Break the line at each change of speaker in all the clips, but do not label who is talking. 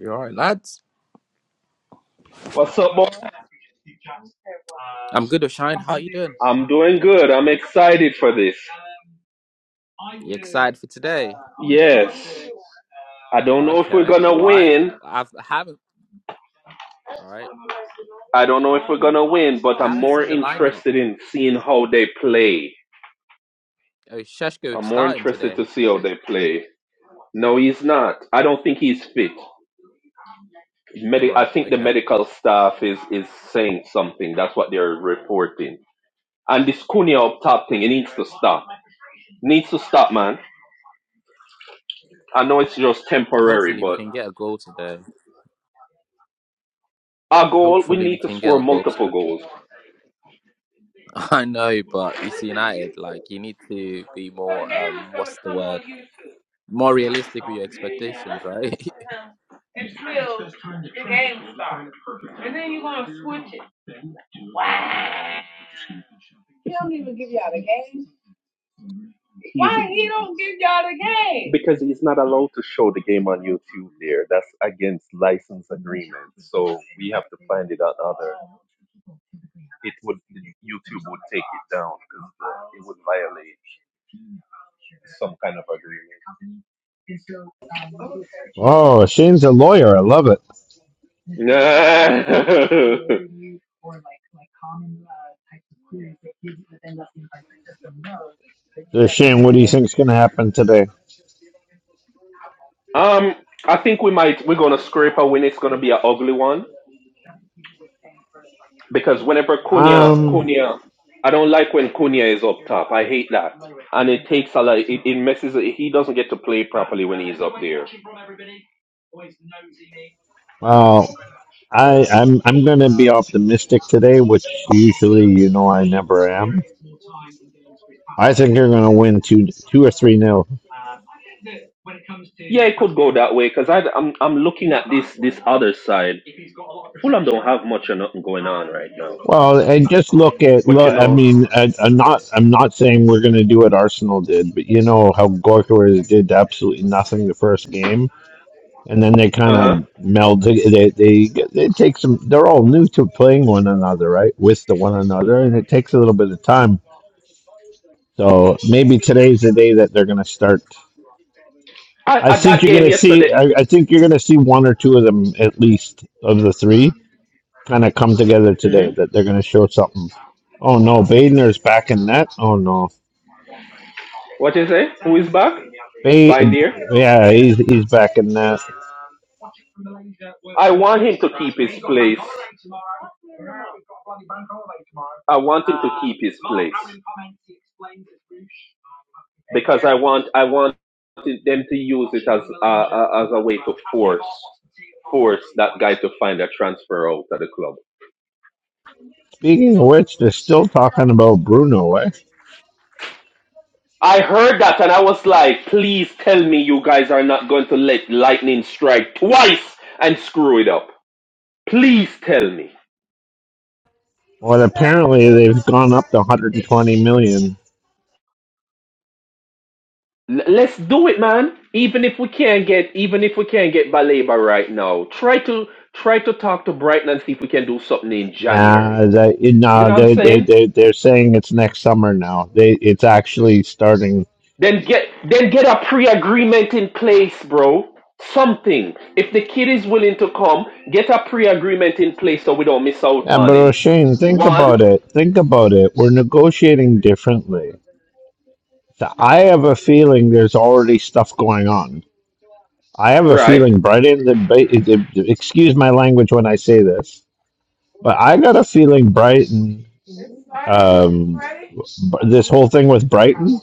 You all right, lads?
What's up, boy?
I'm good, Shine. How you doing?
I'm doing good. I'm excited for this.
You excited for today?
Yes. I don't know if we're
Okay.
gonna
Why?
win.
I've, I haven't. All right.
I don't know if we're gonna win, but
I
I'm
haven't
more
seen the lineup.
interested in seeing how they play.
Oh, Sheshko
I'm more
starting
interested
today.
to see how they play. No, he's not. I don't think he's fit.
All
Medi- I
right.
think the
Okay.
medical staff is is saying something. That's what they're reporting. And this Cunha up top thing, it needs to stop. Needs to stop, man. I know it's just
Uh,
temporary,
Hopefully we
but
can get a goal today.
our goal, we
Hopefully we
need to
can get
score
a goal
multiple
today.
goals.
I know, but it's United. Like you need to be more. Um, what's the word? More realistic with your expectations, right?
Because he's not allowed to show the game on YouTube there. That's against license agreement. So we have to find it on other. It would YouTube would take it down because it would violate some kind of
Oh, Shane's a lawyer. I love it.
agreement.
So Shane, what do you think's going to happen today?
Um, I think we might we're gonna scrape a win. It's gonna be an ugly one because whenever Cunha
Um,
Cunha, I don't like when Cunha is up top. I hate that, and it takes a lot. It, it messes. He doesn't get to play properly when he's up there.
well, I, I'm I'm going to be optimistic today, which usually you know I never am. I think you're going to win two two or three nil.
Yeah, it could go that way because I'm I'm looking at this this other side. Fulham don't have much or nothing going on right now.
Well, and just look at
But you
look. I
know.
mean, I, I'm not I'm not saying we're going to do what Arsenal did, but you know how Gorka did absolutely nothing the first game. and then they kind
Uh
of
huh.
meld. to- They they they take some. They're all new to playing one another, right? With the one another, and it takes a little bit of time. So maybe today's the day that they're going to start.
I,
I
I
think
that
you're going
game
to
yesterday.
see. I, I think you're going to see one or two of them at least of the three kind of come together today.
Mm-hmm.
That they're going to show something. Oh no, Badener's back in that. Oh no,
What you say? Who is back?
ba-
Bindier.
yeah, he's he's back in that.
I want him to keep his place. I want him to keep his place because I want I want them to use it as a, a, as a way to force force that guy to find a transfer out of the club.
Speaking of which, they're still talking about Bruno, eh?
I heard that and I was like, please tell me you guys are not going to let lightning strike twice and screw it up. Please tell me.
Well, apparently they've gone up to 120 million.
L- let's do it, man. Even if we can't get, even if we can't get Baleba right now, try to try to talk to Brighton and see if we can do something in January.
Nah, that
You
nah,
know what I'm
they they
saying?
they they're saying it's next summer now. They it's actually starting.
Then get then get a pre-agreement in place, bro. Something. If the kid is willing to come, get a pre-agreement in place so we don't miss out
Yeah,
on
but
him.
O'Shane, think
One,
about it. Think about it. We're negotiating differently. So I have a feeling there's already stuff going on. I have a
right?
feeling Brighton. The, ba- it, it, excuse my language when I say this, but I got a feeling Brighton. Um, b- this whole thing with Brighton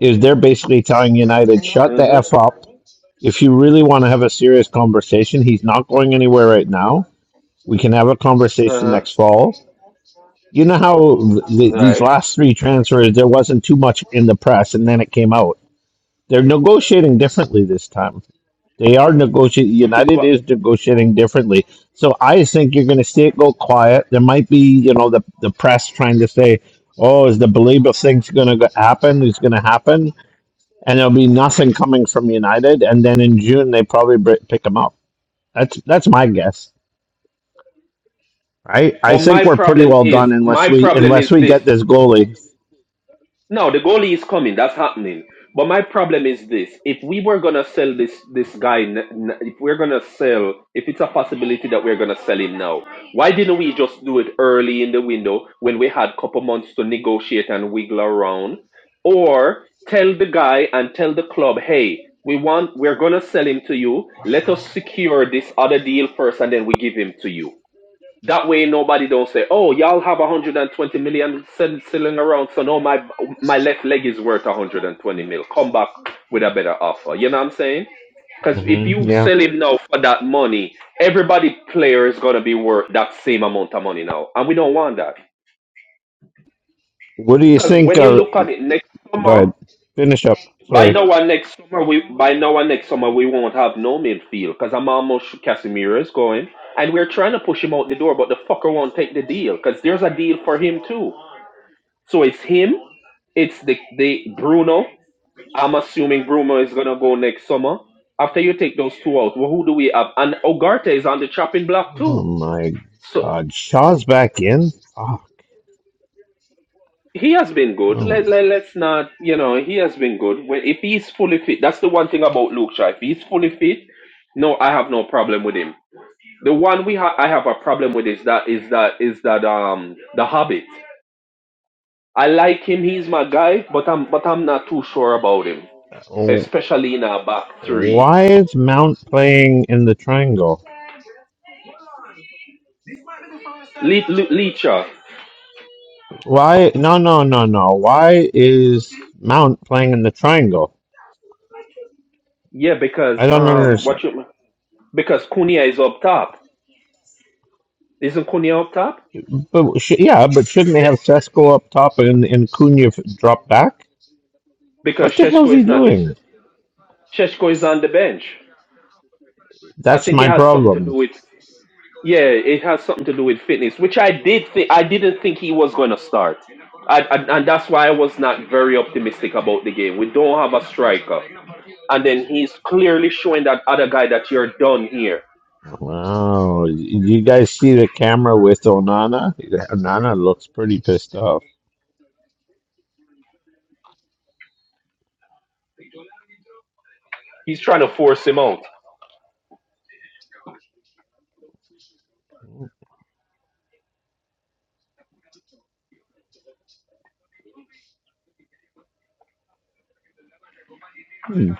is they're basically telling United shut the
Mhm.
f up If you really want to have a serious conversation, he's not going anywhere right now. We can have a
Uh
conversation
huh.
next fall. You know how th- these
Right.
last three transfers, there wasn't too much in the press, and then it came out. They're negotiating differently this time. They are negotiating.
Which is
United
what.
is negotiating differently. So I think you're going to see it go quiet. There might be, you know, the the press trying to say, "Oh, is the belief of things going to happen? It's going to happen," and there'll be nothing coming from United. And then in June, they probably br- pick them up. That's that's my guess. I I
But
think
my
we're pretty
problem
well
is
done
my
unless we
problem
unless
is
we
this.
get this goalie.
No, the goalie is coming. That's happening. But my problem is this: if we were gonna sell this this guy, n- n- if we're gonna sell, if it's a possibility that we're gonna sell him now, why didn't we just do it early in the window when we had couple months to negotiate and wiggle around, or tell the guy and tell the club, hey, we want, we're gonna sell him to you. Let us secure this other deal first, and then we give him to you. That way, nobody don't say, "Oh, y'all have 120 million sitting around, so no, my my left leg is worth 120 mil. Come back with a better offer." You know what I'm saying? Because if
hmm
you
yeah.
sell him now for that money, everybody player is gonna be worth that same amount of money now, and we don't want that.
What do you
Because
think
when you
of?
look at it next
Go
summer,
ahead. Finish up.
By
Sorry.
now, one next summer, we by now, one next summer we won't have no midfield because I'm almost sure Casemiro is going, and we're trying to push him out the door, but the fucker won't take the deal because there's a deal for him too. So it's him, it's the the Bruno. I'm assuming Bruno is gonna go next summer. After you take those two out, well, who do we have? And Ogarte is on the chopping block
Oh
too.
my
So
God. Shaw's back in. Oh,
He has been good.
oh,
Let, let, let's not, you know, he has been good. When, if he's fully fit, that's the one thing about Luke Shaw. If he's fully fit, no, I have no problem with him. The one we ha- I have a problem with is that is that is that um the Hobbit. I like him. He's my guy, but I'm but I'm not too sure about him,
oh.
especially in our back three.
Why is Mount playing in the triangle?
Le- Le- Leacher,
Why? No, no, no, no. Why is Mount playing in the triangle?
yeah, because
I don't
um,
understand.
what you because Cunha is up top. Isn't Cunha up top?
But sh- yeah, but shouldn't they have Sesko up top and and Cunha f- drop back?
Because
What the hell's
Sheshko
he
is not. Is
doing?
Sheshko is on the bench. I
That's
think
my
it has something to
problem.
do with yeah, it has something to do with fitness, which I did think I didn't think he was going to start, I, I, and that's why I was not very optimistic about the game. We don't have a striker, and then he's clearly showing that other guy that you're done here.
Wow. You guys see the camera with Onana? Onana looks pretty pissed off.
He's trying to force him out.
Hmm.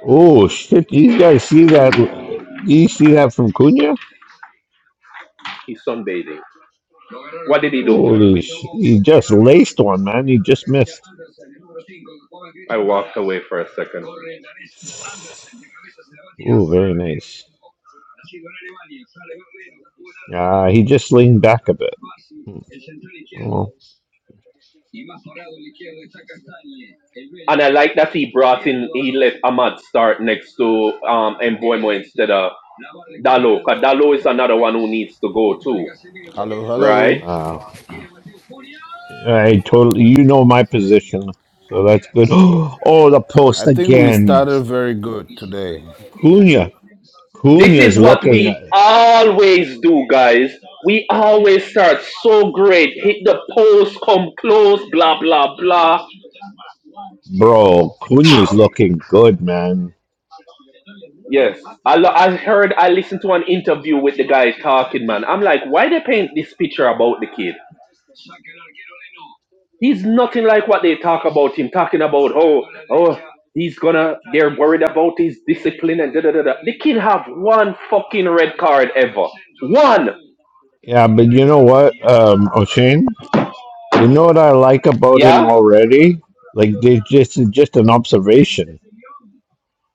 Oh shit! you guys see that? Do you see that from Cunha?
He's sunbathing. What did he do?
Holy sh! He just laced one, man. He just missed.
I walked away for a second.
Oh, very nice. Uh, he just leaned back a bit. Hmm. Oh,
And I like that he brought in, he Eduardo let Ahmad start next to um, Mbuemo instead of La Dalo, because recuperando Dalo is another one who needs to go too,
Hello,
right?
hello.
uh, I totally. You know my position, so that's good. Oh, the post
I think we
again.
started very good today.
Cunha.
This is
Cunha's
what
looking,
we
uh,
always do, guys. We always start so great, hit the post, come close, blah, blah, blah.
bro. Cunha's looking good, man.
Yes, I lo- I heard I listened to an interview with the guy talking man. I'm like, why they paint this picture about the kid? He's nothing like what they talk about him. Talking about oh oh he's gonna they're worried about his discipline and da da da da. The kid have one fucking red card ever. One.
Yeah, but you know what, um, O'Shane? You know what I like about him
Yeah.
already? Like, they just just an observation.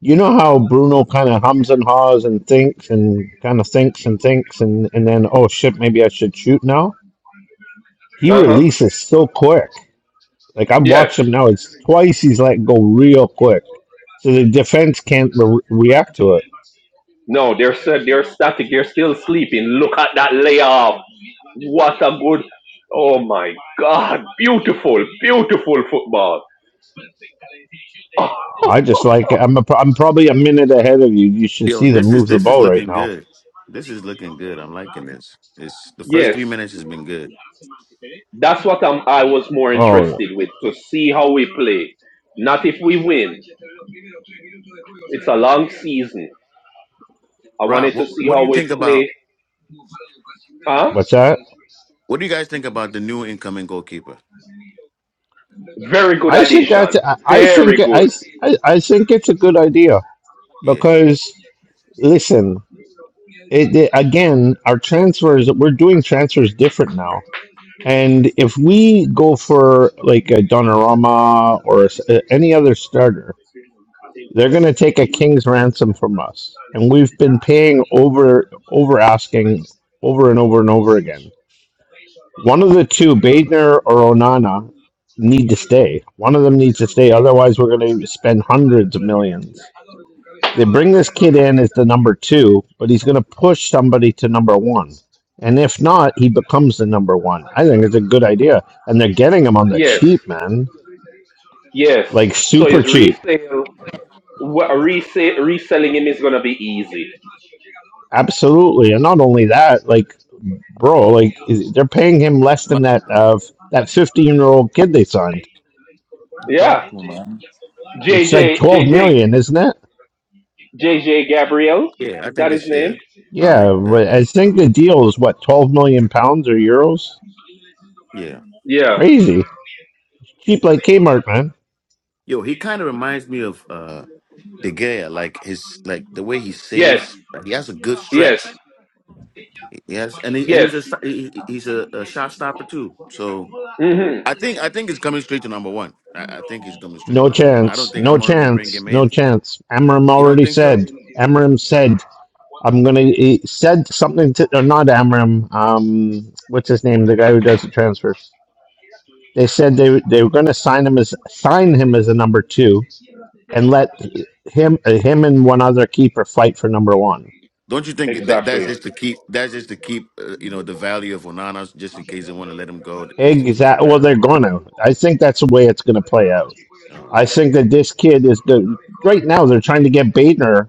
You know how Bruno kind of hums and haws and thinks and kind of thinks and thinks and and then oh shit, maybe I should shoot now. He
Uh huh.
releases so quick. Like I've
Yes.
watched him now; it's twice he's let go real quick, so the defense can't re- react to it.
No, they're sta- they're static. They're still sleeping. Look at that layoff. What a good. Oh my God! Beautiful, beautiful football.
I just like I'm a, I'm probably a minute ahead of you. You should
Yo,
see them
this is
move the
this is
ball right
looking
now.
good. This is looking good. I'm liking this. It's the first
yes,
three minutes has been good.
that's what I'm, I was more
Oh,
interested with to see how we play. Not if we win. It's a long season. I
Rob,
wanted to
what
see
what do
how
you
we
think about
play. Huh?
what's that?
what do you guys think about the new incoming goalkeeper?
Very good
I think that
addition.
I I think
Very
I
good.
I I think it's a good idea
Yeah.
because listen, it, it- again, our transfers we're doing transfers different now. And if we go for like a Donnarumma or a s- uh, any other starter, they're going to take a king's ransom from us. And we've been paying over over asking over and over and over again One of the two, Baitner or Onana, need to stay. One of them needs to stay. Otherwise, we're going to spend hundreds of millions. They bring this kid in as the number two, but he's going to push somebody to number one. And if not, he becomes the number one. I think it's a good idea. And they're getting him on the
Yes.
cheap, man.
Yes.
Like
So
super
his
cheap.
resale. What, rese- reselling him is going to be easy.
Absolutely. And not only that, like, bro, like is- they're paying him less than
man,
that of that 15 year old kid they signed.
dog,
Yeah.
man.
It's like
JJ,
12
JJ,
million, isn't it?
JJ Gabriel.
Yeah, I
Is that
think
his
it's yeah.
name?
Um, that
Yeah,
that
but I
that, that
think the
I'm,
deal is what, 12 million pounds or euros?
yeah.
Yeah.
Crazy. Cheap like Kmart, man.
Yo, he kind of reminds me of uh De Gea, like his like the way he
Yes.
saves. Like he has a good
Yes.
stretch. Yes, and he and he's
Yes.
a he, he- he's a, a shot stopper too. So
Mhm.
I think I think it's coming straight to number one. I, I think he's coming straight to
No
number one. I don't
chance.
think
No
I'm gonna bring
chance.
him in
No chance. Amram
You don't
already
think so?
said. Amram said, I'm going to, he said something to, or not Amram, um, what's his name? The guy who does the transfers. They said they, they were going to sign him as, sign him as a number two and let him, him and one other keeper fight for number one
Don't you think that
Exactly.
that's just to keep that's just to keep uh, you know the value of Onana just in case they want to let him go just to keep the
Exactly. Well,
value?
they're gonna. I think that's the way it's gonna play out.
Oh,
I think that this kid is the right now. They're trying to get Baitner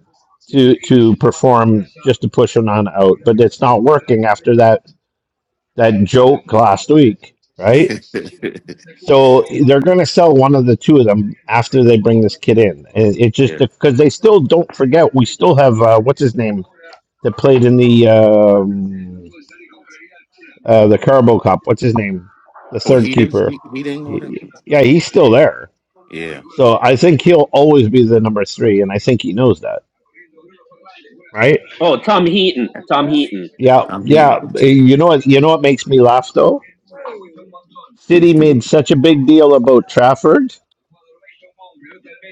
to to perform just to push him on out, but it's not working after that that joke last week, right?
okay.
So they're gonna sell one of the two of them after they bring this kid in, and it just
yeah.
because they still don't forget. We still have uh, what's his name that played in the um, uh, the Carbo Cup. What's his name? The
Oh,
third
he didn't.
keeper.
He- heating, or whatever.
He, yeah, he's still there.
Yeah,
So I think he'll always be the number three, and I think he knows that, right?
Heaton.
Yeah,
I'm
yeah.
heating.
Eh, You know what? You know what makes me laugh though. City made such a big deal about Trafford.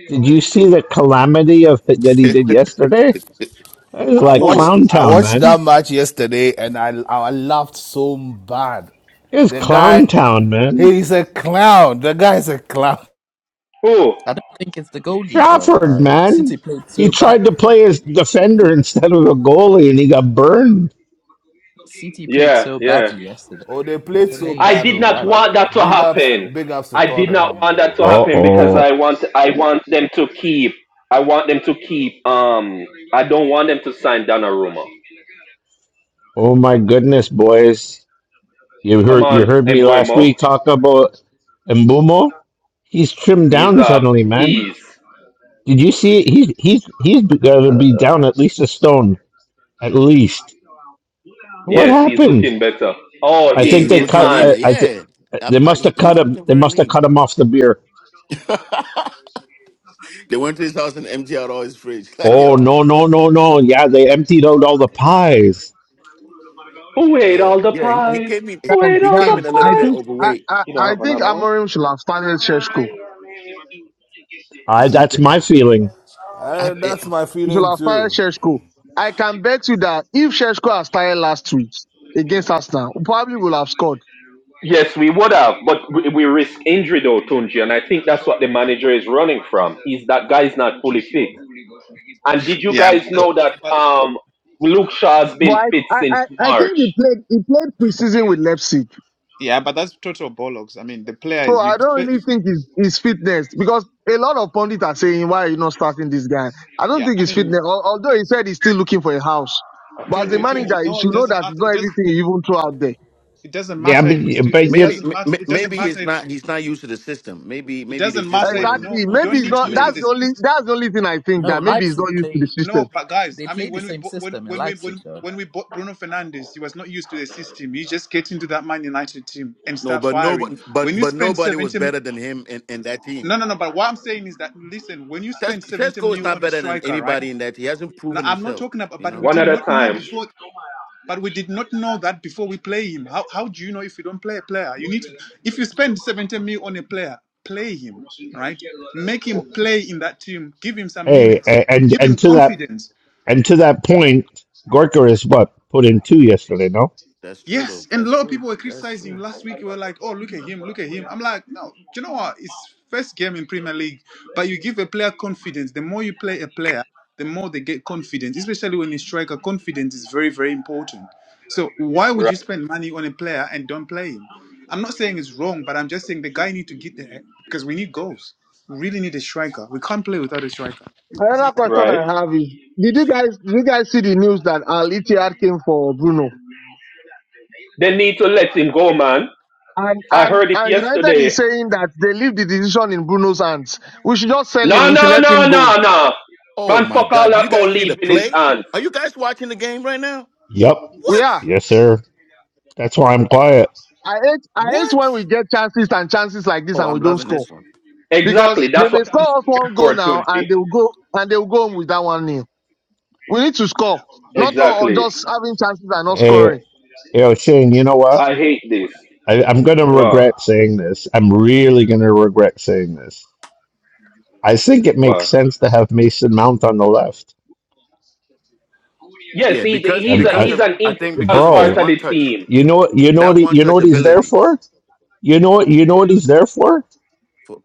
Did you see the calamity of that he
yeah,
did yesterday? It was
I
like
watched
Oh,
Clown
I
Town,
watched
man.
that match yesterday and I I laughed so bad.
It was
The guy
Clown Town, man.
he's a clown. The guy is a clown.
oh,
I don't think it's the goalie though.
Trafford,
Like
man.
City played
He
so
tried to
badly.
play as defender instead of a goalie, and he got burned.
City played
yeah,
so
yeah.
badly yesterday.
Oh, they
They
played so
played
I did
so
badly,
not
bad.
but
want that to
big ups
happen.
big ups to
I did not
Tottenham
want that
though.
to
Uh
happen because
oh.
I want I want them to keep I want them to keep um I don't want them to sign Donnarumma.
Oh my goodness, boys! You
Come
heard you
on,
heard me last
Embuemo.
week talk about Mbumo. He's trimmed
He's
down
uh
suddenly, man.
he's
Did you see? It? He's he's he's got to be down at least a stone, at least. What
yes, he's
happened?
looking better. Oh
I
he
think
he's
they
his
looking
cut. I,
leaner.
hand.
I th-
Yeah, I,
they
I,
must
he
have
he
cut
was
him.
looking
They
very
must have
lean.
cut him off the beer.
they went to his house and emptied out all his fridge. Like,
Oh
yo,
no no no no! Yeah, they emptied out all the pies.
Who ate
yeah,
all the
yeah. He, he
pies?
came in.
Who
Guys,
ate
He
all
came
the
in
guys,
a little
I
bit
pies?
think I,
overweight.
I,
You know
I think Amorim should have started Sheshko.
You
I
see,
that's my feeling.
Uh,
I,
that's my
He should
feeling
have started
too.
Sheshko. I can bet you that if Sheshko had started last week against Arsenal, we probably would have scored.
Yes, we would have, but we we risk injury though, Tunji, and I think that's what the manager is running from. Is that guy is not fully fit? And did you
Yeah, but,
guys know that
but
um, Luke Shaw's
But
been
I,
fit
I,
since
I I think he
March?
played he played preseason with Leipzig.
yeah, but that's total bollocks. I mean, the player
So
is
I
you.
don't really
spe-
think his, his fitness because a lot of pundits are saying why are you not starting this guy. I don't
Yeah,
think
I
his
mean,
fitness al- although he said he's still looking for a house. But as a
Tunji, Tunji.
manager, you
No, it
should know
doesn't
that it's
matter.
not
It does.
everything you even throw out there.
It doesn't
Yeah,
matter if it's.
but,
It
but you
Maybe
doesn't
m-
matter.
m-
It doesn't
maybe
matter
he's
if.
not he's not used to the system. Maybe
It
maybe they
doesn't
just
matter
want
if
him
no.
Exactly.
You
a
Maybe
don't
it's
few
need to
not.
use the
That's the
plays.
only.
system.
That's the only thing I think
No,
that maybe he's
Leipzig
not used to the
play.
system.
No, but guys,
They
I
play
mean,
the
when we
same
bought when
system in
when we
Leipzig
when
though.
when we bought Bruno Fernandes, he was not used to the system. You just get into that Man United team and
No,
start
but no,
firing. When
but
you
but
spend
nobody was
seventy mi-
better than him in, in that team.
no, no, no. But what I'm saying is that listen, when you
Ces-
spend seventy
Cesco is
mil
not
on a
better than
striker, right?
anybody in that. He hasn't
Now
proven
I'm not
himself.
talking about,
You
but we
know
One
did
at a
not know
time.
before. But we did not know that before we play him. How, how do you know if you don't play a player? You need to, if you spend 70 mil on a player, play him, right? Make him play in that team. Give him some
hey,
minutes.
a- and
Give
and
him
to that
confidence.
And to that point, Gorka is what put in two yesterday, no?
that's true though.
Yes, and a
That's
lot of
true.
people were
That's
criticizing him
true.
last week. They Were like, "Oh, look at him, look at him." I'm like, no, do you know what? It's first game in Premier League, but you give a player confidence. The more you play a player, the more they get confidence. Especially when you striker, confidence is very, very important. So why would you
Right,
spend money on a player and don't play him? I'm not saying it's wrong, but I'm just saying the guy need to get there because we need goals. We really need a striker. We can't play without a striker.
Another question
right.
I have is: Did you guys? Did you guys see the news that Al Ittihad came for Bruno?
They need to let him go, man.
And
I
and
heard it
and United
yesterday.
is saying that they leave the decision in Bruno's hands. We should just sell him.
No,
We should
no,
let him
no,
go.
no, no.
Oh
Man,
my
fuck all
God! Do
that
you
about
guys see the
leaving his
play?
hands.
Are you guys watching the game right now?
Yep.
We
What?
are.
Yes, sir. That's why I'm quiet.
I hate. I hate
What?
when we get chances and chances like this
Oh,
and we
I'm
don't
loving
score
this one.
Exactly.
because they
That's
may
what I'm
score us
scared
one goal
for,
now
Tunji.
and they will go and they will go home with that one nil. We need to score, not uh,
Exactly.
just having chances and not
Hey,
scoring.
yo, Shane, you know what?
I hate this.
I, I'm going to
Wow.
regret saying this. I'm really going to regret saying this. I think it makes
Wow.
sense to have Mason Mount on the left.
Yes,
Yeah,
he,
because
he's
I'm,
a,
because
I,
he's
of
an
I think
integral
because of his
part
bro,
of
one
the
touch,
team.
you know what? You know what?
that
He,
one
you know
touch
what he's there
ability.
for? You know what? You know what he's there for?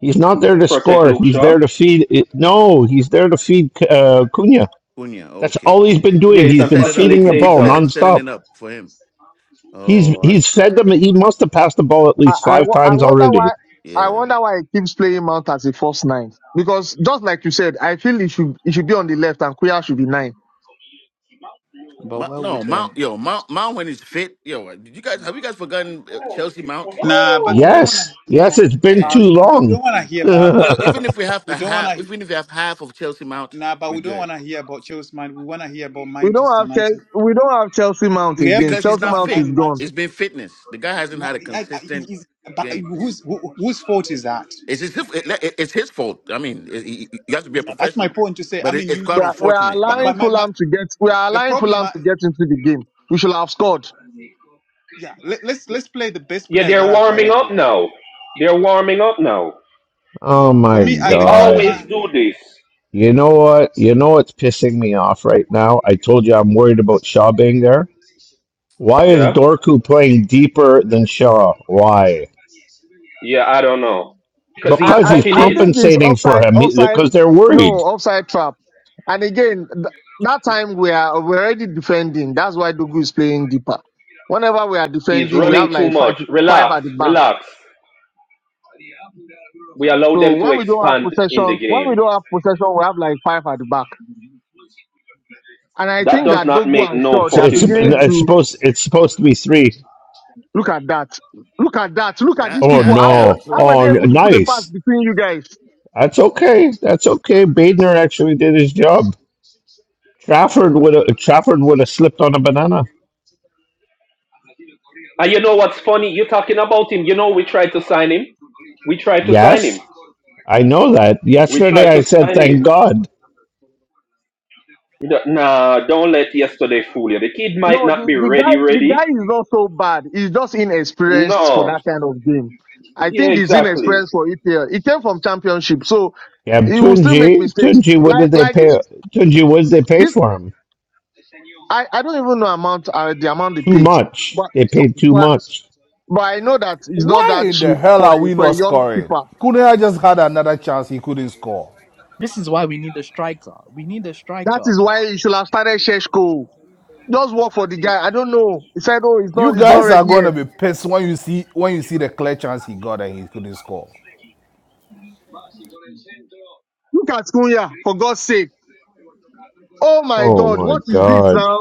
He's not there to
Protect
score.
Luke
He's
Shaw.
there to feed. It. No, he's there to feed uh, Cunha.
Cunha.
That's
Okay,
all he's been
okay.
Yeah,
doing.
he's
He's
To
a
been
set it up,
feeding the
keep keep
ball
set
facilitator.
it, setting it
nonstop.
up for him.
He's
Oh, I
he's
see.
fed them. He must have passed the ball at
I,
least
I,
five
wo- I
times
wonder
already.
why I
Yeah.
wonder why he keeps playing Mount as a false nine. Because just like you said, I feel he should he should be on the left and Kuya should be nine.
But
Ma-
where
no,
would
Mount.
um?
Yo, Mount. Mount when he's fit. Yo, uh, did you guys have you guys forgotten uh, Chelsea Mount?
Nah, but we don't want to
Yes,
hear
yes,
about.
it's been too
Uh,
Man.
we
long.
don't want to hear about that.
Yo,
oh
even if we have
We
a
don't want
half,
to.
even if we have half of Chelsea Mount,
Nah, but
we're
we don't
good
want to hear about Chelsea man. We want to hear about
We don't
Manchester
have
United.
Chelsea, we don't have Chelsea Mount
We
He-
again.
haven't
because
seen
he's
Chelsea
not
that in
Mount
Man
fit.
is gone.
It's
United.
been fitness. The guy hasn't
Na-
had a
I- I-
consistent
is- but
game. It's,
whose who- whose fault is that?
it's his, it- it- it's his fault. I mean, it, he- he- you have to be a
Yeah, that's my
professional,
point to say. I
but it,
mean,
it's
you.
quite
We are, we are
unfortunate, you
But
allowing
but
know.
my, my
Fulham to get we are
the
allowing
problem.
Fulham
I,
to get into the game. We should have scored.
yeah, let, let's let's play the best
Yeah,
players
they're
that are
warming up
available.
now. They're warming up now.
Yeah, for
my
me, I,
We
the problem.
god!
I,
always do this.
You know what? You know what's pissing me off right now? I told you I'm worried about Shaw being there. Why is
Yeah.
Dorku playing deeper than Shaw? Why?
Yeah, I don't know. Because
I
he's
Because
I,
he's
tucking
I
in.
think it's
compensating for
offside
him. He,
offside
because they're
no
worried.
offside trap. And again, th- that time we are we're already defending. That's why Dugu is playing deeper. Whenever we are
He's
defending, we
running
have
too
like five
much.
five at
Relax.
the back
Relax. We allow
So
them to
when we don't have
expand in the
possession, when we
game.
don't have possession, we have like five at the back. And I
That
think
does
that
not
Dogu
make
and
no
Shaw,
It's
they are
it's
fucking
beginning
sense.
it's
to
supposed it's supposed to be three.
look at that. Look at that. Look at
That
these
Oh
people.
that
How
that
were,
no!
how
poor
were
Oh,
they able
n-
to
middle
put a pass
nice.
between you guys?
That's okay. That's okay. Badner actually did his job. Trafford would have Trafford would have slipped on a banana.
And you know what's funny? You're talking about him. You know we tried to sign him. We tried to sign him.
Yes, I know that.
We
Yesterday
tried
I
to
said
sign him.
thank God.
D- Nah, don't let yesterday fool you. The kid
No,
might not
the,
be
the guy,
ready,
the
ready.
guy is not so bad. He's just inexperienced for
No.
that kind of game. I
Yeah,
think he's
exactly.
inexperienced for EPL. He came from championship, so
Yeah,
he will still make
Tunji,
mistakes.
Tunji, what
Like,
did they
like this,
pay? Tunji, what did they pay
this,
for him?
I, I don't even know amount, uh, the amount they
Too
paid,
much.
but,
They paid too
but,
much.
But I know that it's not
Why
that
in the
cheap
hell
for a,
are we
for
not
a young
scoring?
keeper.
Kunea just had another chance he couldn't score.
This is why we need a striker. We need a
That
striker,
is why you should have started Sheshko. Just work for the guy. I don't know. He said, oh, it's
You
not, it's not
guys are
ready yet.
gonna be pissed when you see when you see the clear chance he got and he couldn't score.
Look at Kunya, for God's sake. Oh my
Oh
God,
my
what is this
God.
now?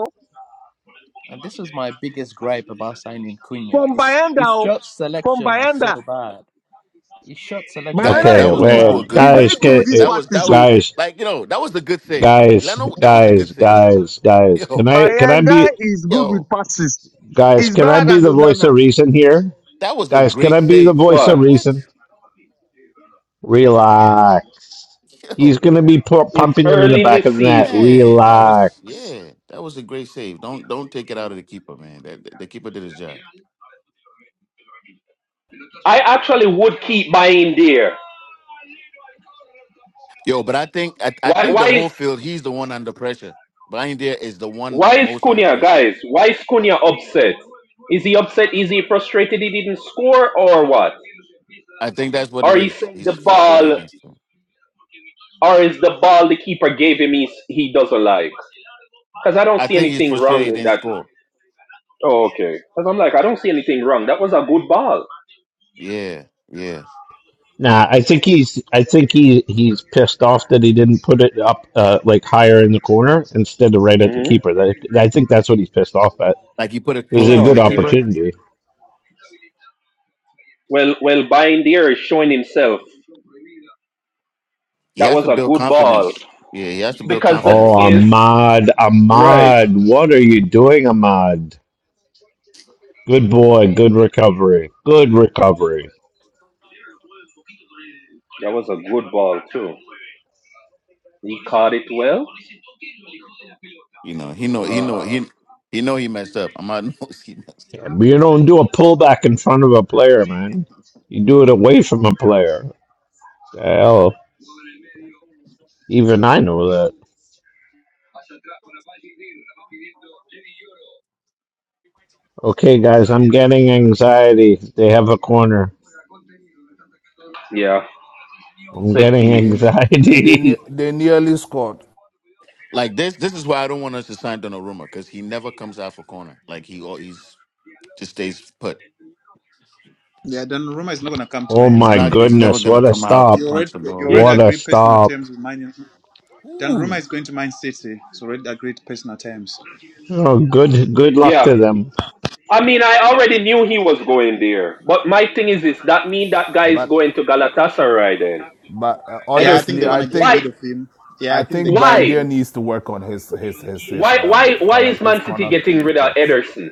and this was my biggest gripe about signing Cunha.
From
His,
Bayanda,
his
oh.
shot
from
selection are so
Bayanda.
bad. His shot selections
Guys,
are
Bayanda is
that
Okay,
was
good
so
with,
also a
bad.
wait,
good
he's very
guys,
save,
good
ca-
with
guys.
his
eh,
That was
passes,
that was
so
guys,
like you know that was a good save.
guys,
Leno, that was a good
guys,
save, bro.
guys, guys. Can
Yo,
I? Can I be?
Bayanda is good with
yo,
passes.
Guys,
He's
can I
better
be
than
the voice
Onana.
of reason here?
that was a
Guys, can
great
I be the
save.
voice of
What?
What?
reason? Relax. He's
Yo,
going to be pu-
It's
pumping them in the
early in the
back of the net.
season.
man, that was
Relax.
yeah, that was a great save. Don't don't take it out of the keeper, man. That the, the keeper did his job.
I actually would keep buying there.
Yo, but I think I, I
Why?
think
Why
the
is?
whole field, he's the one under pressure. Brian Dare is the one
Why is
most under
Cunha,
pressure.
guys? Why is Cunha upset? Is he upset? Is he frustrated he didn't score or what?
I think that's what it
Or he
is.
saying the
He's frustrated he
ball,
didn't score.
or is the ball the keeper gave him he, he doesn't like? Because I don't
I
see
think he's
anything
frustrated he
wrong in
didn't
that.
score.
Oh, okay. Because I'm like, I don't see anything wrong. That was a good ball.
Yeah, yeah.
Nah, I think he's. I think he he's pissed off that he didn't put it up uh, like higher in the corner instead of right at the
hmm
keeper. That, I think that's what he's pissed off at.
Like you put it
It was a
closer to
Oh,
good
the
okay.
keeper.
opportunity.
Well, well, Bindier is showing himself.
He
That
has
was
to
a
build
good ball.
confidence. Yeah, he has to build
Because the
confidence
Oh,
thing
from
is,
that.
Ahmad,
right.
Ahmad, what are you doing, Ahmad? Good boy, good recovery, good recovery.
That was a good ball too. He caught it well.
You know, he know he know he
Um,
he know he messed up. Ahmad knows he messed
you don't do a pullback
up.
in front of a player, man. You do it away from a player. Hell, even I know that. Okay, guys, I'm getting anxiety. They have a corner.
yeah,
I'm
set
getting
and
piece.
then and they
anxiety.
they nearly scored.
Like this this is why I don't want us to sign Donnarumma because he never comes out for corner. Like he al- he's just stays put.
yeah, Donnarumma is not going to come to
oh
Man
He's
my
United.
not
Mate.
he's never
goodness,
gonna
what a
come out to
stop.
You already
punch the
you already
Is
ball.
What a
agreed personal
stop.
terms with Man United. Donnarumma
Ooh.
is going to Man City. It's already agreed personal terms.
Oh, good good luck
yeah.
to them.
I mean, I already knew he was going there, but my thing is this: that mean that guy is
But
going to Galatasaray then?
but uh,
Yeah, I think
honestly,
they
Ederson,
want
I
to get
think
why,
rid of him. Yeah,
I
I think
think
they're getting rid of
why,
him.
Bindier needs to work on his his his his
why,
um
why, why
corner
is
his
Man City
corner
getting rid of
kicks.
Ederson?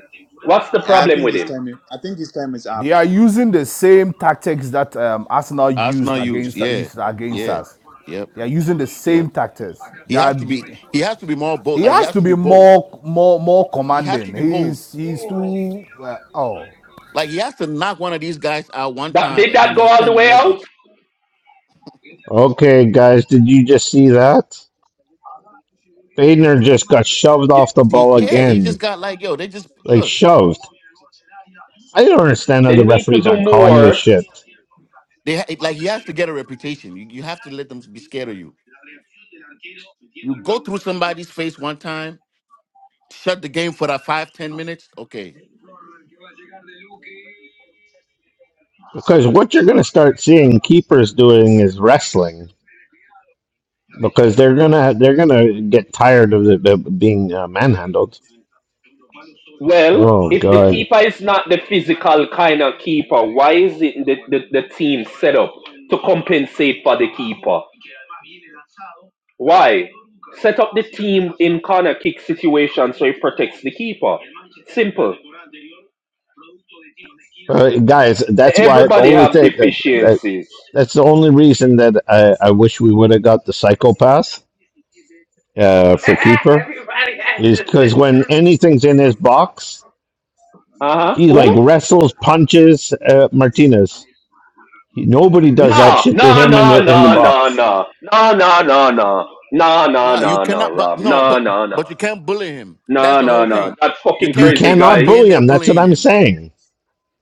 What's the
Yeah, I
problem
think
with
his
him?
time. I think his time is
They
up.
are using the same tactics that um, Arsenal used
Arsenal use,
against
yeah.
used against
Yeah.
us.
Yep.
They are using the same
Yep.
tactics. They
He has
are,
to be he has to be more bold.
he
Like he
has
has
to
to
be
be bold.
more more more
He has to
commanding.
be bold.
He's he's too uh, oh.
Like he has to knock one of these guys out one
That
time,
did
and
that
then
go
you
all the
send a
way out?
message.
Okay, guys, did you just see that? Fadner just got shoved off the
He,
ball
yeah, he
again.
just got like, yo, they just
Like
look.
shoved. I don't understand how
They
the
need to
referees
do
aren't calling this
more.
shit.
They ha- like he has to get a reputation. You, you have to let them be scared of you. You go through somebody's face one time, shut the game for that five ten minutes. Okay,
Because what you're going to start seeing keepers doing is wrestling because they're gonna they're gonna get tired of it, of being uh, manhandled.
Well,
Oh
if the
God,
keeper is not the physical kind of keeper, why is it the, the, the team set up to compensate for the keeper? Why? Set up the team in corner kick situation so it protects the keeper. Simple.
uh, guys, that's why the
Everybody
only
have
thing that that
deficiencies.
that's the only reason that I, I wish we would have got the psychopath uh, for keeper is because when anything's in his box,
Uh huh.
he like
Who?
wrestles, punches uh, Martinez. Nobody does that
No,
shit to
no,
him in
no,
the in the
no, no,
box.
no, no, no, no, no, no, no,
no, you
no, no,
cannot. But
Rob,
no,
no,
but
no, no,
but you can't bully him. That's
no,
the
no,
whole
no.
thing.
That
You
fucking
You
can't
crazy
think you will
cannot
guy.
be in
bully
there
him. That's what
bullying
I'm
him.
saying.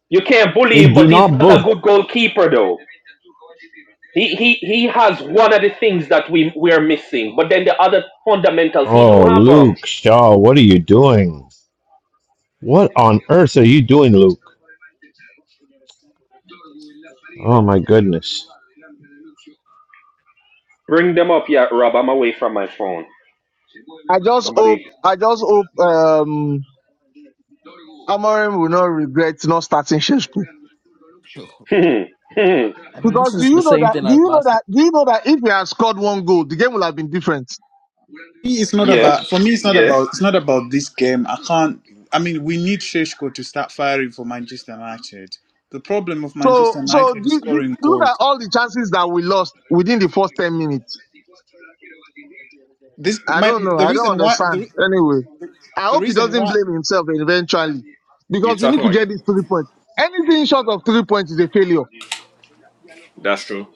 You can't bully
They
him,
do
but he's
not
not a
both.
good goalkeeper though. He he he has one of the things that we we are missing, but then the other fundamentals he
Oh,
don't have have them.
Luke Shaw, what are you doing? What on earth are you doing, Luke? Oh my goodness.
Ring them up, yeah, Rob. I'm away from my phone.
I just hope,
Somebody.
I just hope, um, Amorim will not regret not starting Sheshko.
I mean,
Because
this
do
is the
you know
same
that?
thing
Do
as
you know
last week.
that? Do you know that if he had scored one goal, the game would have been different.
Me, It's not
yes.
about for me. It's not about.
Yes.
It's not about this game. I can't. I mean, we need Sheshko to start firing for Manchester United. The problem of Manchester
So, so
United is
do, do,
scoring
look
goals.
at all the chances that we lost within the first ten minutes.
This
I
my
don't know.
the
I don't
reason why the
understand.
re-
Anyway, I
the
hope he
reason
doesn't
why
blame himself eventually,
You're
because we need
talking
to
like
get these three points. Anything short of three points is a failure.
that's true.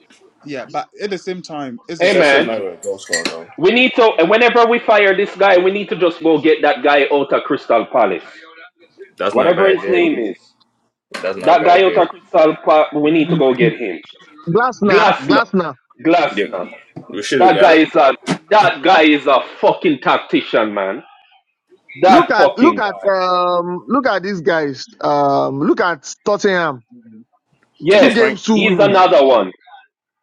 yeah. But at the same time, as a
Hey,
Shaq's
club,
man.
not a goal scorer though.
We need to. Whenever we fire this guy, we need to just go get that guy out of Crystal Palace.
That's not a
Whatever
bad
his
day.
name is,
That's not a
that guy
bad
out
day.
of Crystal Palace. We need to go get him.
Glassner,
Glasner.
Glassner.
Yeah,
Glasner.
we should have
That
got
guy
him.
is a. That guy is a fucking tactician, man.
Look
That
at, look
fucking
at,
guy.
um, look at these guys. Um, look at Tottenham. Two
Thomas
Yes,
Frank.
games, two
he's
wins.
another one.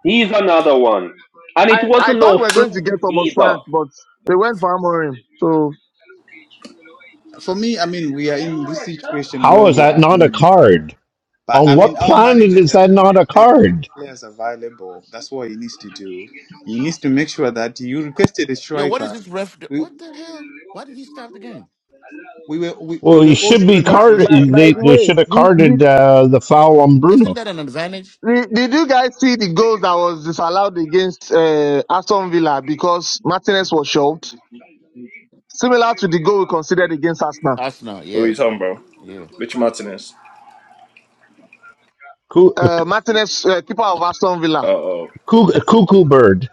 He's another one. And
I,
it
I
wasn't
thought
no
we were going to
fluke
get Thomas
either.
Frank, but they went for Amorim. So,
for me, I mean, we are in this situation
How
where
is
we
that
are
not a
in.
card?
But
On
I mean,
what
our
planet
manager
is
just
that
needs
not a
to play the best
card?
players available. That's what he needs to do. He needs to make sure that you requested a
Yo, what is
striker.
this ref? do- What the hell? Why did he stop the game?
we were we,
Well,
we were
he
all
should be
screaming
but,
for a
but,
carded.
striker,
by
They,
the
they
way,
should have
did, did,
carded uh, the foul on
Isn't
Bruno.
that an advantage?
did did you guys see the goals that was disallowed against uh, Aston Villa because Martinez was shoved? Similar to the goal we considered against Arsenal.
Arsenal,
What are
yeah,
you talking about?
yeah.
Rich Martinez.
Coo- uh,
Uh, Martinez, uh, keeper of Aston
Uh
Villa,
oh.
coo- uh, Cuckoo bird.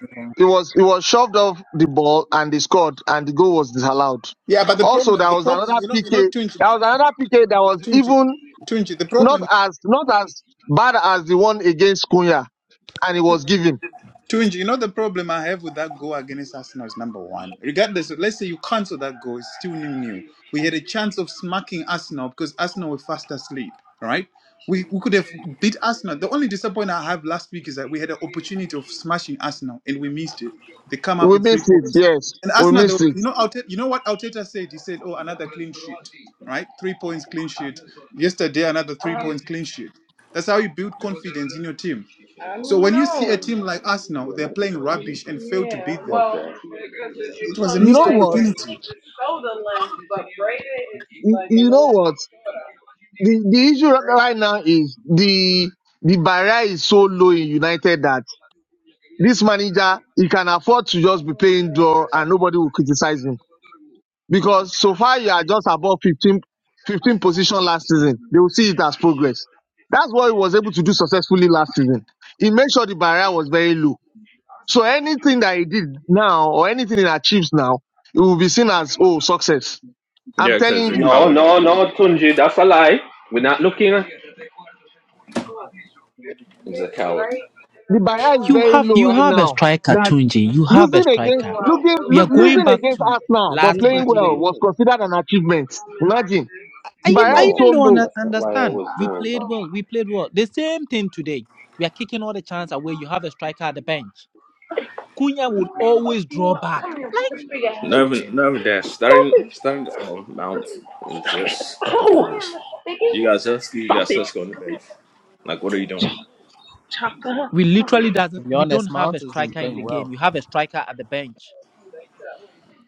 right?
it was it was shoved off the ball and they scored and the goal was disallowed.
Yeah, but the
Also,
problem,
there
the
was
problem,
another
you know, you
PK.
know, Tunji,
There was another PK that was
Tunji,
even
Tunji. The
not
problem
as not as bad as the one against Kunya and it was given.
Tunji, you know the problem I have with that goal against Arsenal is number one. Regardless, of- let's say you cancel that goal, it's still new new. We had a chance of smacking Arsenal because Arsenal were fast asleep, Right? We, we could have beat Arsenal. The only disappointment I have last week is that we had an opportunity of smashing Arsenal and we missed it. They come up
We
with three
missed it.
points.
Yes,
And
we
Arsenal, they,
missed
were-
it.
you know, Arteta, you know what Arteta said? He said, "Oh, another clean sheet, right? Three points clean sheet. Yesterday, another three points clean sheet. That's how you build confidence in your team. So when you see a team like Arsenal, they're playing rubbish and fail to beat them. It was a
You
missed
know what?
opportunity.
You you know what? The the issue right right now is the the barrier is so low in United that this manager he can afford to just be playing draw and nobody will criticize him because so far you are just above 15, 15 position last season. They will see it as progress. That's what he was able to do successfully last season. He made sure the barrier was very low So anything that he did now or anything he achieves now, it will be seen as, oh, success. I'm
Yeah, because
telling
he's a
you,
No,
coward.
no, no, Tunji, that's a lie. We're not looking. at.
He's a coward.
the barrier is
You
very
have
low
you
right
have a
now
striker,
that
Tunji. You have a
losing against,
striker.
looking,
We
lo-
are going
losing
back
against
to
Arsenal, but
You
last
playing
think
match
I'm
well
again.
was
doing
considered an achievement. Imagine the
I ev- I
barrier is
No,
even
so
don't
low.
under-
that's not why I
understand.
was
We
doing
played
that.
well. We played well. The same thing today. We are kicking all the chance away. You have a striker at the bench. Cunha would always draw back. Like
Not
hey.
even, not even that. Starting, starting um, Mount is just foolish. You got Zelski, you got Cisco on the bench. Like, what are you doing?
we literally
To
doesn't.
be
We don't
honest,
have
Mount
a
has been
striker in
playing
the game.
well.
You have a striker at the bench.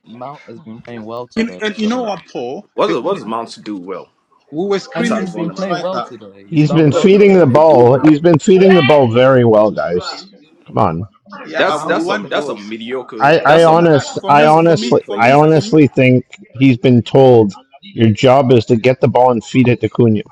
Mount has been
Ah.
playing well
And,
today.
and you know
So
what, Paul?
What does,
That we,
what does Mount do well
we were
I mean,
screaming
besides
he's
for a
been
running around?
playing well
striker.
today. He's
He's
done
been
What
well
do, no?
today.
feeding
What
the
does it do
ball.
well?
He's been feeding the ball very well, guys. Come on.
Yeah, but
That's
we
Mouth
that's
is
some
want
that's some
goals.
mediocre.
I, I
That's some
Now, I-
honest
for
I
me,
that's
for
some
me,
honestly
mid
for
player
I
me,
type
for me,
stuff.
honestly think he's been told your job is to get the ball and feed it to Cunha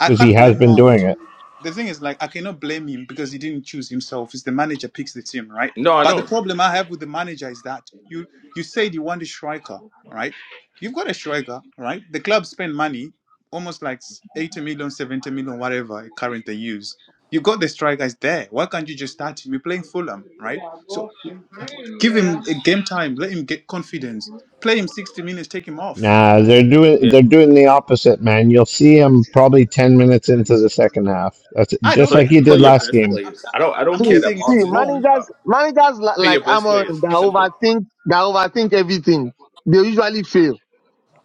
I
because he
can't
has
blame
been doing
Mount.
it.
the thing is like I cannot blame him because he didn't choose himself. It's the manager picks the team, right?
No, I
But the
know.
problem I have with the manager is that you you said you want a striker, right? You've got a striker, right? The club spend money, almost like eighty million, seventy million, whatever current they use. You got the strikers there. Why can't you just start him? You're playing Fulham, right? So give him a game time, let him get confidence, play him 60 minutes, take him off.
Nah, they're doing
Yeah,
they're doing the opposite, man. You'll see him probably ten minutes into the second half. That's
I
just
don't.
play
like he did
I'm
play
not.
your
last
best
I'm,
game.
I'm,
players. I don't
I'm
I don't
I'm not
care
See,
that
saying it's
see,
Mount is doing the
wrong
job.
managers, managers li-
Play
like
your best players.
Amorim that
Simple.
overthink, that overthink everything. They usually fail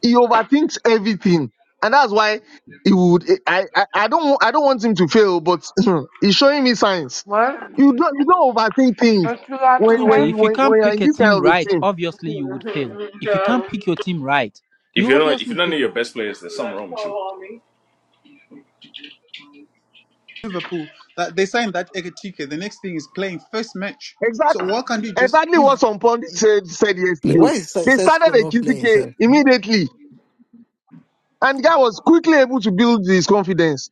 he overthinks everything, and that's why he would. I I, I don't wa- I don't want him to fail, but he's showing me signs. You don't you don't overthink things when when
Tunji, if you
when
can't
when you're in
pick a
this kind
team
of a
right,
team.
obviously you would fail. If you can't pick your team right,
If
you
you don't if
obviously
you don't know
fail.
your best players, there's something wrong with you.
Liverpool that they signed that Ekatike. The next thing is playing first match. So
Exactly
why can't you just
exactly
if
what some pundit said, said
Yeah,
yesterday.
Why is
They started
Sesco
a
not playing
QTK
himself?
immediately, and the guy was quickly able to build his confidence.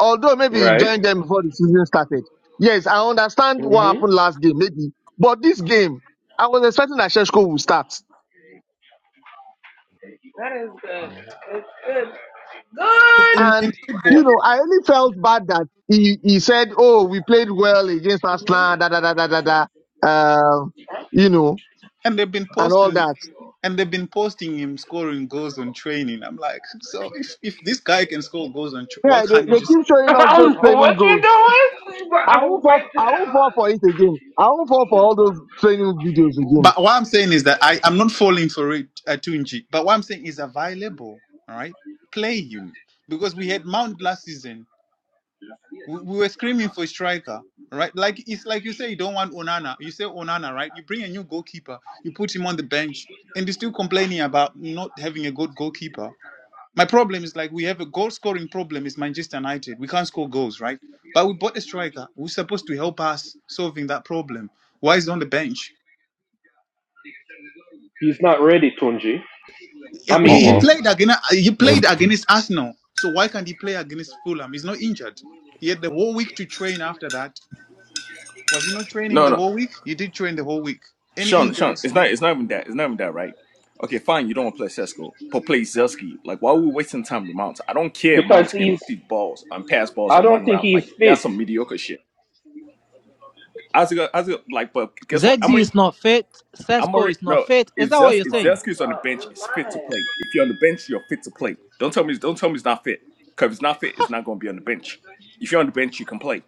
Although maybe he
Right?
joined them before the season started. Yes, I understand what
hmm
happened last game, maybe, but this game, I was expecting that Sheshko would start.
in, in
And you
football
know, I only felt bad that he, he said, "Oh, we played well against Arsenal." Da da da da da da. Um, you know,
and they've been
and all
posting
that.
and they've been posting him scoring goals on training. I'm like, so if if this guy can score goals on, tra- why
Yeah, they,
can't you
they
just?
keep showing us those training goals. I won't fall. I won't fall for it again. I won't fall for all those training videos again.
But what I'm saying is that I I'm not falling for it uh, Tunji. But what I'm saying is available. All right, play him because we had Mount last season. We, we were screaming for striker, right? Like it's like you say you don't want Onana. You say Onana, right? You bring a new goalkeeper, you put him on the bench, and they're still complaining about not having a good goalkeeper. My problem is like we have a goal scoring problem. It's Manchester United. We can't score goals, right? But we bought a striker who's supposed to help us solving that problem. Why is he on the bench?
He's not ready, Tunji.
Yeah,
I
Uh
he, he
mean,
oh,
played against he played
good.
against Arsenal. So why can't he play against Fulham? He's not injured. He had the whole week to train after that Was he not training
No,
the
no,
whole week? He did train the whole week. Any
Sean, Sean,
injuries?
it's not
No.
it's not even that. It's not even that, right? Okay, fine. You don't want to play Cesco, but play Zelski. Like, why are we wasting time with Mount? I don't care if
because
Mount can
he's.
receive balls and pass balls
I
and
don't
run
think
around. Like,
he's
that's
fit.
some mediocre shit. As it, as it, like, but guess what? How
ZZ
many?
is not fit.
I'm
Sesco
already
is not
no.
fit. Is
If
that what
Zels
you're
if
saying?
Zelski's on the bench, it's fit to play. If you're on the bench, you're fit to play. Don't tell me don't tell me it's not fit. Because if it's not fit, it's not going to be on the bench. If you're on the bench, you can play.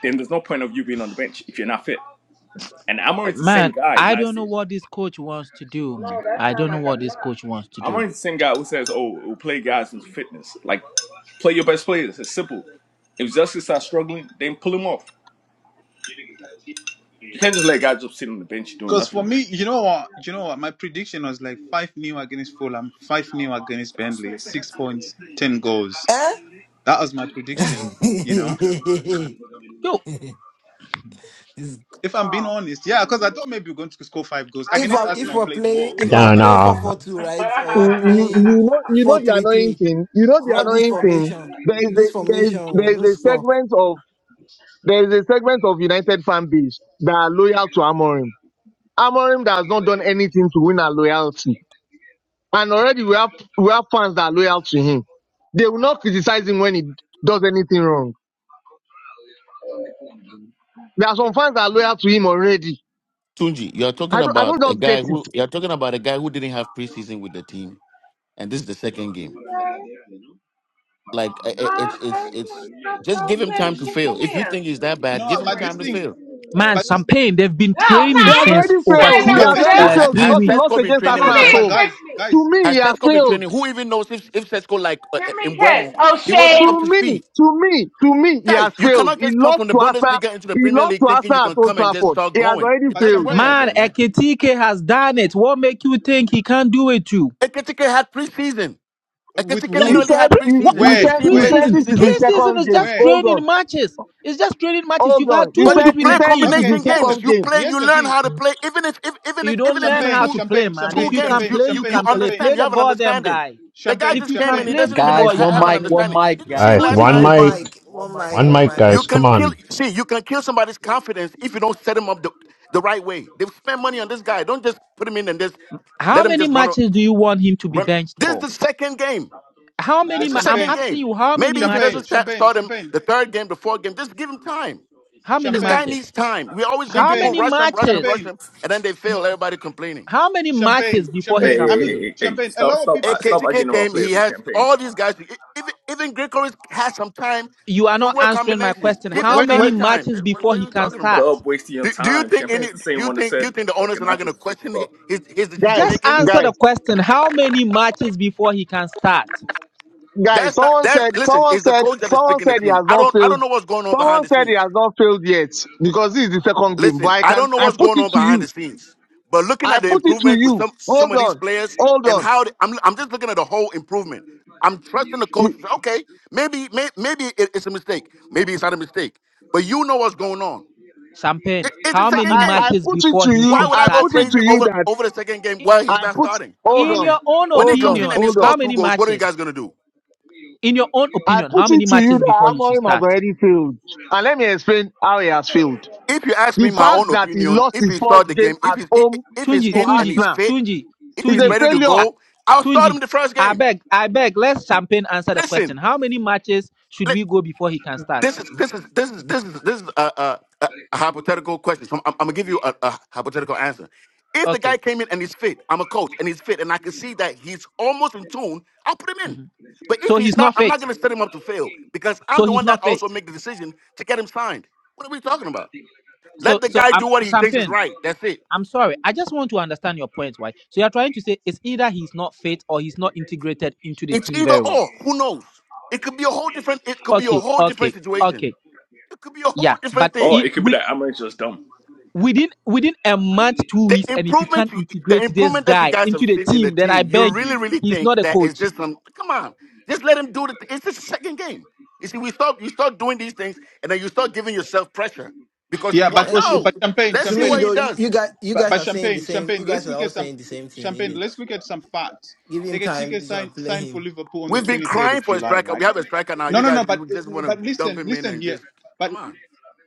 Then there's no point of you being on the bench if you're not fit. And
Uh,
Amorim's the same
Man,
guy
I
last
don't know
year.
what this coach wants to do, man. I don't know what this coach wants to do.
Amorim's the same guy who says, "Oh, we'll play guys in fitness. Like play your best players. It's simple. If Zelski starts struggling, then pull him off. You can't just let guys just sit on the bench doing
Because for
nothing."
me, you know what? You know what? My prediction was like five nil against Fulham, five nil against Bentley, six points, ten goals.
Eh?
That was my prediction. You know,
Yo,
It's-
if I'm being honest, yeah, because I thought maybe we're going to score five goals
if
against
I if
Arsenal.
we're
Played
playing
well,
if
so I
we're
was
Nah,
like,
playing four
nah,
four two right or we're
You, you,
playing
you know, you
four
know the
three
annoying
three,
thing. You know the
not this
annoying thing.
formation.
There is a
This
there
formation
is
will
there is
not
a
score.
segment of there is a segment of United fan base that are loyal to Amorim. Amorim that has not done anything to win our loyalty And already we have we have fans that are loyal to him. They will not criticize him when he does anything wrong. There are some fans that are loyal to him already.
Tunji, you are
I
talking
don't I
about
don't
a
just get
guy who
it.
you are talking about a guy who didn't have preseason with the team, and this is the second game. Like i- i- it's it's it's just give him time to fail. If you think he's that bad,
no,
give him
but this
time to
thing,
fail.
man,
but this thing,
Champagne, they've been
He
training
has
since
already
over
failed.
no,
He
two
but
has
of
Bec-
this thing,
already
uh,
ha-
thi-
failed
three
has
because he lost
Sesko
weeks.
been
against
no,
training
no,
Arsenal
with
at
no,
them?
but
home.
guys,
To
guys,
me, he
Has
has
Sesko been
failed.
training? Who even knows if if Sesko like uh, in Buemo, he wasn't up to
To me,
speed.
to me, to me, he
Guys,
has
you
failed.
cannot
He
just come
lost
from the
to Arsenal.
Bundesliga into the
He
Premier
lost
League
to
thinking you
Arsenal at
can
Old
come and just
Trafford.
start
He has
going.
already
It
but
doesn't
failed.
work like
champagne
Man,
that, man.
Ekitike has done it. What make you think he can't do it too?
Ekitike had preseason.
with
Ekitike
He
who,
literally
said,
had
Pre-
he,
what,
preseason.
he
what
Didn't you
is
where,
said,
see him
he
play
where,
said
preseason?
this
preseason
is his
games?
Preseason
second
is
game.
just
where?
Hold on,
training matches. It's just training matches.
hold
You've had
on. He
two
But
weeks
said,
you
with
he
the
play
said this
team.
is
Okay,
his
combination
here's the
games.
second
You
thing.
game.
play.
Here's
You
the
learn
thing.
how to
clean.
play. Even if, if even if
You
even
don't
if
learn
it's
how
Champagne,
two
to play,
champagne,
man.
two
If
champagne,
you
games,
can
champagne,
you
play,
you
you
you
champagne,
can play.
champagne,
understand.
Play
You
ch-
the
have an
goddamn
understanding.
guy.
The guy
champagne,
If
just
you
came
can
and
champagne.
he
play
doesn't even
football,
under,
Guys,
you
ha-
one
have
can
an
mic,
play.
one
understanding.
mic,
Did you see him
guys,
guys,
Put
last
one
him in
one
the
time?
One
mic,
mic,
team.
mic,
one
one
mic,
mic,
one
guys.
one
mic,
mic.
You
guys.
and-
Come
can kill.
on,
See, you can kill somebody's confidence if you don't set him up the, the right way. They've spent money on this guy. Don't just put him in and just
How
let him
many
just run a-
matches do you want him to be
run.
benched
This is
for?
the second game.
How
Nah,
This
many?
is the
Ma- I'm
second
champagne, ch-
asking
game.
you, how many
Maybe if he
champagne,
doesn't
matches?
sta-
champagne,
start him
champagne,
the third game, the fourth game, just give him time.
How many
This guy
champagne,
matches?
needs time. We always bring
How
people,
champagne,
many
rush
ch-
them, rush them,
matches?
rush
champagne,
them, and then they fail. Everybody complaining.
How many
champagne,
matches before
Hey,
he
champagne. I
can
hey,
mean,
hey,
play?
hey, hey.
champagne. A
stop,
lot of
stop,
people
uh,
say,
stop
AKTK
arguing about
came. He
players with
has
campaign.
all these guys. e- Even even Greco is- has some time
You are
to
not
work
answering my
combinations.
question.
Give
"What?
this
How
What?
guy
many
the
what?
time.
matches
What,
before
what are
he
you
can
talking
the
start?
about?
up wasting your
Do, do you
time.
think any?
Champagne's the
Do
same
you
one that
think do you
said
think the
uh,
owners are not
Ganache
going
is
to
a
question hi-
superstar.
his his decision
Just
Guys,
making?
answer the
guys,
question. How many matches before he can start?
guys,
That's not
someone
that's
said,
listen.
someone
It's the
said,
coach that is
someone
picking the
said he
team.
has
I
not
don't I
failed.
don't know what's going on behind
Someone
the
said he
scenes.
has not failed yet because this is the second game. But
Listen,
I
I
can,
don't know
I
what's
put
going
it
on
to
behind the
you.
scenes, but looking
I
at the
put it to
improvement with
you.
some some
Hold
of these
on,
players
hold
and
on.
how they, I'm I'm just looking at the whole improvement. I'm trusting the coach. Okay, maybe may, maybe it- it's a mistake. Maybe it's not a mistake. But you know what's going on.
Champagne,
It, it's the
how
I,
many
second
I, I
game.
matches
put it
before
to
he
you.
Why
should
would
I
I go
start
put it
him?
crazy
to you
over
that
over the second game
I-
while he's
I
not
put.
starting? Come
Hold
In
on,
on,
man.
your own
When he
hold
comes
on,
in
opinion,
and he
hold on.
scores
how
two
many
goals, what are you
matches?
guys gonna do?
In your own
I
opinion, how
put
many
it to you
matches before
that
he should
Amorim has
start?
already failed, and let me explain how he has failed.
If you ask me
The
my
fact
own
that he
opinion,
lost
if he
his
start
first
the
game
game, if
at
he's if
home
if he's
to
Tunji,
in and
Tunji,
he's
Arsenal
fit,
Tunji,
if
is
he's
a
Tunji,
ready to
failure.
ah,
go, I'll start
Tunji,
him the first
I
game.
beg, I beg, let Champagne answer the
Listen,
question. How many matches should
li-
we go before he can start?
this is this is this is this is this is a, a, a a hypothetical question. So I'm, I'm gonna give you a, a hypothetical answer. If the
Okay.
guy came in and he's fit, I'm a coach and he's fit, and I can see that he's almost in tune, I'll put him in.
mhm.
But if
So
he's
he's
not,
not
I'm not
fit.
gonna set him up to fail because I'm
So
the
he's
one
not
that
fit.
also make the decision to get him signed. What are we talking about?
So,
Let the
so
guy
um,
do what he thinks is
Champagne.
right. That's it.
I'm sorry. I just want to understand your point, why? So you're trying to say it's either he's not fit or he's not integrated into the
It's
team
either
very well.
or. Who knows? It could be a whole different. It could be a
Okay,
whole
okay,
different situation.
okay.
It could be a
Yeah,
whole different
but
Oh,
thing.
it
it could be
with
that Amarin's just dumb.
within within a month, two
The
weeks, and if you
improvement,
can't
you, the
integrate this
improvement that you
guy
guys have
into the
seen in the
team, then I
team, you
beg
really,
you,
really
he's
think
not a
that it's
coach.
just some. Come on, just let him do it. It's just a second game. You see, we start, you start doing these things, and then you start giving yourself pressure because you
Yeah, but
want.
oh,
and
sh-
you-
No,
but champagne,
let's
To
see
me
champagne,
what he
though,
ch-
you,
does.
you guys you
but,
guys
but
are saying the
champagne,
same.
champagne.
You
Let's
guys are
look at
all
some
saying the same thing. Isn't
champagne.
it?
Let's look at some facts.
Give him time.
Ekechike
This one
signed
play
signed for
him.
Liverpool on the
We've been
twenty third
crying
of
for a
July,
striker.
right?
We have a striker now.
No,
You
no,
guys,
no.
we
But
would just want to
but
dump
listen,
him in
listen
and
here.
just come on.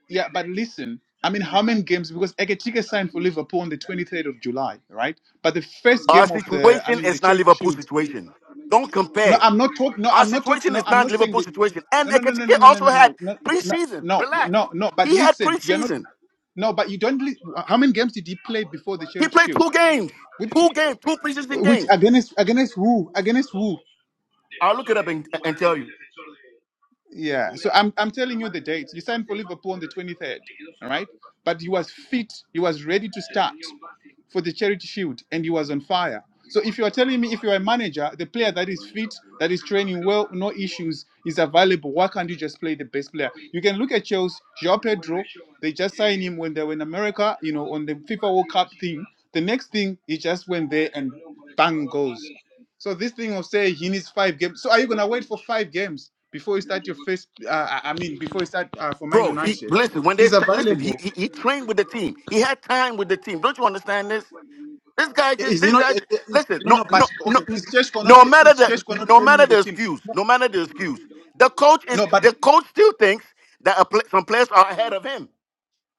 Yeah, but listen, I mean, how many games? Because Ekechike signed for Liverpool on the 23rd of July, right? But the first
Our
game of the, I
situation
mean, the
is not
Charity
Liverpool
Shield.
situation. Don't
No,
compare.
I'm not talking. No,
Our
I'm not talking.
situation
No,
is
I'm
not
not saying
Liverpool
that.
situation.
No,
And
no, no,
Ekatike
no, no, no, no,
also
no,
had
no, no,
preseason.
no, no,
Relax.
no. no, But
He had
listen, you're not.
preseason.
No, but you don't. li- How many games did he play before the
He
Charity
played
Shield?
two games,
Which,
two games, two preseason
which
games.
against against who? Against who?
I'll look it up and, and tell you,
Yeah. So I'm I'm telling you the dates. You signed for Liverpool on the 23rd, all right? But he was fit. He was ready to start. for the charity shield and he was on fire. So if you are telling me if you are a manager, the player that is fit, that is training well, no issues, is available, why can't you just play the best player? You can look at Chelsea, Joao Pedro, they just signed him when they were in America, you know, on the FIFA World Cup thing. The next thing he just went there and bang goes. So this thing of saying he needs five games. So are you gonna wait for five games before you start your first? Uh, I mean, before you start uh, for Man
bro. He
United,
listen when they
he's
listen.
available.
He, he he trained with the team. He had time with the team. Don't you understand this? This guy just
Is he
this
not?
guy.
Is,
Just,
is-
Listen,
no,
no
no.
no
But
no.
okay, is Sheshko not?
No
tra-
matter
Is
the
Sheshko not
no
training
matter
with the
the
team?
excuse, no matter the excuse, the coach is
No, but
the coach still thinks that a pla some players are ahead of him.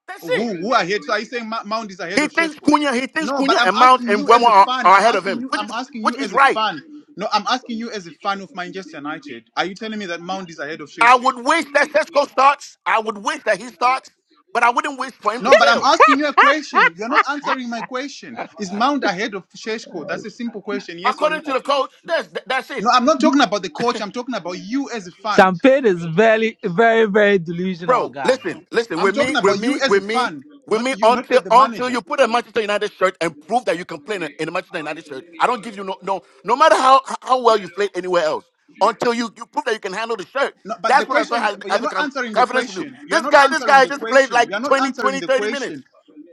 That's it.
who who ahead? So are you saying Ma- Mount is ahead
He
of
thinks
Sheshko?
Cunha, he thinks
No, but
Cunha
I'm
and Mount
asking
and
you
Wemo
as a
are,
fan.
are
I'm
ahead of
asking
him,
you.
which
I'm
is
asking you
which is
as a
right.
fan. No, I'm asking you as a fan of Manchester United. Are you telling me that Mount is ahead of
I
Sheshko?
would wish that Cesco starts. I would wish that he starts, but I wouldn't wish for him to
No, but I'm
fail.
asking you a question. You're not answering my question. Is Mount ahead of Sheshko? That's a simple question. Yes or
According to
no?
the coach, that's that's
No,
it,
I'm not talking about the coach. I'm talking about you as a fan.
Champagne is very, very, very delusional
bro.
guy.
Listen,
No,
listen.
I'm
With
talking
me, with
about you
me,
as a
with me,
fan,
with
not
me.
you, not the,
Until
the
until
manager.
you put a Manchester United shirt and prove that you can play in a, in a Manchester United shirt, I don't give you no no. No matter how how well you played anywhere else, until you you prove that you can handle the shirt,
No, but the
that's when I start
question,
having,
but you're
having
not
com-
answering the
confidence in you.
question. You are
This
not
guy, this
answering
guy
the
just played
question.
like
You are not
20
answering
20
the
30 minutes.
question.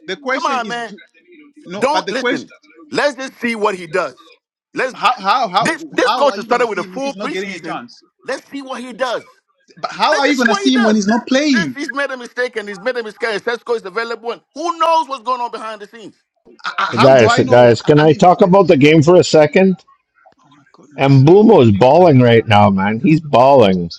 The
Come
question
on,
is
man.
ju- no, but
Don't
the question
listen. Let's just see what he does.
is
Let's
how how how
this this
Mete
how
coach
are
has
you
tranco.
gonna
started with
see
a
him if
full
he's
Son
not getting a
el
preseason.
chance?
centro,
Let's see what he does.
En el
But how
Let's
are you
just see
gonna
what he
see him when
does.
he's not
This
playing?
he's made a mistake and he's made a mistake. And Sesko is available. And who knows what's going on behind the scenes?
muy
I, I-
Hey,
how do
guys,
I
hey,
know?
guys.
I,
Can
I
debajo.
I
mean,
talk
Más, más,
the,
about
más, etcétera.
the
Escuchada,
game for a second?
oh my
And
goodness,
Bumo's balling right now, man. He's balling.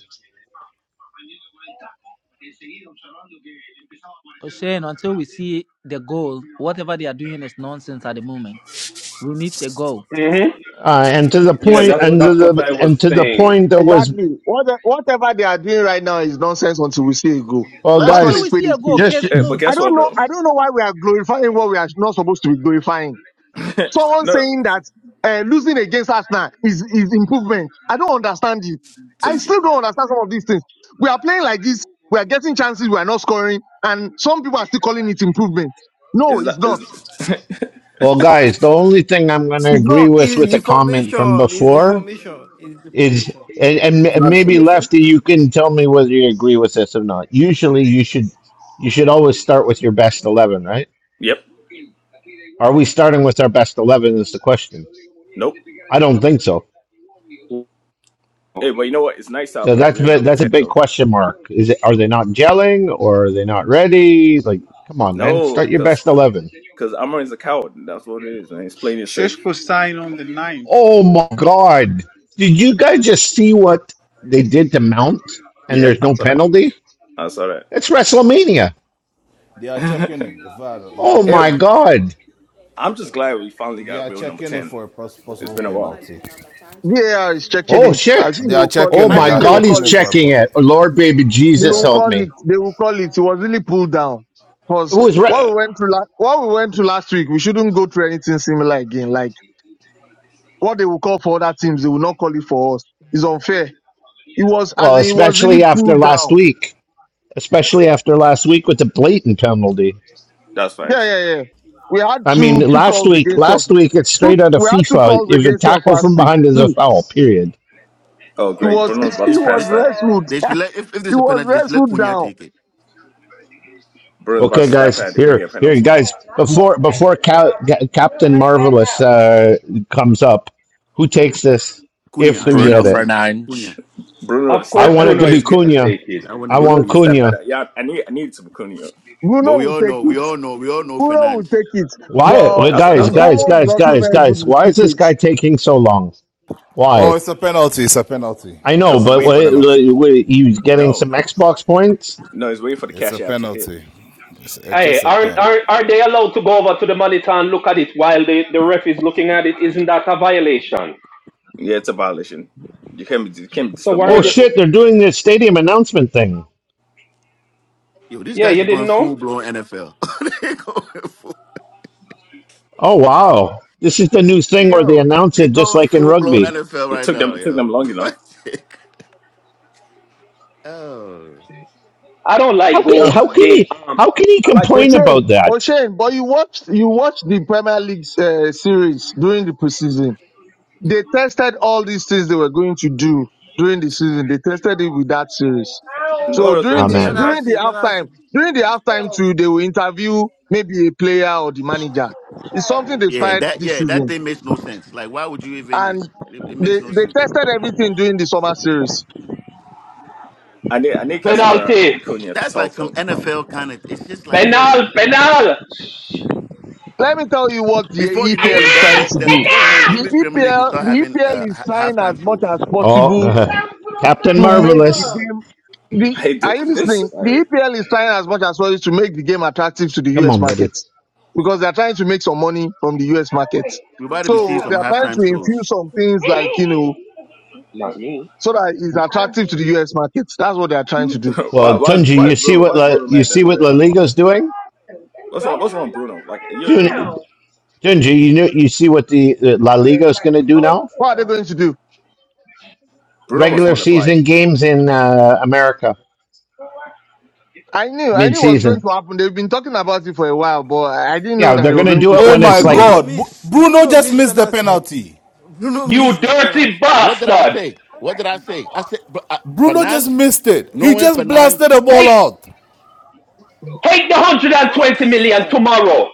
Oshane, until we see the goal, whatever they are doing is nonsense at the moment. We need a goal.
hmm
Uh, and to the
But
Yeah,
you
point,
know
that's
and
what?
to
that's what I
the and
was
to the
saying.
point that was,
Exactly. What, whatever they are doing right now is nonsense until we see it go.
well,
Let's call
Until
it
guys,
we
spade
see
a
a goal,
spade.
just
case
Eh, but
closed.
I
guess
don't
what,
know.
bro?
I don't know why we are glorifying what we are not supposed to be glorifying.
no,
Someone
no.
saying that uh, losing against Arsenal is is improvement. I don't understand it.
so
I
you-
still don't understand some of these things. We are playing like this. We are getting chances. We are not scoring, and some people are still calling it improvement. No,
it's
it's
not.
not.
It's,
well, guys, the only thing I'm going to
It's
agree
not.
with
It's
with
the
the comment from
formation. It's the
before
formation. It's the
is,
formation.
and, and
it's
m-
not
maybe
information.
Lefty, you can tell me whether you agree with this or not. Usually, you should you should always start with your best eleven, right?
Yep.
Are we starting with our best eleven? Is the question?
Nope.
I don't think so.
Hey, but you know what? It's nice to have
So
a
that's a
real
bit-
number
that's a
ten
big
though.
question mark. Is it are they not gelling or are they not ready? Like, come on, man,
No,
start your
because
best eleven.
because Amarin's a coward. That's what it is, man. It's plain and safe.
Sheshko sign on the ninth.
Oh my God. Did you guys just see what they did to Mount and
Yeah,
there's
I
no
saw that.
penalty?
I saw
It's WrestleMania.
They are
that.
checking in. The VAR, They are
Oh
Eh,
my
checking in.
God.
I'm just glad we finally
They
got
are
real number
checking it
ten.
for a pos-
It's
possible
been a while.
penalty.
VAR is checking
Oh
it. I
shit.
think
They
they
are
will call.
Oh
checking it.
I
They
my
think
are
they will
God, he's
call
checking it
it.
for a
checking
po-
it. Lord, baby
They
Jesus,
will
yeah.
help
call
me.
it. They will call it. It was really pulled down.
It
Cause
was,
what
re-
we went through, la- what we went through last week, we shouldn't go through anything similar again. Like what they will call for other teams, they will not call it for us. It's unfair. It was as
well,
in, it was really
especially after
pulled
last
down.
week, especially after last week with the blatant penalty.
That's
Yeah,
facts.
yeah, yeah. We had
I
two
mean,
two
last
calls
week,
against us.
last week, it's straight
Two,
out of
we had two
FIFA.
calls
If a
against us
tackle
last
from
week.
behind is a
Two.
foul, period.
Oh,
It
great.
was
Bruno's
it
about
They
to
should
was
they,
pass that.
wrestled.
they should let if, if
it
there's a
was
penalty, they should let
wrestled
Cunha
down.
take it.
Bruno's about to
Okay,
snap
guys.
at if we get
Here,
a
here,
penalty.
guys. Before before Ca- Ca- Captain Marvelous uh, comes up, who takes this?
Cunha,
If
I
we
think
Bruno
get it,
Cunha.
Fernandes,
Cunha.
Bruno to
Of
I
course,
snap
want
at
it to
Bruno
him.
be
It's
is
good.
gonna
Cunha.
take it.
I want to
I
be
Bruno
want
to
Cunha
snap
too.
at
Cunha.
him. Yeah, I need I need some Cunha.
But
Bruno
we
will
all
take
know, we
it.
all know, we all know
Bruno will
Fernandes.
take it.
Why,
But
wait,
That's
guys,
that's all
guys,
Bruno
Umbomo is
guys,
does.
also
guys,
very good
guys?
with
Why is this
PKs.
guy taking so long?
Oh,
Why?
it's a penalty. It's a penalty.
I know,
Cause he's
but
It's
waiting
a
for the,
wait,
penalty.
wait, wait, he's getting
no,
some Xbox points.
no, he's waiting for the
It's
cash
a
app to hit.
penalty. It's, it
Hey,
is a
aren't,
pen.
aren't are they allowed to go over to the monitor and look at it while the, the ref is looking at it? Isn't that a violation?
Yeah, it's a violation. You can't be you can't be
So
disturbing
why
the
are
Oh
they?
ref.
shit! They're doing this stadium announcement thing.
Yo, these
Yeah,
guys
you
are
didn't
going
know.
full blown NFL. they going full.
Oh wow! This is the new thing where they
Yo,
announce
they
it just
going
like in
full blown
rugby.
NFL
It
right
took them
now,
it took
yo.
them long
What?
enough.
the- oh,
I don't like
How can
No,
goals
how can
game
he
um,
how can he
I like that
complain
though.
O'Shane,
about that?
O'Shane, but you watched you watched the Premier League uh, series during the preseason. They tested all these things they were going to do during the season. They tested it with that series.
No
So
one was paying
during the
attention to
Amen.
during
that.
the
Penalty.
halftime,
Penalty.
during the halftime too, they will interview maybe a player or the manager. It's something they
yeah,
started
that
this
yeah, that
season,
thing makes no sense. Like, why would you even? It,
and
it
they
makes no
they
sense.
tested everything during the summer series.
I need I need Casemiro
penalty,
and Cunha to
That's like
talk
some
though.
NFL kind of. It's just like yo.
penal, penal.
Let me tell you what the
Before you know
EPL
it,
is
that,
trying
that,
to
that
do.
before you know it,
The
English Premier League will
EPL
start
the
having uh,
EPL is
ha-
trying as
halftime
much
shows.
as possible
Oh, Captain
to make the
Marvelous.
game. The
I hate
are
this.
you
this
listening?
Sorry,
The EPL is trying as much as well to make the game attractive to the
Come
US
on, buddy.
markets because they're trying to make some money from the US markets.
We're about to be seeing
So
some
they're trying to
halftime
infuse
shows.
some things like you know
not me.
so that it's attractive to the US markets. That's what they're trying to do.
why,
Well,
why is
Tunji,
why
you
is
see
Bruno
what
why is
La,
Bruno
you
mad that
see
the
what
ref
La
bumped
Liga's
him?
doing?
What's wrong? What's wrong, Bruno? Like you're an idiot.
Tun- Tunji, you know, you see what the uh, La Liga's going to do now?
What are they going to do?
Bruno was the
Regular
one to fly.
season games in uh, America,
I knew, I knew what's going
mid-season.
to happen. They've been talking about it for a while, but I didn't know
Yeah,
that they
they're
were
going to
going
do
to
it
Oh
start
when
this
Bru-
it's
my
season.
like,
Bruno
God! Bu-
missed.
Bruno
Bruno
just
missed
missed the
penalty.
penalty.
Bruno
You
missed the
dirty
penalty.
What did I
bastard!
say? What did I say? I said, but, uh,
Bruno just
Fernand,
missed it. He
knowing
just
Fernand,
blasted the ball
Take
out.
take the hundred and twenty
Fucking
million
hell.
tomorrow.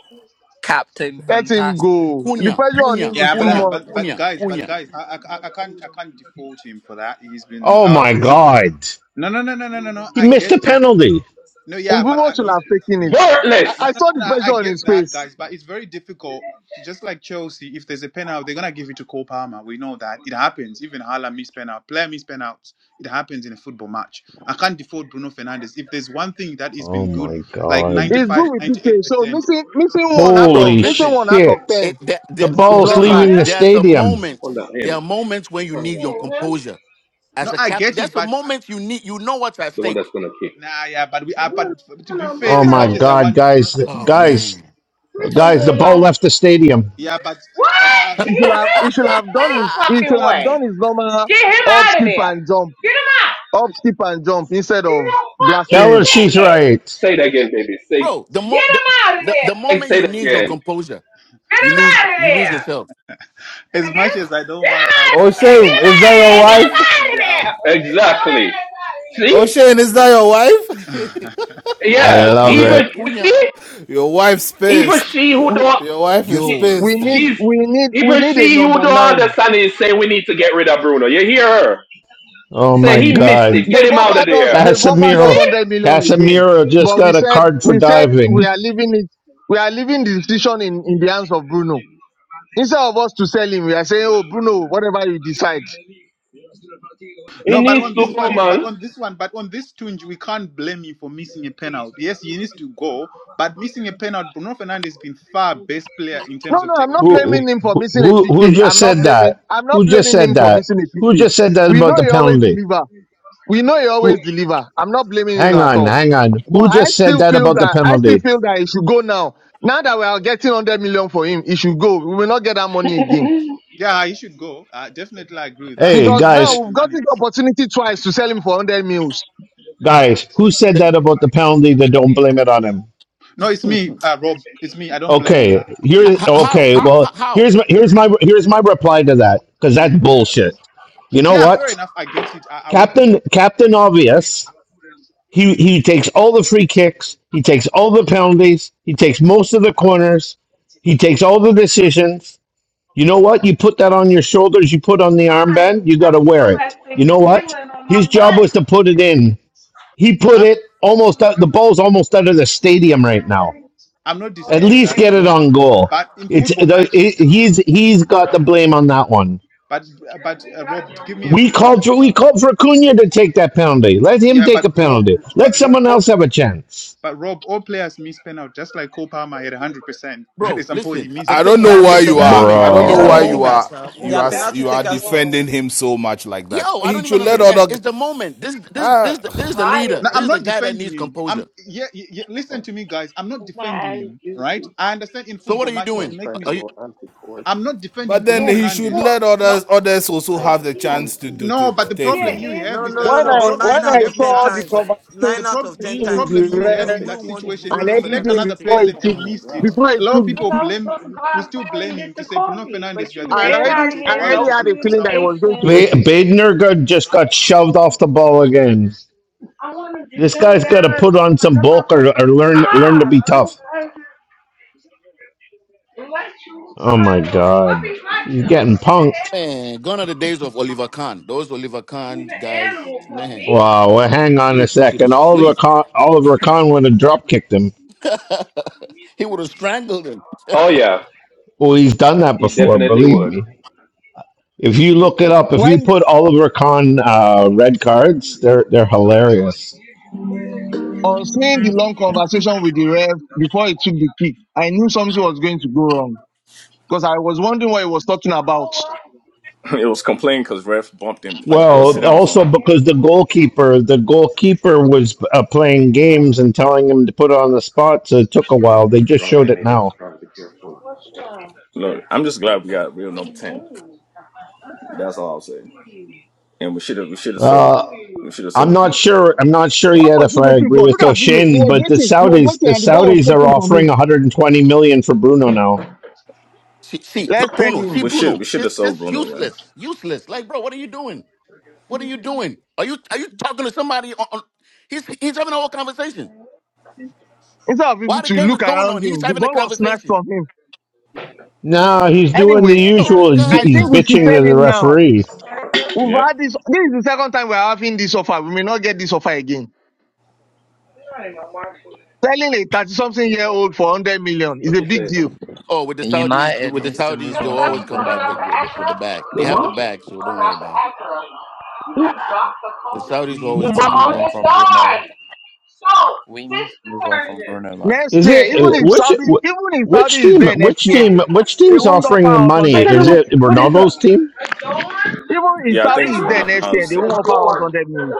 Captain
Let him
Fantastic.
go. The
Cunha,
pressure on him
Cunha,
is
Yeah, but
too
I,
Cunha,
much.
but but
Cunha,
guys, but
Cunha.
guys, I, I I I can't I can't default him for that. He's been
oh
our
my
best.
God,
No, no, no, no, no, no, no.
he
I
missed
get
a
it.
penalty.
No, yeah, but
Umbumo
I,
should
he's
have taken it. I,
Worthless.
no,
I
no,
saw
no,
the
no, I
pressure on his
get that,
face.
guys. But it's very difficult. Just like Chelsea, if there's a penalty, they're gonna give it to Cole Palmer. We know that it happens. Even Hala miss penalty, player miss penalties. It happens in a football match. I can't default Bruno Fernandez. If there's one thing that has
Oh
been good,
my
like
God.
It's
95,
good with PK.
98
So
percent.
missing missing one out
Bro,
of
Holy
missing
listen.
one out of
shit.
it
ten
that,
The
that
is
ball's
not
listen
bad.
leaving the
there's a
stadium.
moment
Hold on,
there
him.
are moments when you need your composure as
No,
a
I
captain
get it,
there's a
but uh,
moment you need you know what's at
The one that's
stake
gonna kick.
nah, yeah, but we are. But to be fair,
Oh
as
my
much as I
God,
want Bruno,
guys,
Fer-
oh
guys,
man
guys, the ball left the stadium.
yeah, but but
He
Ash,
should have he should have done his he should have done his normal up skip and jump up skip and jump instead of
Tell
blasting
her
it.
she's right.
Say it again, baby. Say,
bro the, mo- the, the the
hey,
moment
say
you
it
need your
again.
composure you lose you lose yourself
as much as I don't want, I
Oh
don't, I, I
Shane,
want
is that
Bruno
your wife?
Fernandes to be out.
Get Exactly.
Oh
See?
Shane, is that your wife?
i
I
said
Yeah.
love
cunha
Even
it.
you
cunha
see?
Your wife's
Even
pissed.
she who
We,
don't
Your wife is
she
yo
we
pissed.
need
oh.
she's
we need we
even
need a
she who
number
don't
nine.
understand it say we need to get rid of Bruno. You hear her?
Oh
Say
my
he missed
God.
it. Get
They've
him out of
offered us
there.
they've
You
offered us
Casemiro,
see?
hundred million again,
Casemiro just
but we
got a
said
card for
we said we
diving.
are leaving it we are leaving the decision in in the hands of Bruno. Instead of us to sell him, we are saying oh Bruno whatever you decide.
He
no, but
needs
on this
to go,
one, but
man.
on this one, but on this tunge, we can't blame him for missing a penalty. Yes, he needs to go, but missing a penalty, Bruno Fernandes has been far best player in
No,
terms of
no, I'm
taking
not
Premier
Who,
blaming
League.
him for
who,
missing a
who who
PK. I'm
just
not
said
blaming,
that?
I'm not
Who just
blaming
said
him for
that?
missing a
Who
PK.
just said that
We
about
know
the
he always
penalty?
deliver. We know he always
Who?
deliver. I'm not blaming him
Hang
at
on,
all.
hang on.
But
Who
I
Mhm.
just said
still
that
feel
about the
that, I still
penalty?
feel that he should go now. Now that we are getting 100 million for him, he should go. We will not get that money again.
Yeah, he should go. I definitely agree with that.
Hey,
We
Because
need to
now
guys,
take the
we've
money.
gotten the opportunity twice to sell him for 100 mils.
guys, who said
The-
that about the penalty? That don't blame it on him.
No, it's me, uh, Rob. It's me. I don't blame on
Okay,
that.
H-
here.
Yes.
h- how,
Okay,
how
well,
how how
here's my
Mhm.
here's my here's my reply to that because that's
Mhm.
bullshit. You know
Yeah, fair
what,
enough. I get it. I, I would.
Captain Captain Obvious. He he takes all the free kicks. He takes all the penalties. He takes most of the corners. He takes all the decisions. You know what? You put that on your shoulders, you put on the armband, you got to wear it. You know what? His job was to put it in. He put
I'm,
it almost out, the ball's almost out of the stadium right now.
I'm not
At
disputing
least
that,
get it
Rob.
on goal.
But in
It's
football
the,
matches,
it, he's he's got the blame on that one.
but but uh, Rob, give me a
We called for we called for Cunha to take that penalty. Let him
yeah.
take
But
a
Rob,
penalty. Let
but
someone
Rob,
else have a chance,
But Rob, all players miss penalty, just like Cole Palmer had 100%, but at
bro
some point he
listen
missed
the
I
it.
thing
don't
They
is
know
are,
why
is
pen,
the
you
they, are,
are.
pen- they
I
are
moment
don't know
is the
why
penalty
you
bro.
takers
moment
are.
now. They
You
are
are
penalty
you are
takers in the
defending
team.
him so much like that.
Yo, I
He
don't
should
even
let
understand.
other,
It's the moment. This, this, this, this is the leader.
Now,
This
I'm
is the
not
guy that
defending
needs
him.
composure.
I'm yeah, yeah, yeah, listen to me, guys. I'm not defending him, right? I understand in
So what
football
are you
matches you
doing?
make
Are
mistakes.
you
I'm not defending
but
Bruno
then he should
Fernandes.
let others others also have the chance to do to,
No,
to
but the
take
problem
it.
you have
No,
is
no,
that
no,
When
no.
the
I,
But
problem
when
nine
you
I
out
have
of
with
ten
saw
that,
the
times,
no,
conversation
the
nine out
problem
of ten
the
with
times,
problem
the
you
you
Okay,
will-
I'll
have
you
in
ref
take
that
will want
people.
situation,
and
if
Bruno
he let
Fernandez
everything
to
another
take
before
it.
he
person and
took,
missed it,
before he
a lot of
took
people
the
blame will still blame him to say Bruno Fernandes, you are the
I
best
already,
penalty
I
taker. Why would
already
you
had
give
a
it to
feeling that I
someone?
was going to
Ba-
miss it.
Badner got, just got shoved off the ball again. This guy's got to put on some bulk or, or learn learn to be tough. Oh my God, he's getting punked.
man? Gone are the days of Oliver Kahn. Those Oliver Kahn guys, man,
Wow, well, hang
he
on a
will put you to
second. Oliver
sleep.
Con- Oliver Kahn would have drop kicked him.
he would have strangled him.
Oh yeah,
Well, he's done that
he
before,
definitely
believe
would.
me. If you look it up, if you
When
put Oliver Kahn uh, red cards, they're they're hilarious.
on seeing the long conversation with the ref before he took the kick, I knew something was going to go wrong because I was wondering what he was talking about.
It was complaining because ref bumped him. Like, go sit
Well,
down, son.
also because the goalkeeper, the goalkeeper was uh, playing games and telling him to put it on the spot, so it took a while.
Strong,
They just
strong.
showed
I
it
made it
now.
strong. Be careful.
Look, I'm just
Yes.
glad we got real number ten. That's all I'll say. And we should have, we should have sold,
Uh,
we should have
I'm
sold
not
Bruno.
sure. I'm not sure
What
yet
was
if
he
I
waiting
agree
for?
with
Look at Bruno. He
Toshin,
was
but the
waiting. He was
Saudis, the
waiting, and the ball was
Saudis are
taken from
offering
him.
120 million for Bruno now.
See, see,
Let's
look,
tell
Bruno. See,
him
We should, we
Bruno.
should have
Just,
sold
just
Bruno, man.
useless, useless. Like, bro, what are you doing? What are you doing? Are you, are you talking to somebody? On, on, he's, he's having a whole conversation.
instead of him
While the
to
game
look
is going
around
on, he's
him, the
having a
ball was snatched
conversation.
from him.
No, he's doing the
Anyway,
Bro, this
usual. He's,
guy
I
is
he's
think we
just
should
what?
bitching
sell
to the
him now.
referee.
We've
Yep.
had this. This is the second time we're having this offer. We may not get this offer again. Selling a 30 something year old for 100 million is
What
a
you
big
say?
deal.
Oh, with the Saudis,
United
with the
needs to
Saudis,
move
they'll
on from
always come back
Bruno.
with with, with the bag. They have the bag, so don't worry about it. The Saudis
We
always
need to
drop the
move on
bag.
from
So,
Bruno. We need to move on from Bruno, man.
Next
Is
year,
it
even
uh,
if
which
Saudi,
wh-
even if Saudi
which
is
team?
there next
Which
year,
team? Which
they
team's
won't offer
offering the
us
money?
I
100
said, I don't
Is
mils.
know.
it
What is that?
Ronaldo's team?
Even if
Yeah, I think
Saudi
it's
is there next year,
Ronaldo's
they
thing.
won't offer us 100 mils.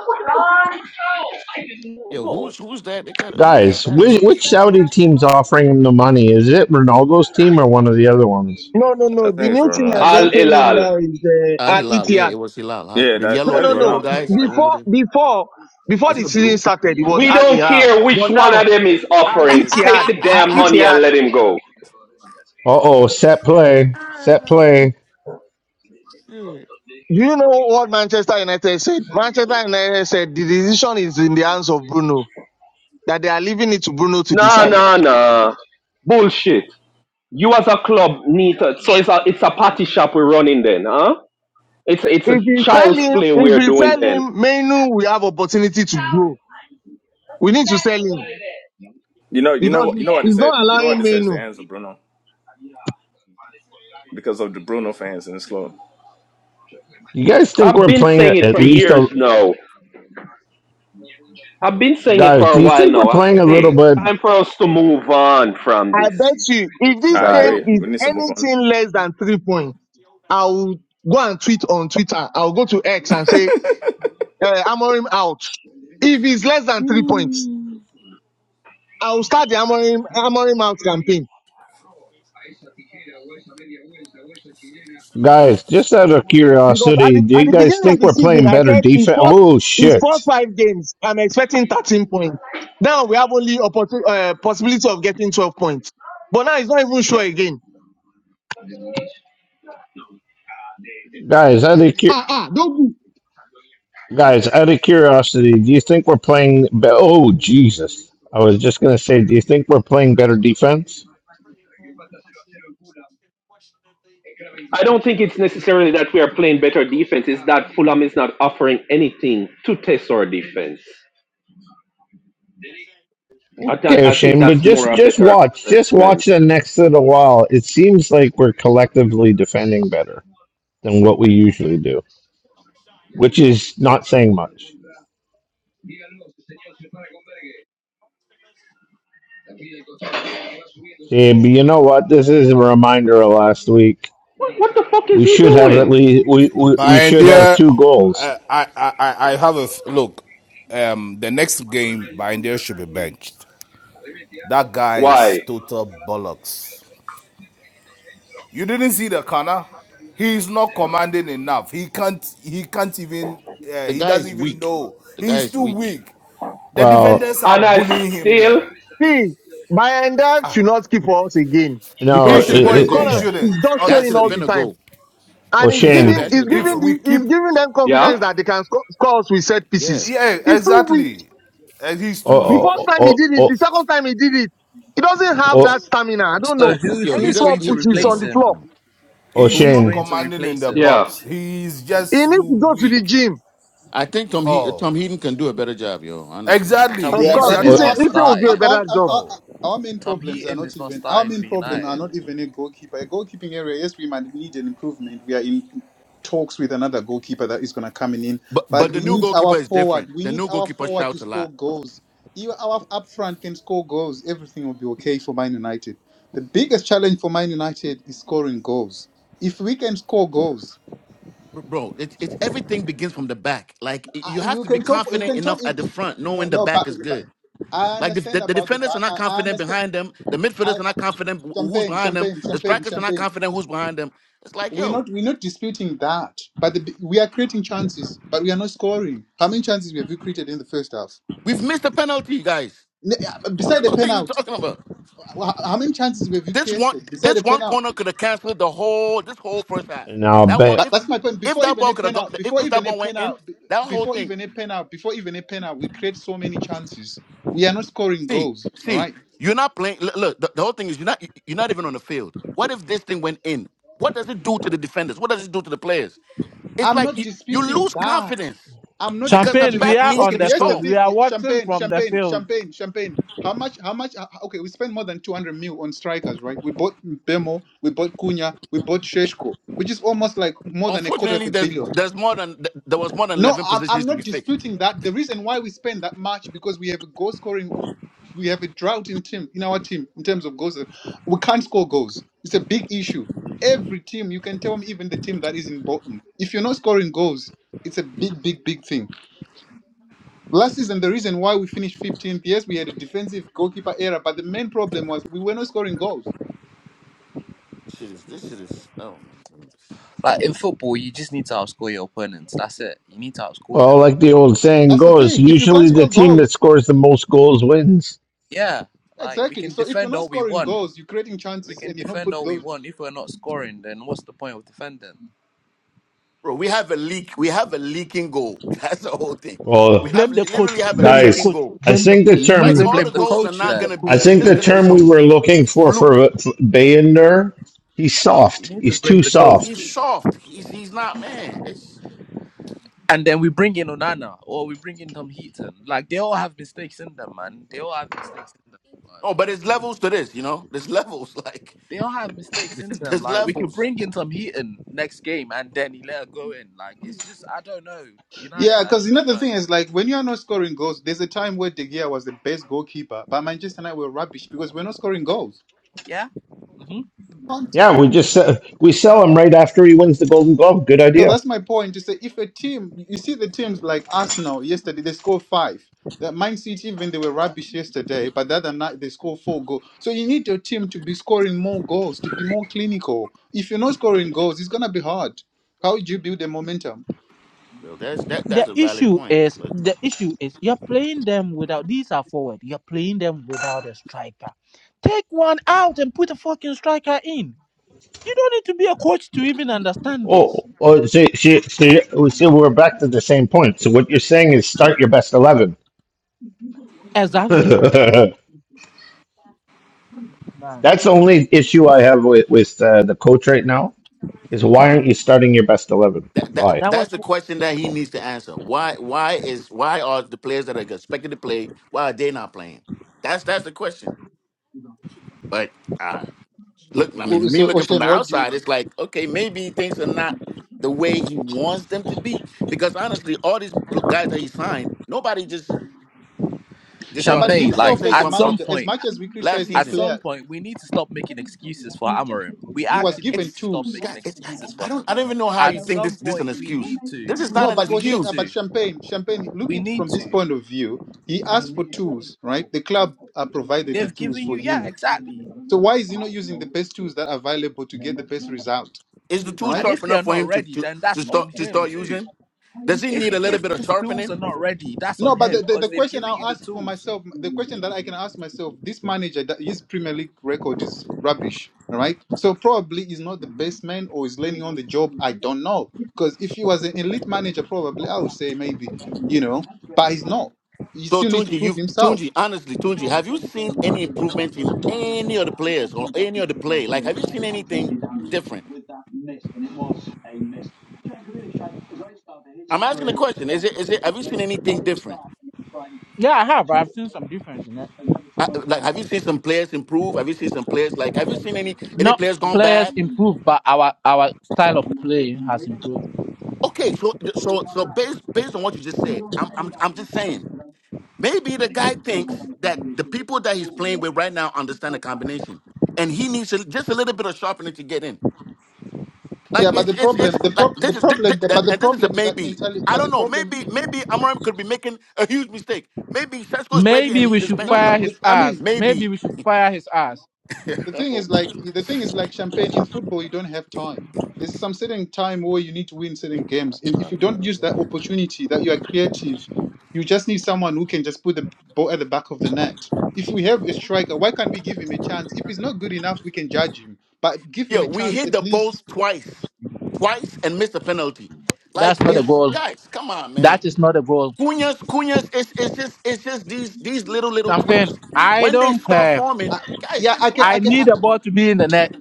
yo,
No.
who's who's that? They got who's
Guys, which,
background?
which Saudi team's offering him the money? Is it Ronaldo's team or one of the other ones?
No, no,
I
no. The
think it's
new thing
Al
Ronaldo's
that's
Al
thing.
offering him
Ilal.
now is uh,
Al
Al
Hilal, yeah, it
Ittihad.
was Hilal. Al-
Yeah,
The
that
No,
yellow,
that is
no,
the
no.
yellow
Ronaldo's thing,
guys, the
right?
one with
Before,
the
before, before
is
the
it a
season
blue?
started, it was
We
Al
don't
Ittihad.
care which
But
one of
now,
them is
Al
offering.
Ittihad,
Take the
Al
damn money and
Ittihad.
let him go.
Uh oh, set play, set play.
Shit.
Do you know what Manchester United said? Manchester United said the decision is in the hands of Bruno. That they are leaving it to Bruno to
Nah,
decide.
nah, nah. Bullshit. You as a club need to, so it's a it's a party shop we're running then, huh? It's it's a
If we sell
child's
him,
play
if
we're
we
doing
sell
then.
him, Menu will have opportunity to grow. We need to sell him
You know, you know,
because
what- you
he's,
know what they
he's
said.
not
You know what
allowing
they said is the
Menu.
answer, Bruno, because of the Bruno fans in this club.
You guys think
I've
we're
been
playing
saying it
at
for
least? a.
years now. I've been saying it
Guys,
for
do
a
you
while
think we're
now. I say,
playing a
hey,
little
it's
bit?
time for us to move on from
I
this
bet you, if this
I
guy.
game
agree.
is
We need to move on.
anything less than three points, I will go and tweet on Twitter. I will go to X and say, uh, Amorim out. If it's less than three points, I will start the Amorim, Amorim out campaign.
Guys, just out of
Because at
curiosity,
the,
do
at
you
the
guys
beginning of
think
the
we're
season,
playing
I
better
said in
defense?
first
Oh
in first
shit,
five games, I'm expecting 13 points. Now we have only a uh, possibility of getting 12 points. But now it's not even sure again.
guys, out of cu-
Ah ah, don't go.
guys, out of curiosity, do you think we're playing? Be- oh Jesus, I was just gonna say, do you think we're playing better defense?
I don't think it's necessarily that we are playing better defense. It's that Fulham is not offering anything to test our defense. I, th-
Okay,
I think
Shane, but
that's
just
more a
just
better
watch, just watch
assessment.
the next little while. It seems like we're collectively defending better than what we usually do, which is not saying much. Yeah, but you know what? This is a reminder of last week.
What, what the fuck is
we
he
should have at
doing?
least we, we, we
Bayern,
should have two goals.
I I I I have a look. Um, the next game, Bayern should be benched. That guy is
Why?
total bollocks. You didn't see the Kana. He's not commanding enough. He can't. He can't even. Uh,
the
he
guy
doesn't
is
even
weak.
know.
The guy
He's
is
too
weak.
weak. The
Well,
defenders are
And I
bullying him
still,
there.
See, Bayanda should not keep for us again
He
That
no,
because
i
should have
for
been a
his
i
shouldn't. He
goal.
corners,
yeah.
he's
shouldn't.
just
That
showing
should have
all the
been a
Honestly,
time,
goal.
and he's
he
Oshane,
That
Shane,
giving
that
shouldn't.
should
he's
have been a
If
giving
goal.
we
the, he's
keep,
giving them confidence
yeah,
that they can sco- score us with set
Yeah,
pieces.
yeah,
He's too weak.
exactly. Uh, he's
or
too
The
weak.
first time he
or
did it,
or
the second time he did it, he doesn't have
or,
that stamina. I don't
So
know.
who
yo,
Any
he
who's
small
going
doesn't.
to
He,
push is on
replace
the
yo,
him?
floor.
no.
or
He's
Who is
not
going
Shane,
to
commanding in
replace
the
him?
yeah.
box. He's
He
just too
needs to go to the
weak.
gym.
I think Tom he,
Oh,
Tom Heaton can do a better job, yo. Honestly.
Tom
exactly,
Of
Yeah, but I
course,
Heaton
think
is
Ethan,
our
not
exactly.
Ethan will do a
our,
starting.
our,
better job.
our
Oh,
our main
Tom
problems are
Heaton
not
is not
even our
starting
main
for
problem are
United.
not even a goalkeeper. A goalkeeping area, yes, we might need an improvement. We are in talks with another goalkeeper that is going to come in,
But
but
but the
we
new
need our
goalkeeper is
forward.
different.
We
The
need
new
our
goalkeeper
forward to
shouts a
score
lot.
goals. Even our up front can score goals. Everything will be okay for Man United. The biggest challenge for Man United is scoring goals. If we can score goals,
Bro, it's it's everything begins from the back. Like y-
uh,
you have
you
to be
can talk. You
confident
can talk.
enough
If,
at the
if-
front,
no,
knowing the
no, but,
back is
but
good.
I
Like the, the,
understand
the
about the
defenders are
back.
not
I, I
confident
understand.
behind them. The
I,
midfielders are
I,
not confident wh- who's
champagne,
behind them.
champagne,
The
champagne,
strikers are not
champagne.
confident who's behind them. It's like,
We're
yo,
not we're not disputing that, but the, we are creating chances, but we are not scoring. How many chances have you created in the first half?
we've missed a penalty, guys.
N- uh, Beside the
what are you
penalty,
talking about?
how how many chances have you
This one
created beside the
this
pen
one
out?
corner could have canceled the whole this whole first half.
no,
That one
but
But
if
that's my point.
if
Before
that
even a
ball could have
pen
got
out,
if,
before
if that
even a
ball
pen
went in,
penalty,
that whole
before
thing.
even a pen out, before even a pen out, we create so many chances. We are not scoring
See,
goals. All
see,
right.
you're not playing. l- Look, the, the whole thing is you're not you- are not even on the field. What if this thing went in? What does it do to the defenders? What does it do to the players? It's
I'm
like
not
you, you
disputing
lose
that.
confidence
I'm not
because the
Champagne,
disputing
we
that.
back
are
needs
Okay,
on
to be
the
here's the
field. We
solved.
thing:
are
Yeah,
watching
champagne,
from the
champagne,
field.
champagne, champagne. How much? How much? uh, uh, Okay, we spent more than 200 mil on strikers, right? We bought Bemo, we bought Cunha, we bought Sheshko, which is almost like more than a quarter of
Unfortunately,
a
there's
billion.
there's more than th- there was more than
No,
eleven
I'm, I'm
positions to be
not
fixed.
disputing that. The reason why we spend that much because we have a goal scoring, we have a drought in team in our team in terms of goals. We can't score goals. It's a big issue. Every team, you can tell me, even the team that is in bottom, if you're not scoring goals, it's a big, big, big thing. Last season, the reason why we finished 15th, yes, we had a defensive goalkeeper error, but the main problem was we were not scoring goals.
Shit is this shit is oh my goodness,
Like in football, you just need to outscore your opponents. That's it. You need to outscore
well,
them.
like the old saying
That's the
goes,
thing. If you can't
usually the
score
team that
goals,
scores the most goals wins.
Yeah, like we
exactly.
can
So if you're
defend
not
all we
scoring
want.
goals, you're creating
We
chances
can
and you're not
defend
put
all we
those.
want. If we're not scoring, then what's the point of defending?
bro. We have a leak. We have a leaking goal. That's the whole thing.
Well,
We have
Blame the
literally
coach.
have a
Blame the
leaking
guys,
coach.
goal.
I
Blame the
think the
coach.
You need
Like
to
term
Blame
all
the
blame
the
the
coach.
goals are
coach
Blame
not
the
gonna
then.
be.
I
coach.
It's
think
just
the
Blame
gonna
the
be
term we
coach.
some
were looking for
fluke
for, for Bayender, he's
You
soft.
need to
He's
blame
too
the
he's
soft.
coach.
soft. He's he's not man. It's
And then we bring in Onana or we bring in Tom Heaton. Like they all have mistakes in them, man. They all have mistakes in them. Like,
oh, but it's levels to this, you know. There's levels, like
they all have mistakes in
there's
them.
there's
Like we could
levels.
bring in some Heaton next game and then he let her go in. Like it's just I don't know. United,
Yeah,
I
because
just don't
another
know,
thing
man.
is like when you are not scoring goals, there's a time where De Gea was the best goalkeeper, but Manchester United were rubbish because we're not scoring goals.
Yeah. hmm
Can't.
Yeah, we just se- we sell him right after he wins the Golden Glove. Good
So
idea.
that's my point to say if a team, you see the teams like Arsenal yesterday, they scored five. That Man City, even they were rubbish yesterday, but the other night they scored four goals. So you need your team to be scoring more goals, to be more clinical. If you're not scoring goals, it's gonna be hard. How do you build the momentum?
Well, that's that
The
that's a valid
issue
point,
is
but
the issue is you're playing them without these are forward. You're playing them without a striker. Take one out and put a fucking striker in. You don't need to be a coach to even understand
Oh,
this.
oh so, so, so, so we're back to the same point. So what you're saying is start your best 11.
Exactly.
That's
Man.
the only issue I have with, with uh, the coach right now is why aren't you starting your best 11?
that that
Why?
That
that's
was
the question that he needs to answer. Why why is why are the players that are expected to play why are they not playing? That's that's the question. But uh look, I mean, me
So,
looking from
Ocean,
the
what do you?
outside, it's like okay, maybe things are not. The way he wants them to be, because honestly, all these pl- guys that he signed, nobody just Just
No, but
started,
Champagne. Like
himself
especially
as a
at
from from
some
manager, as
point,
much as we
last
criticize the
at
season.
player,
some point, we need to stop making excuses for Amorim. We
He was
actually
given
need
It's
to stop
tools.
making
God. It's
excuses
I
for him.
don't I don't even know how
At
you think
some
this this an
point, we
excuse.
need to.
This is not
No,
an
but
We
Oshe,
need
uh,
excuse.
but
to.
Champagne, Champagne, look
We
it
need
from this
to.
point of view. He asked for tools, right? The club uh, provided the
They've
tools
given
for
you, yeah,
him.
exactly.
So why is he not using the best tools that are available to get the best result?
Is the
All
tool
Right?
And
sharp
if they're
enough for
not
him to
ready,
to
then
to
that's on
start to
him
start
too.
using? Does he
if
need a little
if
bit of
these tools are
sharpening?
not ready, that's on
No, but
him
the, the,
because
the
they've
question
given you
I'll
the
ask for
tools.
myself, the question that I can ask myself, this manager, that his Premier League record is rubbish, all right? So probably he's not the best man or he's learning on the job. I don't know. Because if he was an elite manager, probably I would say maybe, you know, but he's not. He
So
still need to
Tunji, you
prove himself.
Tunji, honestly, Tunji, have you seen any improvement in any of the players or any of the play? Like, have you seen anything different? I'm asking the question. Is it is it? Have you seen anything different?
yeah, I have. I've seen some difference in it.
Uh, like, have you seen some players improve? Have you seen some players like? Have you seen any any
Not
players gone
players
bad?
improve, but our our style of play has improved.
Okay, so so so based based on what you just said, I'm I'm I'm just saying maybe the guy thinks that the people that he's playing with right now understand the combination, and he needs a, just a little bit of sharpening to get in.
Yeah,
Like
but the
it's it's it's
problem, the,
like
pro-
this
the
is thi-
problem,
thi-
but the
and this is a
problem is that
maybe.
mentality,
I
but the
don't know.
problem,
Maybe maybe Amarim could be making a huge mistake. Maybe Sesko is ready
Maybe
and
we
he's just
should
no,
benching
no,
fire
him.
but,
his
I mean,
ass. Maybe
Maybe.
we should fire his ass.
The thing
oh
is
my.
like the thing is like champagne in football. You don't have time. There's some certain time where you need to win certain games, and if you don't use that opportunity that you are creative, you just need someone who can just put the ball at the back of the net. If we have a striker, why can't we give him a chance? If he's not good enough, we can judge him, but give him
Yo,
a
we
chance
hit
at
the
least.
post twice, twice and missed a penalty.
That's
Like
not a
Who,
it's
goal.
guys, come on, man.
That is not a goal.
Cunha's Cunha's. It's it's just it's just these these little little
Champagne,
tweaks.
I
When they
don't
start
care.
I,
forming, guys,
yeah,
just
I can, I
I
can, I,
relax.
need the ball to be in the net.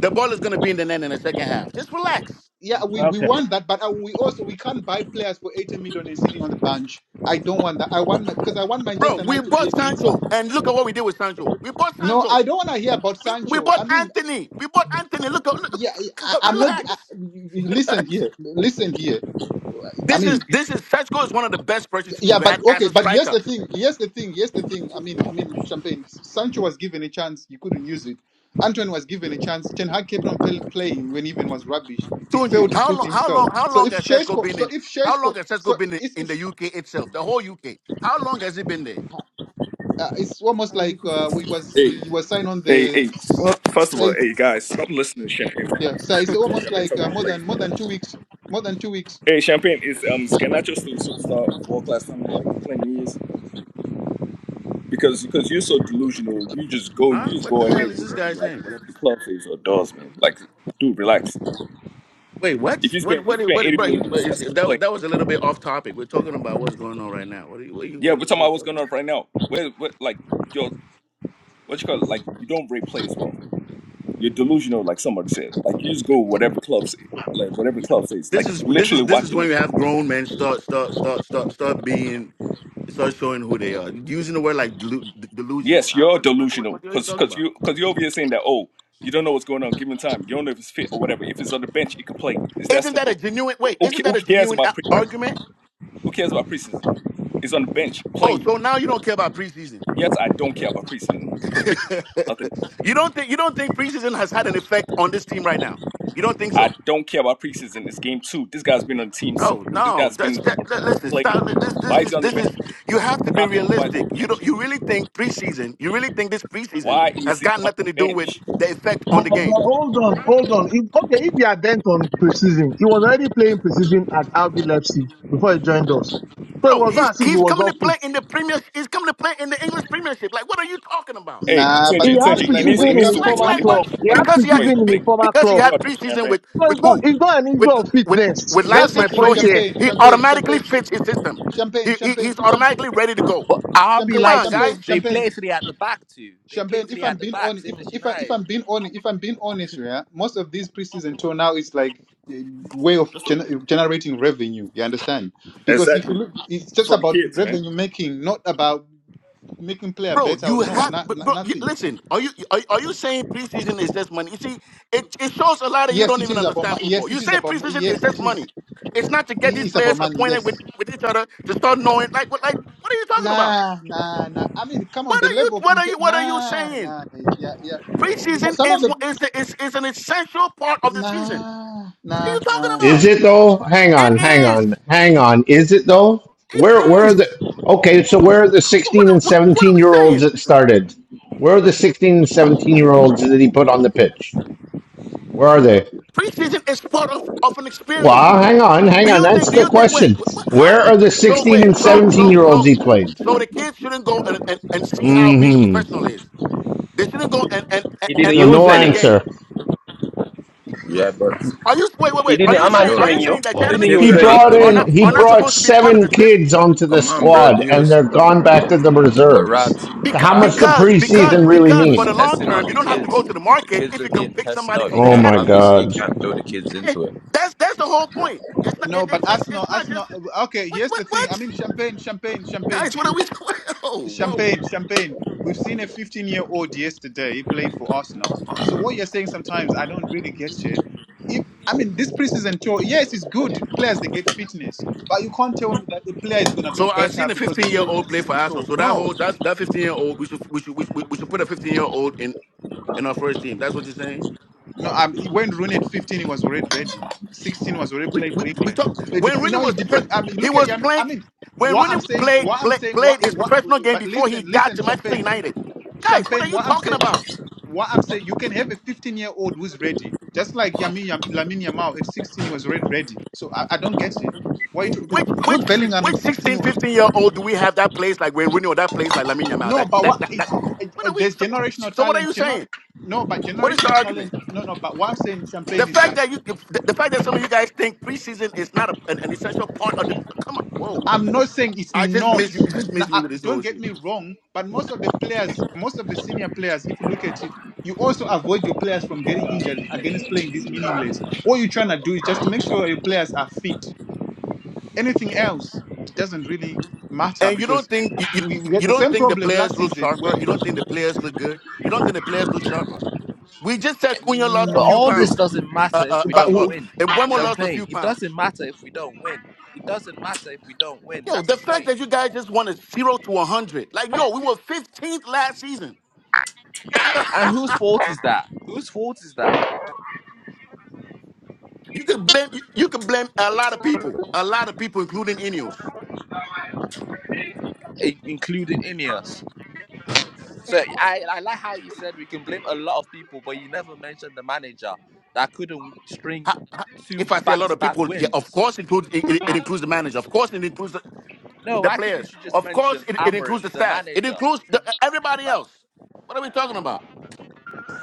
The ball is gonna be in the net in the second half. Just relax.
yeah, we, we
Okay.
want that, but uh, we also we can't buy players for 80 million and sitting on the bench. I don't want that. I want my because I want
Bro,
Manchester
we
United to be
bought
a beast.
Sancho, and look at what we did with Sancho. We bought
No,
Sancho.
I don't want to hear about
We, we
Sancho. I
bought
mean,
Anthony. We bought Anthony. Look,
yeah, I,
look
I'm not. I,
relax,
y- y- listen
relax.
here, listen here. I
This
mean,
is this is Sesko is one of the best purchases
yeah,
we've had
but
as
okay,
a
but here's
striker.
the thing. Here's the thing. Here's the thing. I mean, I mean, Champagne. Sancho was given a chance. You couldn't use it. Antoine was given a chance. Ten Hag kept on pl- playing him when even was rubbish. He failed
Tunji,
to
how
prove
long how long
himself.
how
So
long
if
has Sesko
Sheshko,
been
so
in?
if
How long
Sheshko,
has
so
Sesko
i-
been in,
it's
in
if
the UK itself? The whole UK. How long has he been there?
uh, it's almost like uh, we was
Hey,
you was signed on
hey,
the
hey. Well, first of all,
eighth.
hey guys, stop listening to champagne. Stop
Yeah, so it's
listening to
almost
champagne
like
talk
uh,
about
more than
plays,
more
man.
than two weeks. More than two weeks.
Hey, Champagne, is um is Ganacho still a superstar, world class talent like you claim he is? Because because you're so delusional, you just go you
Huh?
just
What
go
the hell
ahead
is
with
this
whatever
guy
like
saying?
whatever the club says or does, man. Like, dude, relax.
Wait, what?
If you
What?
spend if you
What?
spend
What?
eighty
Bro, you,
million on a
but
Cesc
is, that, wa-
play,
that was a little bit off topic. We're talking about what's going on right now. What are you? What are you?
yeah,
What are
we're
you,
talking
what are you
about what's
talking
going
about?
on right now. Where what like your what you call it? Like you don't rate plays well. You're delusional, like somebody said. Like you just go whatever club say, like whatever club says.
This
Like
is
you're
this
literally
is this is
watching
when
a
you have grown men start start start start start being start showing who they are. Using the word like delu- de- delusional.
Yes,
I,
you're
what, what, what,
delusional
what are you
because
talking
because
about?
you because you're over here saying that oh you don't know what's going on given time you don't know if it's fit or whatever if it's on the bench it could play it's that
Isn't that a
simple.
genuine wait?
Who, ca-
Isn't
who
that a
cares
genuine
about
a-
pre,
argument?
who cares about preseason? It's on the bench
Oh,
playing.
so now you don't care about preseason?
Yes, I don't care about preseason because pre nothing.
you don't think you don't think preseason has had an effect on this team right now? You don't think
I
so?
don't care about preseason. It's game two. This guy's been on the team since
Oh
this
no!
guy's
That's
been
that. that- listen,
playing.
stop. This,
Why
this
is he
is
on the
this
bench?
is. You
If
have to
he's
be
not fit, why is he on
realistic.
the
You don't.
bench?
You really think preseason? You really think this preseason
Why
has
is he
got
on
nothing to
the
do with
bench?
the effect on
But,
the
but
game,
hold on, hold on. If, okay, if he had dent on precision, he was already playing precision at RB Leipzig before he joined us. So it
bro?
was not
He's
as if he
he's
was
coming to
not
play
fit.
in the premier. He's coming to play in the English Premiership. Like, what are you talking about?
Hey,
Nah,
He
but
Tunji,
the
had
thing
Tunji,
is,
it
like,
needs
when
precision
it
it
in
needs
his
to
comes to
Like,
wait.
former
when it,
like
It needs to wait
what?
club. He
twenty
had
games.
Because he, had,
Wait,
he
precision in
be-
his
play. I,
former
because he
I
club.
had
wh-
caught the
preseason
champagne.
with
So
with
it's not,
who?
it's not an issue
With
of
with
fitness.
with
That's
here's the
my
Leipzig.
thing:
So
point
he's
here.
champagne,
he
champagne,
automatically
champagne, ch-
fits his system.
champagne,
He, he
champagne.
he's
If I'm
automatically ready to go.
But RB
Come
champagne,
on,
Leipzig,
guys.
champagne,
they
champagne,
play three at the back too. They play
champagne.
three
If I'm
at the
being
back,
honest,
same
if
as
if I if
United.
I'm being honest, if I'm being honest, yeah, most of these preseason tour now is like a way of
That's the-
gen- eh, generating revenue. You understand? Because if you
exactly.
look, it's
It's
just
for the
about
kids, man.
revenue making, not about making player
Bro,
better or
you
no,
have,
not,
bro. bro, you,
nothing.
listen, are you are, are you saying preseason is just money? You see, it, it shows a lot that you
Yes,
don't
it
even
is about. mo-
understand football.
Yes,
You
it is
saying
about. mo-
preseason is
Yes,
just
it is.
money? It's not to get these
It's about
players
money.
acquainted with,
Yes.
with each other to start knowing. Like what? Like what are you talking about?
Nah, nah, nah. I mean, come on,
What
the
are you?
level of
What are you?
inte-
What are you
nah,
saying?
nah, yeah, yeah. It-
Preseason
Some of
is
the
what is the is, is an essential part of the season.
nah,
What are
nah,
you talking
nah,
Is
nah,
about?
it
nah.
though? Hang on, hang
It is.
on, hang on. Is it though? Where where
It
are
is.
the Okay, so where are the
What what,
16 and
what, what are
17
we
year olds
saying?
that started? Where are the 16 and 17 year olds that he put on the pitch? Where are they?
Preseason is part of, of an experience.
Well, hang on, hang
Do
on.
you think? Do
Answer the
you think? Wait,
question.
what, what? Huh?
Where are the
So
16
wait,
and
so
17
so
year olds
so
he played?
so the kids shouldn't go and, and, and see how being a
hmm
professional is. They shouldn't go and, and and
He didn't
and
So
use
no
understand the
any.
game.
answer.
Yeah, but
Are you wait wait
He
wait? Are
didn't.
you
I'm
saying are
yo,
answering
you
you.
saying the
He
the
academy
didn't
kids
use
He
are
kids
any.
not
brought
good
are
in
not
enough,
he
are not
bro.
brought
supposed to be part of
seven
the trip?
kids onto the
Come on, bro.
squad
He
and
was,
they're gone back to the
but Rob,
reserves.
he,
So
Because
how
Rob,
much the
because because
preseason really
he
because for
was
the
mean?
long
testing
term,
out
you
the
don't have to go to
kids.
the
The
market
kids
if you
are
can
being
pick
tested
somebody
out.
from
You
the
Oh
can't
my
academy.
obviously you
god.
can't throw the kids into it.
that's that's the whole point. It's not
No,
it,
but
it's it's
Arsenal,
it's not just
Arsenal. Okay,
what
here's the
what
thing. I
what
mean, champagne, champagne, champagne,
guys. What are we?
We've-
What, oh whoa.
champagne, champagne. We've seen a 15-year-old yesterday playing for Arsenal. So what you're saying sometimes, I don't really get shit. If I mean this preseason tour, yes, it's good. Players they get fitness, but you can't tell me that a player is gonna be
So I seen
better
a
because they
15 year
play
old play for
preseason
Arsenal.
tour.
So that
No,
whole that's that 15 year old we should we should we should, we should put a 15 year old in in our first team. That's what you're saying.
No, um, when Rooney at 15, he was already ready. 16 was already
We
playing
we
for
we
England.
talk
So it dep
when
you
Rooney
know,
was
it
pr-
depends. I mean,
he
look at
was
Yami.
playing
I mean,
when
what
Rooney
I'm saying,
played
what I'm
play,
saying, what
played his
what.
professional game
But
before he
listen,
got
listen,
to Manchester
Champagne,
United. Guys, what are
Champagne.
you
What I'm
talking
saying,
about?
what I'm saying, you can have a 15 year old who's ready, just like Yami Yam, Lamine Yamal at 16, he was already ready. So I, I don't get it. Why you tr-
Which which
Jude Bellingham at
which
16?
16
wa-
15 year old do we have that plays like Wayne Rooney or that plays like Lamine Yamal?
No,
That
but
that
what
that, that
it, it,
what are
it-
we
there's
so,
generational
so what are
talent.
you
Gener-
saying?
no, but
What is your
generational
argument?
talent. No, no. But what I'm saying,
The
Champagne, is that
fact that you, the, the fact that some of you guys think preseason is not a, an, an essential part of the. Come on, whoa!
I'm not saying it's
I just
not.
missed you. Just
Now,
missed me
uh,
with this
don't
whole
get
shit.
me wrong, but most of the players, most of the senior players, if you look at it, you also avoid your players from getting injured against playing this meaningless. All you're trying to do is just to make sure your players are fit. Anything else, it doesn't really matter
And you don't
because
think you, you
we, we had
you
the
don't
same
think the
problem
players
last
look
season
sharper?
when.
You don't think the players look good? You don't think the players look sharper? We just said Cunha lost a
But
few
all this
Mm,
pounds.
doesn't
Uh,
matter if
uh,
we
uh,
But
don't
so-
we-
win.
and Wemo lost a
Champagne.
few
It
pounds.
doesn't matter if we don't win. It doesn't matter if we don't win.
Yo,
That's
the
the
fact
point.
that you guys just wanted zero to one hundred, like yo, we were fifteenth last season.
And whose fault is that? Whose fault is that?
You could blame you, you could blame a lot of people, a lot of people, including Ineos.
I- including Ineos. So I, I like how you said we can blame a lot of people, but you never mentioned the manager that couldn't string two
If I say a lot of
back-to-back
people, yeah, of
wins
course includes it, it, it includes the manager. Of course it includes the,
No,
the
why
players.
couldn't you just
Of course
mention
it, it includes the
Amorim, the
staff. It
manager?
includes the,
He-
everybody
Like,
else. What are we talking about?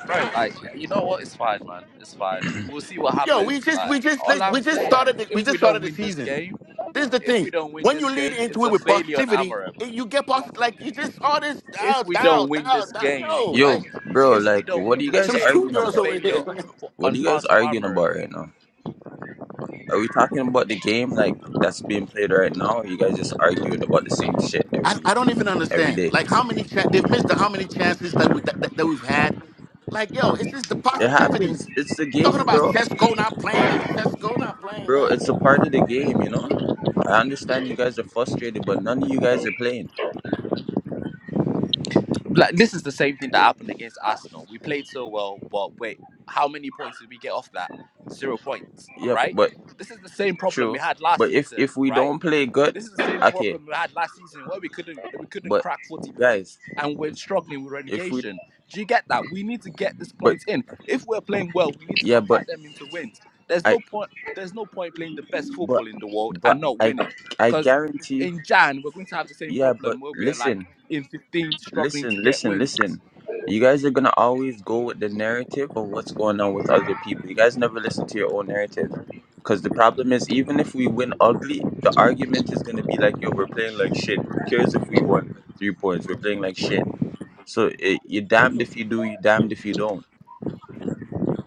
bro, like, you know what? It's fine, man. It's fine. We'll see what
Yo, we
happens.
just
Like,
we just
all I'm
we just
saying
started
is,
the, we
if we
just
don't
started the
win this
season.
game,
This is the
if
thing.
we don't win
When
this
you lead
game, it's
into it
a
with
failure on
positivity,
Amorim.
it- you get positive. Like you just all this
If
down,
we
down,
don't win
down,
this
down.
game,
Yo,
Yo,
like
bro,
if we
like,
don't
what
win
are you
this
like
guys
some
game,
arguing
it's a
schoolgirls
about?
over
failure
here.
for,
What are
on
you guys
part of
arguing
Amorim.
about right now? Are we talking about the game like that's being played right now? Or you guys just arguing about the same shit
I,
every
I don't even
every
understand.
day?
Like how many chan they've missed the how many chances that we that, that that we've had. Like yo, it's just the
It
positivities.
happens. It's the
Talking
game,
about
bro.
Cesco not playing and Cesco not playing.
Bro,
Like
it's a part of the game, you know. I understand you guys are frustrated, but none of you guys are playing.
Like, this is the same thing that happened against Arsenal. We played so well, but wait, how many points did we get off that? Zero points,
Yep,
right?
but
This is the same problem we
true.
had last
But if if
season,
we
right?
don't play good,
This is the same
okay.
problem we had last season where we couldn't we couldn't
But
crack 40 points
guys,
and we're struggling with
if we
relegation. Do you get that? We need to get this
but
points in. If we're playing well, we need to
yeah, but
convert them into wins. There's no
I
point there's no point playing the best
but
football in the world
but
and not
I
winning.
I
Because
guarantee you.
in Jan, we're going to have the same
Yeah, but
problem where we're like
listen.
in 15th struggling to
listen,
get
listen,
wins.
listen. You guys are gonna always go with the narrative of what's going on with other people. You guys never listen to your own narrative. Cause the problem is even if we win ugly, the argument is gonna be like, yo, we're playing like shit. Who cares if we won three points? We're playing like shit. So it, you're damned if you do, you're damned if you don't.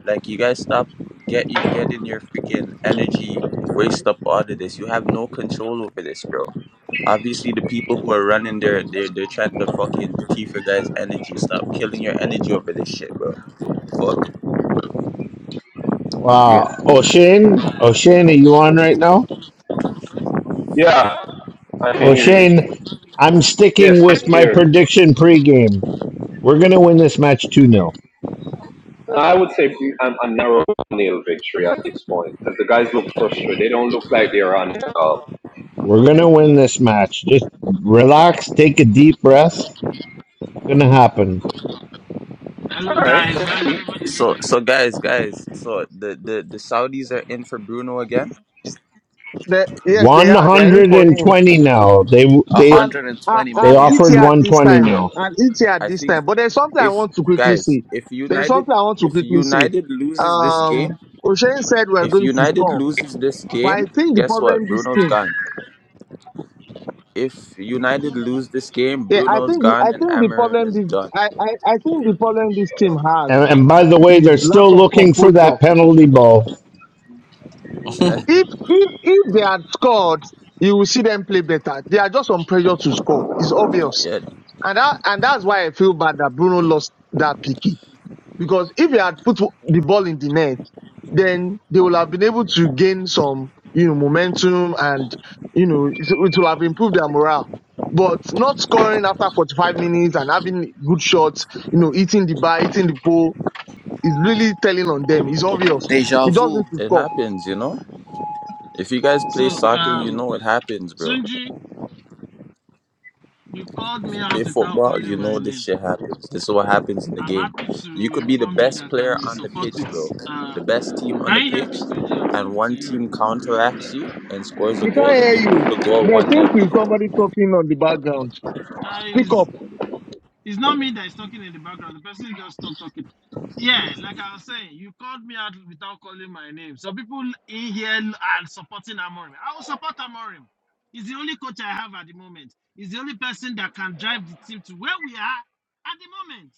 Like you guys stop get you getting your freaking energy waste up out of this. You have no control over this, bro. Obviously the people who are running their they're they're trying to fucking teeth your guys' energy. Stop killing your energy over this shit, bro. Fuck. Yeah.
Wow. O'Shane? O'Shane, are you on right now?
Yeah, I can hear you.
O'Shane, I'm sticking
Yes, I'm
with my
here.
prediction pregame. We're gonna win this match 2 nil.
I would say I'm a narrow nail victory at this point because the guys look frustrated. They don't look like they're on. Uh, all
We're gonna win this match. Just relax, take a deep breath. It's gonna happen.
Hello
right.
guys, how's everybody
So
doing?
so guys, guys, so the, the, the Saudis are in for Bruno again.
That, yes, they
One
are. They are in
hundred
for
and
him.
twenty now. They they
And I,
120
they
I'll
million.
eat
offered
here at
one
this
twenty
time.
Yeah.
now.
I'll eat here at
I
this
think
time. But there's something I
if
want to quickly
guys,
say.
if
There's
United
something I want to
if
quickly say.
United loses this game,
Um, O'Shane said we're
if
going to
United
score,
loses this
but I
game,
think the
guess what?
problem this
Bruno's
team,
gone. if United lose this game,
yeah, I
Bruno's
think the, I
gone and
think the
Amarim
problem
is
this,
done.
I, I, I think the problem this team has
And, and by the way, they're
is lack
still
of
looking for
composure.
that penalty ball.
Eh,
If, if, if they had scored, you will see them play better. They are just on pressure to score. It's obvious.
yeah,
And that, and that's why I feel bad that Bruno lost that pick. Because if he had put the ball in the net, then they will have been able to gain some, you know, momentum and, you know, it it will have improved their morale. But not scoring after 45 minutes and having good shots, you know, eating the bar, eating the pole is really telling on them. It's obvious.
Deja
You just
vu.
need to
it
score.
happens, you know? If you guys play
So,
soccer, you
um,
know it happens, bro.
Tunji, you called
If
me
you
out
play
without
football,
calling
you
my
know this
name.
shit happens. This is what happens in the
I'm
game.
happy to
You could be the
inform you
best
that I'm
player
in
on the
support
pitch,
with.
bro.
Uh,
The best team on the
can you hear me,
pitch,
Tunji? I'm
and
talking to
one
you.
team counteracts you and scores a
We can't
goal, and
hear
you lose
you.
the goal
There
1
seems
nil.
to be somebody talking on the background.
Uh,
Speak up.
it's, it's not me that is talking in the background. The person just stopped talking. Yeah, like I was saying, you called me out without calling my name. So people in here are supporting Amorim. I will support Amorim. He's the only coach I have at the moment. He's the only person that can drive the team to where we are at the moment.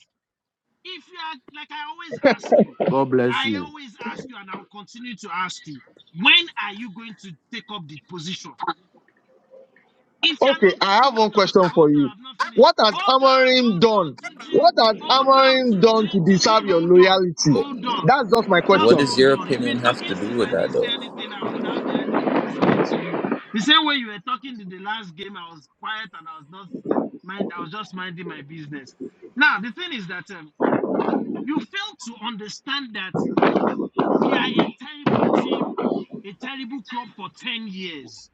if you are like i always ask you
God bless
i
you.
always ask you and i'll continue to ask you when are you going to take up the position if you are
Okay,
not going
I
to
have one
hold on sir
question
hold
for
on
you.
i've not finished
What has
hold on
Amorim
hold on
done?
tunji
What has
hold on
Amorim done
tunji
to
tunji
deserve your
hold on
loyalty?
hold on
That's just my
just
What
question.
does
hold
your
on you've
opinion
been
have to
talking
do
since
with
i
that,
didn't say
though?
anything i was down there listening to you the same way you were talking in the last game i was quiet and i was not mind i was just minding my business now the thing is that um, you fail to understand that we are a terrible team, a terrible club for 10 years,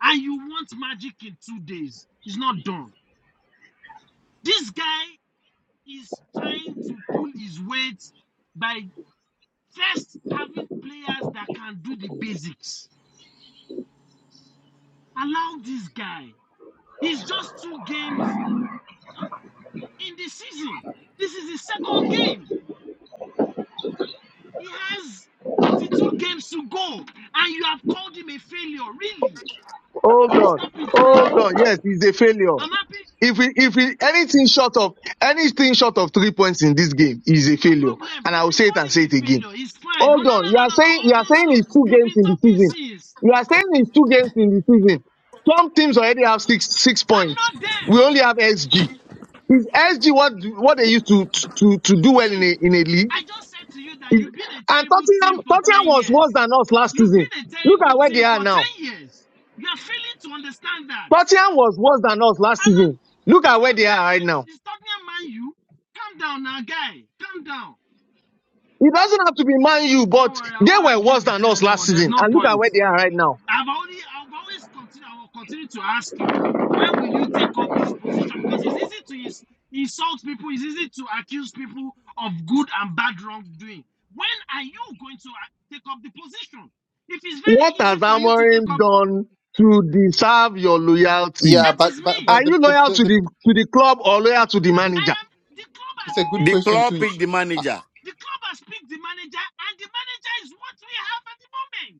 and you want magic in two days. It's not done. This guy is trying to pull his weight by first having players that can do the basics. Allow this guy. He's just two games in the season. This is his second game. He has 32 games to go, and you have called him a failure. Really?
Hold on,
Stop it now.
hold on. Yes, he's a failure.
I'm happy.
If we, if we, anything short of anything short of three points in this game is a
No
failure,
problem.
and I
If
will
you
say it
call
and
him
say
a
it again.
failure, it's fine. Oh,
Hold
no,
on,
no,
you
no,
are
no, no.
saying
Oh,
you are
no, no,
saying
no.
it's two
You've
games
been
in the
talking
season.
since.
You are saying it's two games in the season. Some teams already have six six
I'm
points.
not
We
them.
only have SG. Is SG what what they used to to to do well in
See,
a in a league?
I just said to you that
Is
you've been a
and
terrible team
Tottenham
for
Tottenham
10
was worse
years.
than us last
You've
season.
been a
Look at
terrible
where they
team
are
for
now.
10 years. You are failing to understand that.
Tottenham was worse than us last
I'm not.
season. Look at
It's
where they are
Tottenham,
right now.
te- it's Tottenham Man U. Calm down now, guy. Calm down.
It doesn't have to be Man U,
Don't
but
worry, I
they
won't
were
argue
worse
with
than
you
us last
anymore. There's
season.
no
And look at
point.
where they are right now.
I've only I've always continued I will continue to ask you when will you take up this position because it's easy to ins- insult people it's easy to accuse people of good and bad wrongdoing when are you going to uh, take up the position if it's very
What has
easy for you to take
Amorim
up
done to deserve your loyalty?
yeah,
that
but
is
but
me
Are
but the,
you
the,
loyal
the,
to the
the
to the club or loyal to the
I
manager?
am the club
it's
has
a good
the
picked
question,
the
club
club
picked
Tunch.
the
Uh,
manager.
the club has picked the manager and the manager is what we have at the moment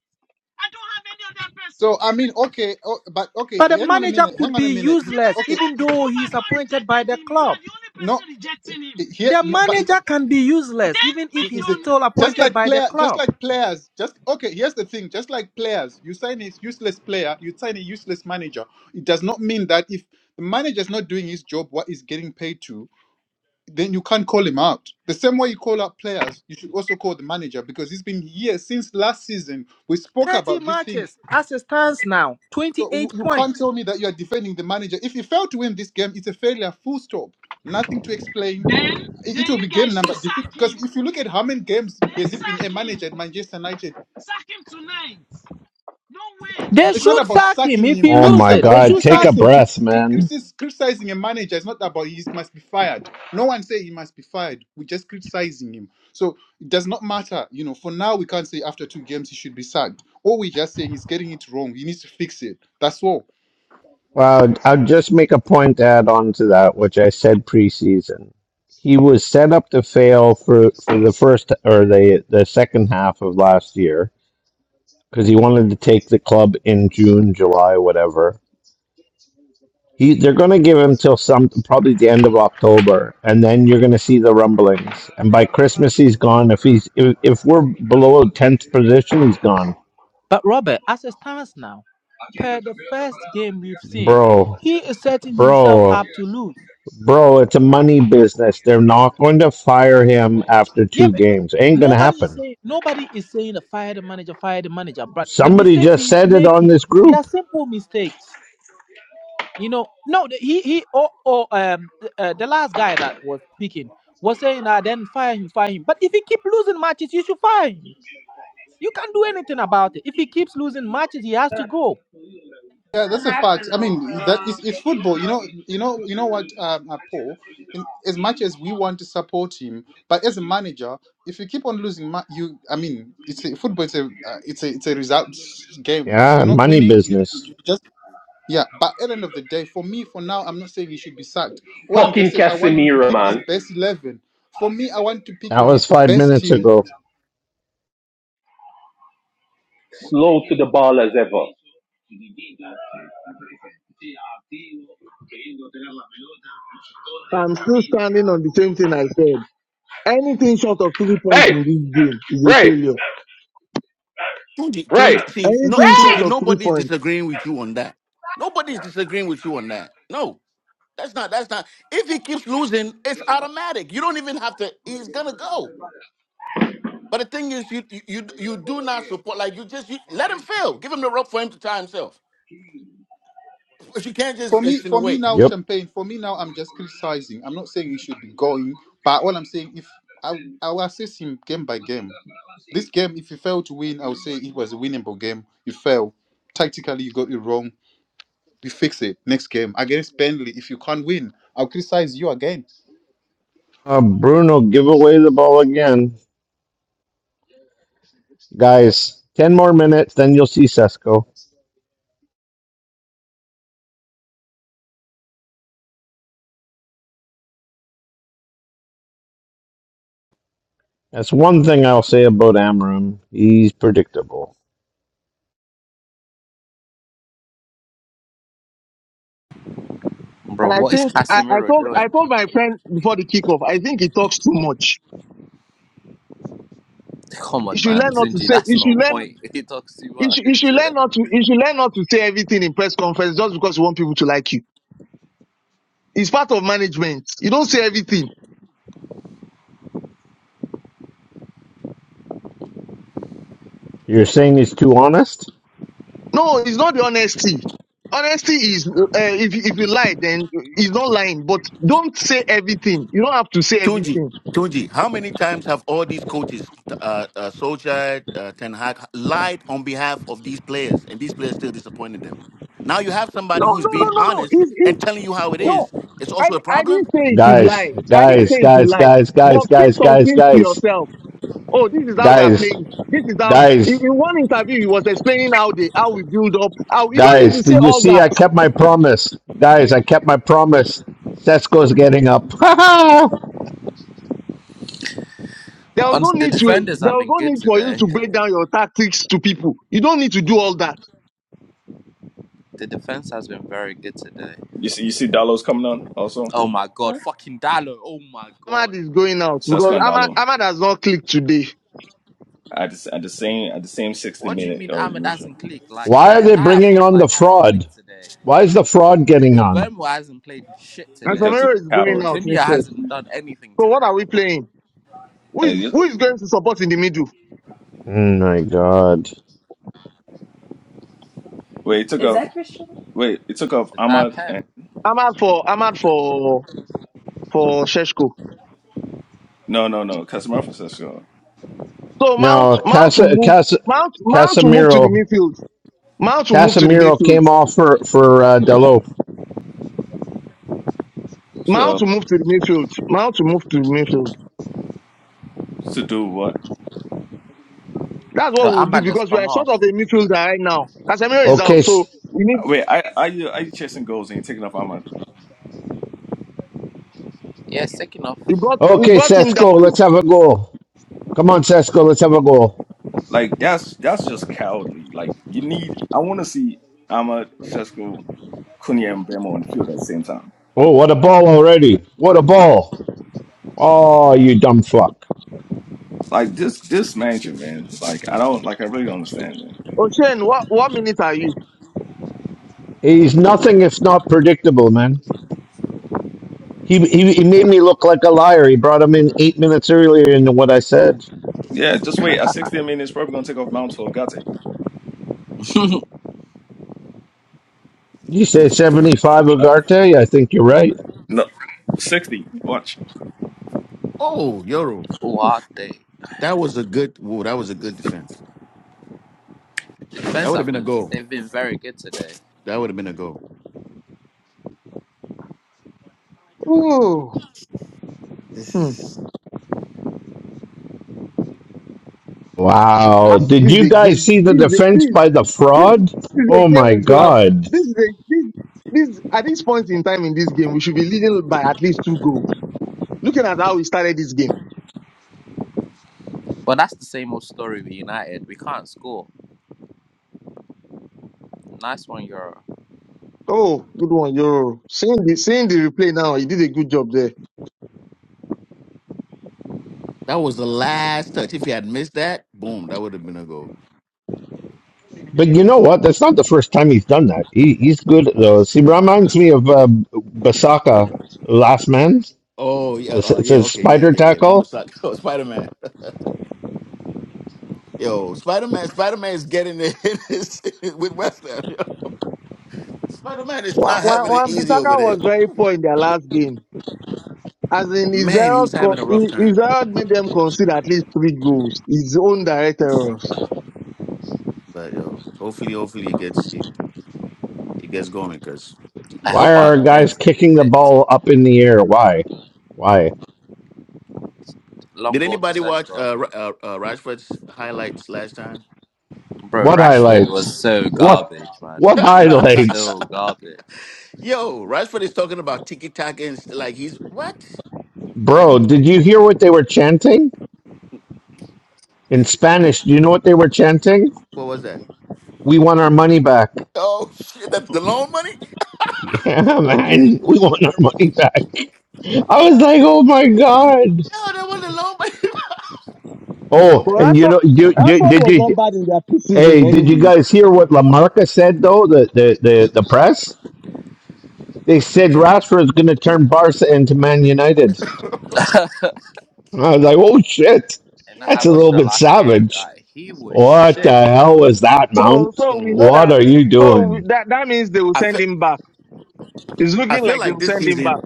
I don't have any other person
So I mean, okay, oh, but okay,
But the
hang on a
manager
minute, hang
could
on a
be
minute. You-
the
uh,
useless
Okay,
manager
even
the
though
club has
he's
not
appointed
rejected
by the
him you
club.
are the only person
No,
rejecting him
here
The
no, but it-
manager can be useless
Then
even if
make
it-
he's
your
the,
still
just
appointed
see.
like
by the
player just
club.
like players just okay here's the thing just like players you sign a useless player you sign a useless manager it does not mean that if the manager is not doing his job what he's getting paid to then you can't call him out the same way you call out players you should also call the manager because it's been years since last season we spoke
30
about this thing
matches as it stands now,
So you,
28
you can't
points.
tell me that you are defending the manager. If you fail to win this game, it's a failure, full stop. Nothing to explain.
Then
It,
then
it will
you
be game
guys should
number.
sack
Because
him.
if you look at how many games
Then
has it been
sack
a manager at
him.
Manchester United,
Sack him tonight. Don't wait.
no,
They
it's not
should
about
sack him
sacking
if he
him,
Oh
but it's
my
loses.
about
They
God!
should
Take a
sack
criticizing
him.
crit,
breath,
crit,
man.
criticis- criticizing a manager. It's not about he must be fired. No one say he must be fired. We're just criticizing him. So it does not matter. You know, for now we can't say after two games he should be sacked. All we're just saying is getting it wrong. He needs to fix it. That's all.
Well, I'll just make a point to add on to that, which I said preseason. He was set up to fail for, for the first or the the second half of last year because he wanted to take the club in June, July, whatever He, they're going to give him till some probably the end of October, and then you're going to see the rumblings. And by Christmas, he's gone. If he's if, if we're below tenth position, he's gone,
But Robert, as it stands now, per the first game we've seen,
bro,
he is setting himself
bro,
up to lose.
bro. It's a money business. They're not going to fire him after
Yeah,
two
but- but
games. Ain't going to
nobody is
happen.
saying nobody is saying the fire the manager, fire the manager. But the
Somebody
mistakes
just
he is
said it on
making,
this
they are
group.
simple mistakes. You know, no, the, he he or or um uh, the last guy that was speaking was saying "Ah, then fire him, fire him. But if he keep losing matches, you should fire him. You can't do anything about it. If he keeps losing matches, he has to go.
Yeah, that's a fact. I mean, that is it's football. You know, you know, you know what, um, uh, Paul. In, as much as we want to support him, but as a manager, if you keep on losing, ma- you. I mean, it's a football. It's a uh, it's a it's a results game. If
Yeah,
you're not
money
winning, you,
business.
you just yeah. But at the end of the day, for me, for now, I'm not saying he should be sacked. What I'm just
Fucking
saying, I want him to
Casemiro,
pick his
man.
best eleven. For me, I want to pick
That
him. He's
was
the
five
best
minutes
team
ago.
Slow to the ball as ever.
I'm still standing on the same thing I said. anything short of three points
Hey,
in this game is a
Ray,
failure.
Tunji,
Ray.
Tunji, see, no,
Anything short
Tunji,
of three
nobody's
points.
disagreeing with you on that. Nobody's disagreeing with you on that. No, that's not. That's not. If he keeps losing, it's automatic. You don't even have to. He's gonna go. But the thing is, you you you do not support. Like you just you, let him fail. Give him the rope for him to tie himself. But you can't
for
just
me for me
insinuate.
now
Yep.
champagne for me now i'm just criticizing i'm not saying he should be going but all i'm saying if i i will assess him game by game this game if you fail to win i would say it was a winnable game you fail tactically you got it wrong you fix it next game against Burnley if you can't win i'll criticize you again
Uh, Bruno, give away the ball again, guys. Ten more minutes, then you'll see Sesko. That's one thing I'll say about Amram. He's predictable.
Bro,
And I
what is
think I, I
Casemiro
told I
doing?
told my friend before the kickoff, I think he talks too much.
Come
He
on,
should
man.
learn not to
Sinji,
say
that's
He should
not a
learn
point. He talks too
He
much.
should, you should learn not to He should learn not to say everything in press conference just because you want people to like you. It's part of management. You don't say everything.
You're saying he's too honest?
No, it's not the honesty. Honesty is uh, if if you lie, then it's not lying. But don't say everything. You don't have to say
Tunji,
everything.
Tunji, how many times have all these coaches, t- uh, uh, Solskjaer, uh, Ten Hag, lied on behalf of these players, and these players still disappointed them? Now you have
No,
somebody who's
no, no,
being
no, no.
honest
It's, it's
and telling you how it
No,
is. It's
I,
also a
I
problem.
didn't say you should
Guys,
lie. I didn't
guys,
say you should
guys,
lie.
guys,
But
guys, guys,
keep
guys,
some
guys,
things to yourself. Oh, this is how we are
guys,
playing. This is how. In,
guys,
in one interview, he was explaining how they how we build up. How you don't need
guys.
to say
Did you
all
see
that.
I kept my promise? Guys, I kept my promise. Setzko's getting up. Why
There was
And
no
the
need to.
defenders
There
have
was
been
no
good
need for you to
today.
break down your tactics to people. You don't need to do all that.
The defense has been very good today.
You see, you see, Dalo's coming on also.
Oh my god, fucking Dalo. Oh my
Ahmad
god.
is going out because
Saskan
Ahmad,
Dalo
Ahmad has not clicked today,
at the, s- at the same at the same sixty
What do you
minute
mean
uh,
Ahmed
usual
hasn't clicked? Like the
are they
entire
bringing
front
on
line
the
hasn't
fraud?
clicked today.
Why is the fraud getting on?
Mbembo hasn't played shit
and
today.
because
Samero
it's
is
a
going
coward.
out
Kunya
instead.
hasn't done anything
So what
today.
are we playing? Who
And
is who
you,
is going to support in the middle?
Oh my god.
wait, it took off. Wait, it took off
Is that a
Ahmad and
pen?
Ahmad for Ahmad for for Sheshko.
no, no, no, customer for Saskan.
So Mount
No,
Mount will
Casa,
move
Casa,
Mount Mount will move to the
Casemiro,
midfield. Mount will move to the
Casemiro
midfield.
came off for for uh, Dalot.
Mount will
So
move to the midfield. Mount will move to the midfield.
to do what?
That's
So
what we'll do
Ahmed has
because we
come
are short
off.
of a midfielder right now. Casemiro is
Okay.
out, so
s-
we need
Wait, I are you are you chasing goals and you're taking off Ahmad?
Yeah, it's taking off.
you got you
Okay,
got in
Sesko,
Dalu.
let's have a goal. Come on, Sesko, let's have a goal.
Like that's that's just cowardly. Like you need. I want to see Ahmad, Sesko, Kunya, and Bemo on the field at the same time.
Oh, what a ball already. What a ball. Oh, you dumb fuck.
Like just just mansion, man. Like I don't like I really don't understand, man.
Ocean, what what minute are you?
He's nothing if not predictable, man. He, he, he made me look like a liar. He brought him in eight minutes earlier into what I said.
Yeah, just wait. At sixty, I mean it's probably gonna take off Mount for Gate.
You say 75
Like
Ugarte? I think you're right.
no sixty. Watch.
Oh, Euro,
what day?
that was a good. Whoa, that was a good defense.
The
That
defense
would have
have
been a
been
goal.
they've been very good today.
That would have been a goal.
Oh
This
hmm.
is.
Wow. Did
this is
you
a
guys
game.
see the
This is a,
defense
this,
by the
this
fraud?
this is
Oh
a game
my
we could have
God.
this is a this this at this point in time in this game we should be leading by at least two goals. Looking at how we started this game.
But that's the same old story with United. We can't score. Nice one, Euro.
Oh, good one, yo. Seeing the seeing the replay now, he did a good job there.
That was the last touch. If he had missed that, boom, that would have been a goal.
But you know what? That's not the first time he's done that. He, he's good at those. He reminds me of uh, Basaka, last man.
Oh yeah,
This-
uh,
It
yeah,
says
okay, yeah,
spider
yeah, yeah. One
tackle.
beside Spider Man. Yo, Spider Man, Spider Man is getting it in his- with West Ham. Spider Man is
One,
not
one,
having it
one
easy over
Bissaka
there.
was very poor in their last game. As in,
Man,
Israel
he's having a rough time.
made them concede at least three goals. His own direct errors.
But yo, hopefully, hopefully it gets it, it gets going. Cause,
I hope
Why
jeez.
our
are guys
defense can be
kicking the
fit.
ball up in the air? Why? Why?
long
did
ball to
anybody watch
Seshko.
uh, Ra- uh, uh Rashford's highlights last time?
Bro,
What
Rashford
highlights?
was so
What?
garbage, man.
What
He was
highlights?
so garbage.
yo, Rashford is talking about tiki taka and st- like he's what?
Bro, did you hear what they were chanting? In Spanish, do you know what they were chanting?
What was that?
We want our money back.
Oh shit, that's the loan money.
Yeah, man, we want our money back. I was like, oh my god.
Yo, that was
Oh,
But
and you
Rashford,
know, do, do,
Rashford
did
was not
you?
bad in their preseason
Hey, did you
anyway.
guys
the
hear what
loan
Lamarca said though? The the the, the press they said Rashford's going to turn Barca into Man United.
money.
I was like, oh shit,
And I
that's a
watched
little
yo.
the
bit
last game.
savage.
Like, he was
What the
shit.
hell was that,
So,
Mount?
so we
Mm.
know
What
that.
are you
So we-
doing?
that that means they will send him back. It's
I
looking
feel
like they
like
will
this
send him
season,
back.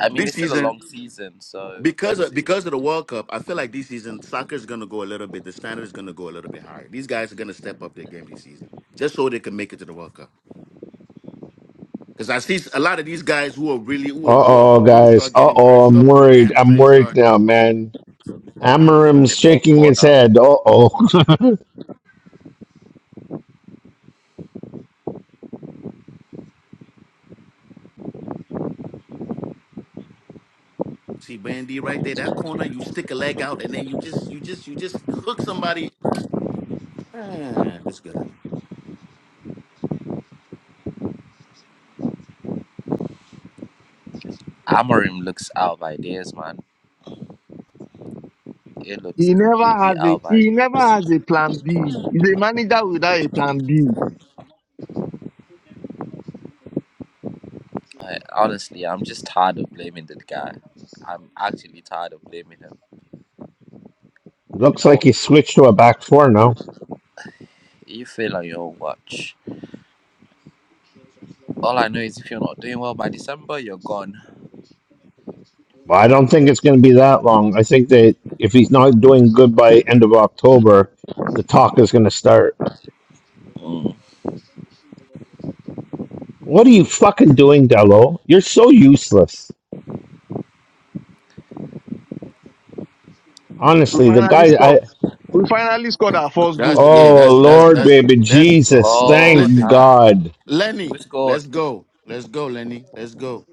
I mean,
this
it's still a
season,
long season, so
because
let's
of
see.
because of the World Cup, I feel like this season soccer is going to go a little bit. The standard is going to go a little bit higher. These guys are going to step up their game this season, just so they can make it to the World Cup. Because I see a lot of these guys who are really who are,
Uh
who are
oh,
who
guys.
start
Uh
getting hurt,
oh, I'm
start pulling the
worried. I'm
hamstrings,
worried
start
now, man. Amarim's
They've got a
shaking his
corner.
head. Uh oh.
see Bandy right there, that corner. You stick a leg out, and then you just you just you just hook somebody. Ah, that's good.
Amorim looks out of ideas, man. It looks
He never
completely
has
out
a
of
he never
ideas.
has a plan B. He's a manager without a plan B.
Like, honestly, I'm just tired of blaming that guy. I'm actually tired of blaming him. You
Looks
know
like
what?
he switched to a back four now.
You fail on your own watch. All I know is if you're not doing well by December, you're gone.
Well, I don't think it's going to be that long. I think that if he's not doing good by end of October, the talk is going to start.
Mm.
What are you fucking doing, Delo? You're so useless.
We
Honestly, the
finally
guy. I
scored. We finally scored our first
That's
goal.
yeah.
oh
That's that's
Lord,
that's
baby
that's.
Jesus,
Lord,
thank
Listen.
uh,
God.
Lenny,
who's
let's
good?
go. Let's go, Lenny. Let's go.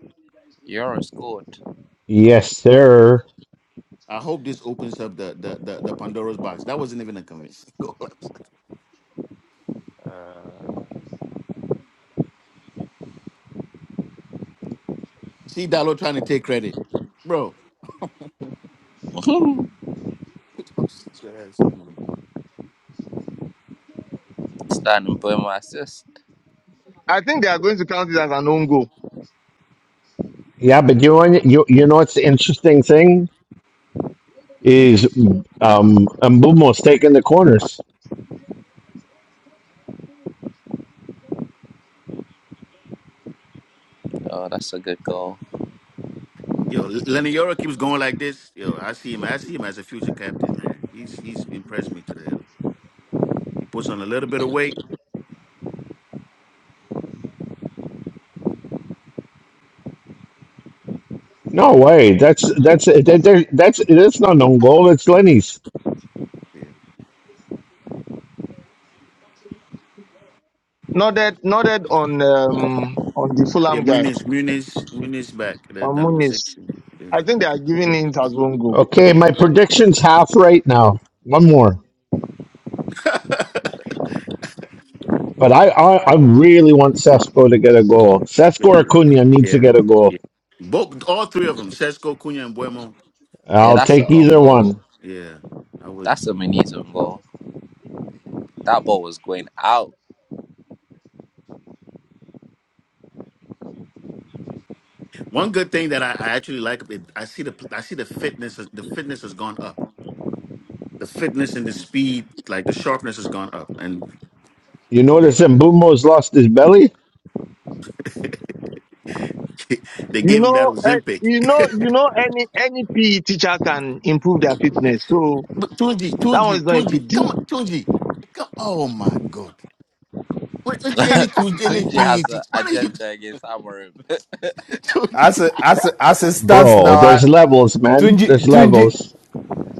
Yours scored.
Yes, sir.
I hope this opens up the the the, the Pandora's box. That wasn't even a convincing goal. See Dallo trying to take credit. Bro.
Standing by my assist.
I think they are going to count it as an own goal.
Yeah, but you know you you know what's the interesting thing? is um Mbumo's taking the corners.
Oh, that's a good goal.
Yo, Lenny Yoro keeps going like this. Yo, I see him. I see him as a future captain, man. He's he's impressed me today. He puts on a little bit of weight.
No way. That's that's that, that, that's that's not an own goal. It's Lenny's.
Yeah,
Nodded, nodded on um on the
yeah
Fulham guy
Muniz, Muniz, Muniz back. That,
on
that number
Muniz.
six. Yeah.
I think they are giving it as one goal.
Okay, my prediction's half right now. One more. But I, I, I really want Sesko to get a goal.
yeah.
Sesko or Cunha needs to
Yeah.
get a
Yeah.
goal.
Both all three of them, Sesko, Cunha, and Bueno.
Yeah,
I'll
that's an
take
own
either one.
goal.
Yeah, I would.
That's a Muniz own goal. That ball was going out.
One good thing that I, I actually like, it, I see the I see the fitness. The fitness has gone up. The fitness and the speed, like the sharpness, has gone up. And
You notice Mbumo's lost his belly?
they
You
gave him that
know, eh,
Ozempic.
you know, you know, any any PE teacher can improve their fitness, so
But Tunji,
that one is
Tunji,
not a
Tunji,
big deal.
come on, Tunji. Come, oh my God! What what you- any Tunji, any
Sunji
PE
has an
teacher? What are you,
agenda against Amorim.
As
Tunji?
a, as a, as it stands
Bro,
now,
there's
I,
levels, man.
Tunji,
There's
Tunji
levels.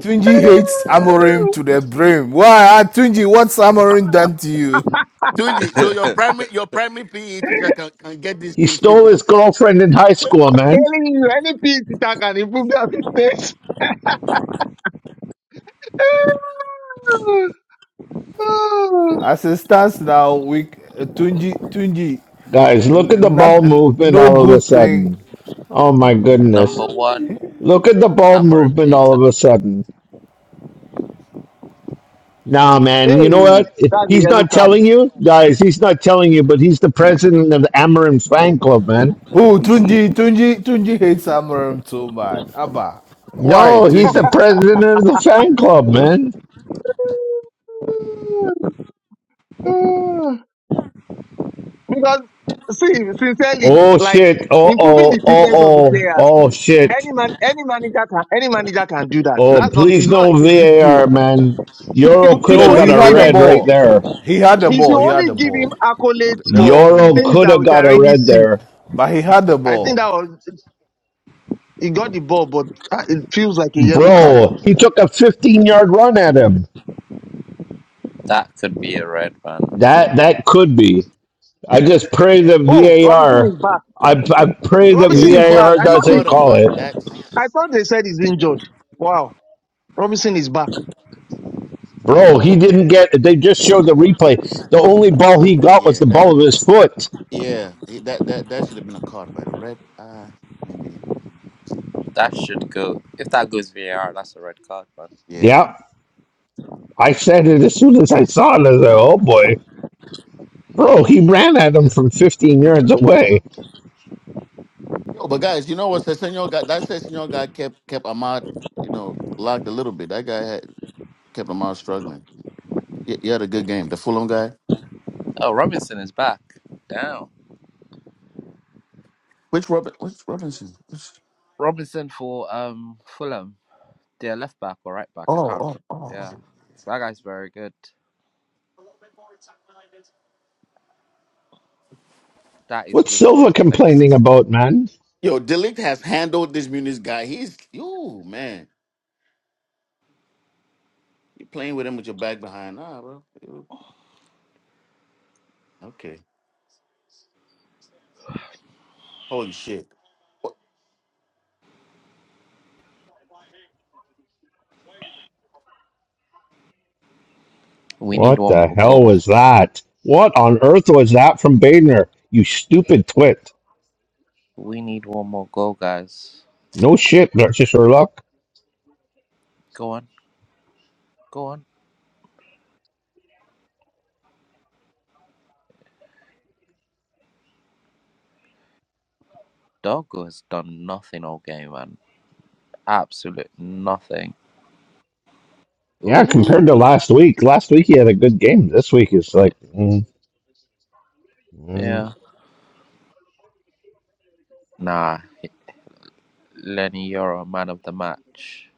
Tunji hates Amorim to the brim. Why, Ah, Tunji? What's Amorim done to you?
Tunji, So your primary your primary PE teacher can, can get this
He
team
stole
fitness.
his girlfriend in high school, man.
Telling you, any PE teacher can improve their fitness.
As it stands now, we uh, Tunji, Tunji,
Guys, look at the ball
not n-
movement
no
all of a
good thing.
sudden. Oh my
Number
goodness.
one,
Look at the ball
Amorim
movement all of a
Eita.
sudden. Nah,
hey,
man, you know what?
that's a
He's
yellow
not
card.
telling you, guys, he's not telling you, but he's the president of the Amarin fan club, man.
Who Tunji? Tunji, Tunji hates Amorim too bad, Abba, why
No, he's the
Tunji?
president of the fan club, man.
Uh, because see, sincerely,
Oh
like
shit. Oh
improving
oh
the
oh
fitness of the
oh
players,
oh shit.
any man, any manager can, any manager can do that. So
Oh
that's not, it's
please
not like
no
a big deal.
VAR man.
You,
Euro
should- you
could
should
have
No,
got
he
only
a
had
give
the
him,
red right
ball.
there.
He had the
you
ball.
should
He had
only
the
give him
ball.
accolades
That was a
for
great
Euro
things
one.
could
that
have
we can
got a
really
red
see.
there.
But he had the
I think
ball.
that was he got the ball, but uh, it feels like a yellow card.
Bro, he took a 15 yard run at him.
That could be a red, man.
That that could be. I just pray the
Oh, Robinson
VAR.
is back.
I, I pray the
Yeah,
Robinson
he
is
caught
back.
VAR
him.
I
He
thought he,
doesn't
caught him,
call
but
it.
that's
I thought they said he's injured. Wow, Robinson
uh,
is back.
Bro, he didn't get. They just showed the replay. The only ball he got was the
yeah.
ball of his foot.
Yeah, he, that that that should have been a card by the red. Uh maybe.
That should go. If that goes VAR, that's a red card, man.
Yeah.
Yeah, I said it as soon as I saw it. I was like, oh boy. Bro, he ran at him
Yeah.
from 15 yards away.
Yo, but guys, you know what? Sessignon guy that Sessignon guy kept kept Ahmad, you know, locked a little bit. That guy had kept Ahmad struggling. He, he had a good game. The Fulham guy.
Oh, Robinson is back. Damn.
Which Robin? Which Robinson? Which,
Robinson for um Fulham. They're left back or right back. I can't.
oh, oh, oh.
Yeah, that guy's very good. That is
What's
we should
Silva
replace.
complaining about, man?
Yo, Delict has handled this Muniz guy. He's you man. You playing with him with your back behind? Nah, bro. Yo, Okay. Holy shit.
We need
What
one
the
more
hell
goal.
was that? What on earth was that from Bader? You stupid twit.
We need one more goal, guys.
No shit, Dr. Sherlock.
Go on, go on. Doggo has done nothing all game, man. Absolute nothing.
Yeah, compared to
Ooh,
last week, last week he had a good game. This week is like, mm, mm,
yeah. Nah, Lenny, you're a man of the match.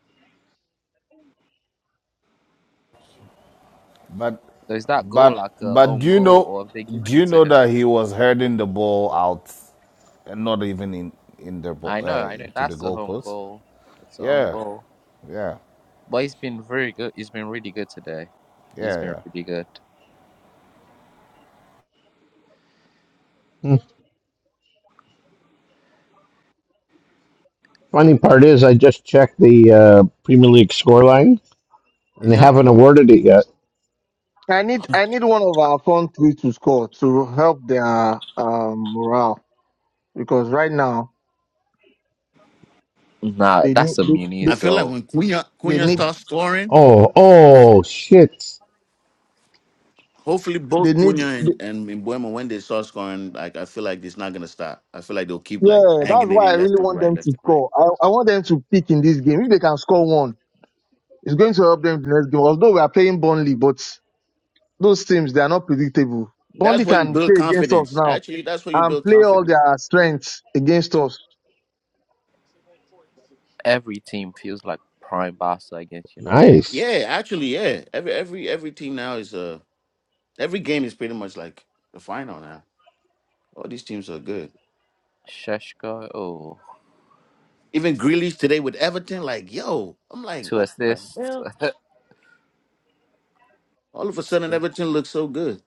But
So is that goal
but
like a
but do
own
you
goal,
know
or have they
do
given
you
it to
know
him?
that he was heading the ball out and not even in in the ball
I know,
uh,
I know.
to the
That's the own
goalpost?
goal. It's the own
Yeah,
goal.
yeah,
But it's been very good. It's been really good today. It's
yeah,
been
yeah.
really good.
mm. funny part is I just checked the uh, Premier League scoreline and they
Yeah.
haven't awarded it yet.
I need I need one of our country to score to help their um, morale because right now
Nah,
they need
that's a
they, they,
I
Muniz
feel like
goal.
when Cunha
they
Cunha
need
starts scoring.
Oh, oh shit!
Hopefully,
they
both
need
Cunha
they,
and, and Mbuemo, when they start scoring, like I feel like it's not gonna stop. I feel like they'll keep like
yeah that's
banging it
why I
in
really
left and
want
right,
them to
left and right.
score. I, I want them to pick in this game. If they can score one, it's going to help them the next game. Although we are playing Burnley, but those teams they are not predictable.
That's
Burnley
where you
can
build
play against us
confidence.
now
Actually, that's where you
and
build
play all
confidence.
their strengths against us.
Every team feels like prime Barca against United.
Nice.
Yeah, actually, yeah. Every every every team now is uh every game is pretty much like the final now. All these teams are good.
Sheshko, oh,
Even Grealish today with Everton, like yo, I'm like,
two
what the
assists.
hell? All of a sudden,
assist.
Everton looks so good.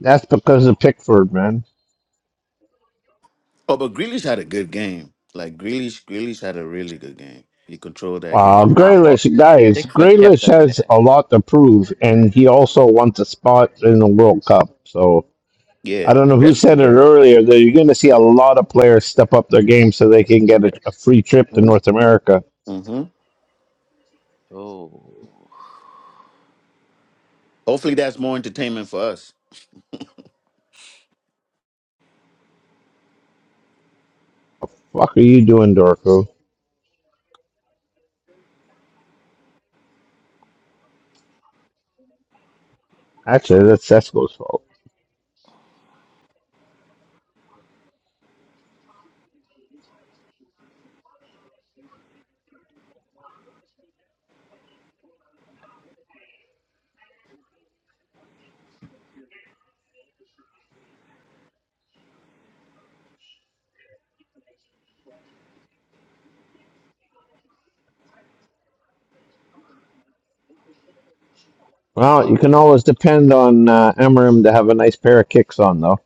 That's because of Pickford, man.
Oh, but Grealish had a good game. Like Grealish, Grealish had a really good game. He controlled that
Uh,
Nah,
game.
but
Graylish, guys,
Pickford kept
Graylish
them in
has
it.
a lot to prove, and he also wants a spot in the World Cup. So I
Yeah.
don't know who
That's
said it
yeah.
earlier that you're going to see a lot of players step up their game so they can get
Yeah.
a, a free trip to North America.
Mm-hmm.
Oh.
Hopefully that's more entertainment for us.
Fuck are you doing, Dorco? Actually, that's Cesco's fault. Well, you can always depend on uh, Emerim to have a nice pair of kicks on, though.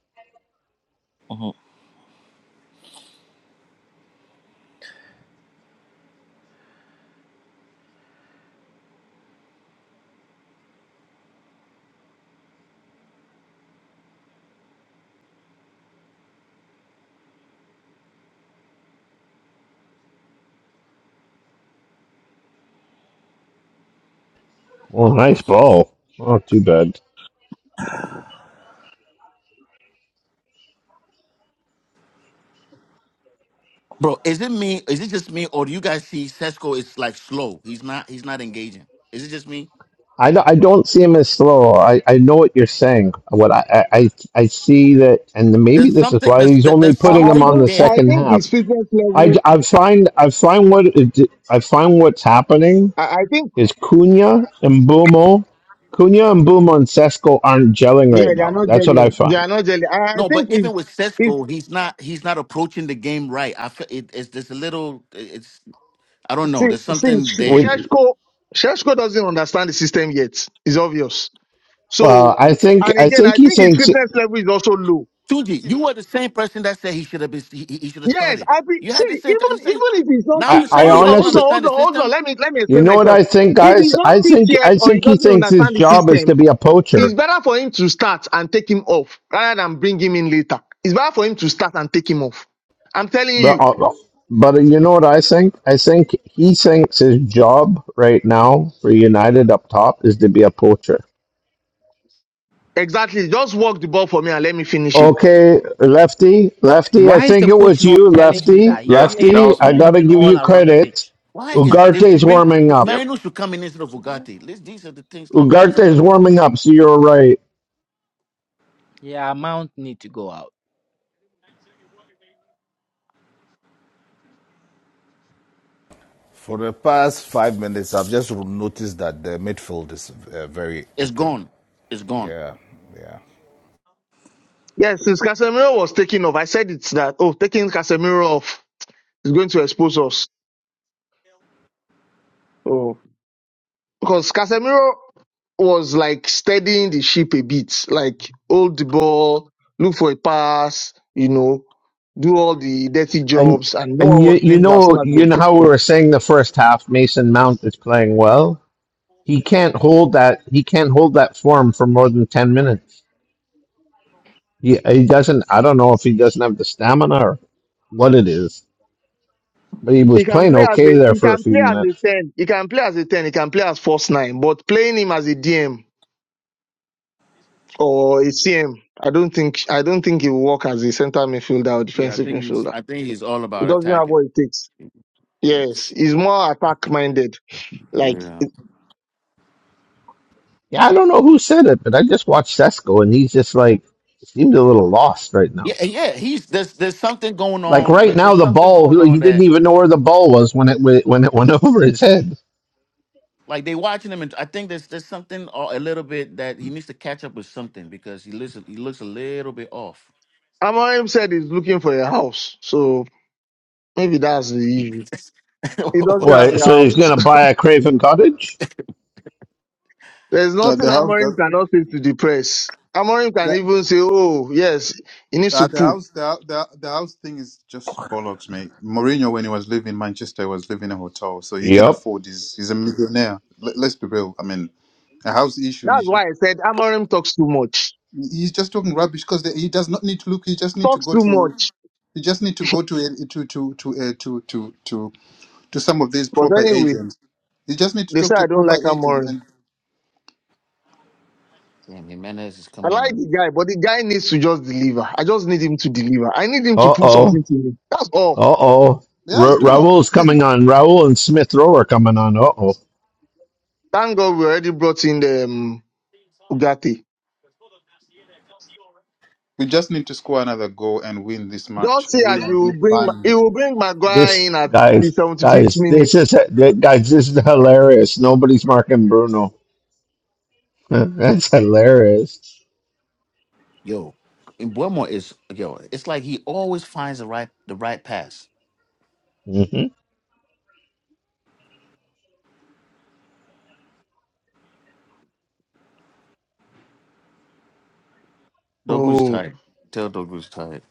Mhm.
Well, nice ball. Oh, too bad.
Bro, is it me? Is it just me, or do you guys see Sesko is like slow? He's not. He's not engaging. Is it just me?
I do I don't see him as slow. I, I know what you're saying. What I, I I I see that, and maybe
There's
this is
something.
why
There's
he's
there's
only
I,
putting
I
him
something
on the
think
there.
I
second
think
half.
his fitness
I
level.
I find I find what it, I find what's happening
I, I think
is Cunha and Bumo, Cunha and Bumo and Sesco aren't gelling
Yeah,
right
they are
now.
not
That's what I
gelling. They
find.
are not gelling. I I
No,
think
but even
it's
with
it's
Sesko, he's not. He's not approaching the game right. I feel it, it's there's a little. It's I don't know.
see
There's
see
something
Sh-
there.
We,
Sheshko Sheshko doesn't understand the system yet. It's obvious.
well,
So
I think
and
I
again,
think
I
he
think his
thinks
fitness level is also low.
Tuji, you were the same person that said he should have been. He, he should have
Yes,
started.
I be,
You
see
had the same. You
even
say
even if he's not
now
I,
fit.
you're
I
saying
Hold
he
on,
doesn't
hold on,
honestly,
hold
understand the
on, hold
system.
on. Let me let me
you
explain
know what
myself.
I think,
If he's
guys.
not
I
fit
think
yet
I
or he
think he
doesn't
thinks his
understand the
job is
system,
to be a
it's
poacher.
better for him to start and take him off rather than bring him in later. It's better for him to start and take him off. I'm telling you.
But uh, but you know what I think? I think he thinks his job right now for United up top is to be a poacher.
Exactly. Just walk the ball for me and let me finish it.
Okay, Lefty, Lefty, I
Why is
think
the
it
coach
was
not
you,
telling him
Lefty,
that he
Yeah,
should stay
that
there and
Lefty.
was
I
stop
me.
gotta
moving
give you
all around the
credit.
pitch?
Why is they should
Ugarte's
bring
warming up.
Yep.
Marino should come in instead of Bugatti? This- These are the things like why is he
Ugarte's
gotta come in?
warming
there?
up, so you're right.
Yeah, Mount need to go out.
For the past five minutes, I've just noticed that the midfield is uh, very
It's
open.
gone. It's gone.
Yeah, yeah.
Yes, since Casemiro was taken off, I said it's that, oh, taking Casemiro off is going to expose us. Oh. Because Casemiro was like steadying the ship a bit, like hold the ball, look for a pass, you know, do all the dirty
And
jobs, and no
and
one
you
was
you
doing it as soon
know
as he
you
was
know how
taken
we
off.
were saying the first half, Mason Mount is playing well. He can't hold that he can't hold that form for more than ten minutes. He he doesn't I don't know if he doesn't have the stamina or what it is, but he was
He can
playing
play as
okay
a
there
he
for a
can play
few
as
minutes.
a ten. He can play as a ten. He can play as false nine. But playing him as a DM or a CM. I don't think I don't think he will work as a centre midfielder or
Yeah, I
defensive
think he's
midfielder.
I think he's all
He
about
doesn't have
attacking.
what it takes. Yes,
It's,
he's more attack minded. Like
yeah.
Yeah, I don't know who said it, but I just watched Sesko, and he's just like seemed a little lost right now.
Yeah, and yeah. He's there's there's something going
Like
on,
right
but
now,
there's
the
something
ball
going
he he
on
didn't
that
even know where the ball was when it went- when it went over his head.
like they watching him and I think there's there's something uh, a little bit that he needs to catch up with something because he looks he looks a little bit off.
Amorim said, he's looking for a house, so maybe that's the issue. He doesn't have
Why?
what?
a
So he's
house.
gonna buy a Craven Cottage?
There's
Now,
nothing
the house,
Amorim
the,
cannot say to the press. Amorim can
the,
even say, "Oh, yes, he needs
the
to
the
poo."
house, the, the, the house thing is just bollocks, mate. Mourinho, when he was living in Manchester, was living in a hotel, so he can
Yep.
afford. He's he's a millionaire. Let, let's be real. I mean, a house issue.
That's why I said Amorim talks too much.
he's just talking rubbish because he does not need to look. He just need to
Talks
go
too
to.
much.
He just need to go to a- to to to uh, to to to to some of these
But
proper
anyway,
agents. You just need to
they say
talk to
I
a
don't
proper
like
agent,
Amorim.
and
Damn, Jimenez is
I
coming
like the
on.
guy, but the guy needs to just deliver. I just need him to deliver. I need him to
Uh
prove
oh.
something to me. That's all.
Uh oh.
yeah, he's
Ra-
doing. all-
Raul's
I mean,
coming on. Raul and Smith Rowe are coming on. Uh oh.
Thank God we already brought in the um, Ugate.
we just need to score another goal and win this match.
Just say
Win
as he will
against
bring, Ma- he
Burnley.
will bring Maguire
This
in at the
guys,
75th
guys,
minute.
this is guys, this is hilarious. Nobody's marking Bruno. That's hilarious.
Yo, Buemo is yo. It's like he always finds the right the right pass.
hmm
Dogu's
Oh,
tired. Tell Dogu's tired.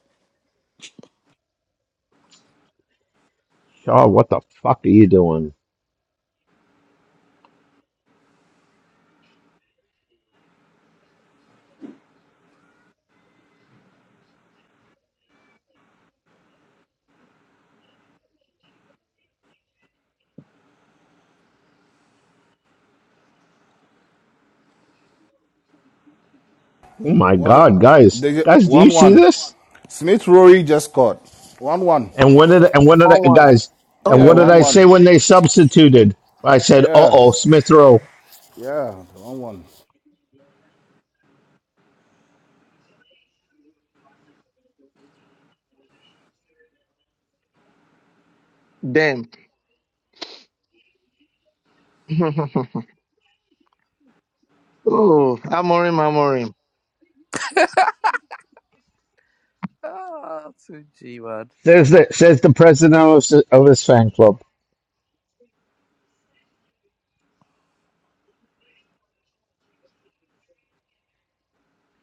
Shaw, what the fuck are you doing? Oh my
One,
God, guys,
they,
guys, do you
one,
see
one.
this?
Smith Rory just scored. One, one.
And what did and what did I,
one one.
guys and
Oh
Yeah,
what
my
did
one,
god.
I say
one.
when they substituted? I said, "Uh oh,
Yes,
Smith Rowe."
yeah, one, one.
Damn. oh, Amorim, Amorim.
Ah, 2G, man.
Says the says the president of his, of his fan club.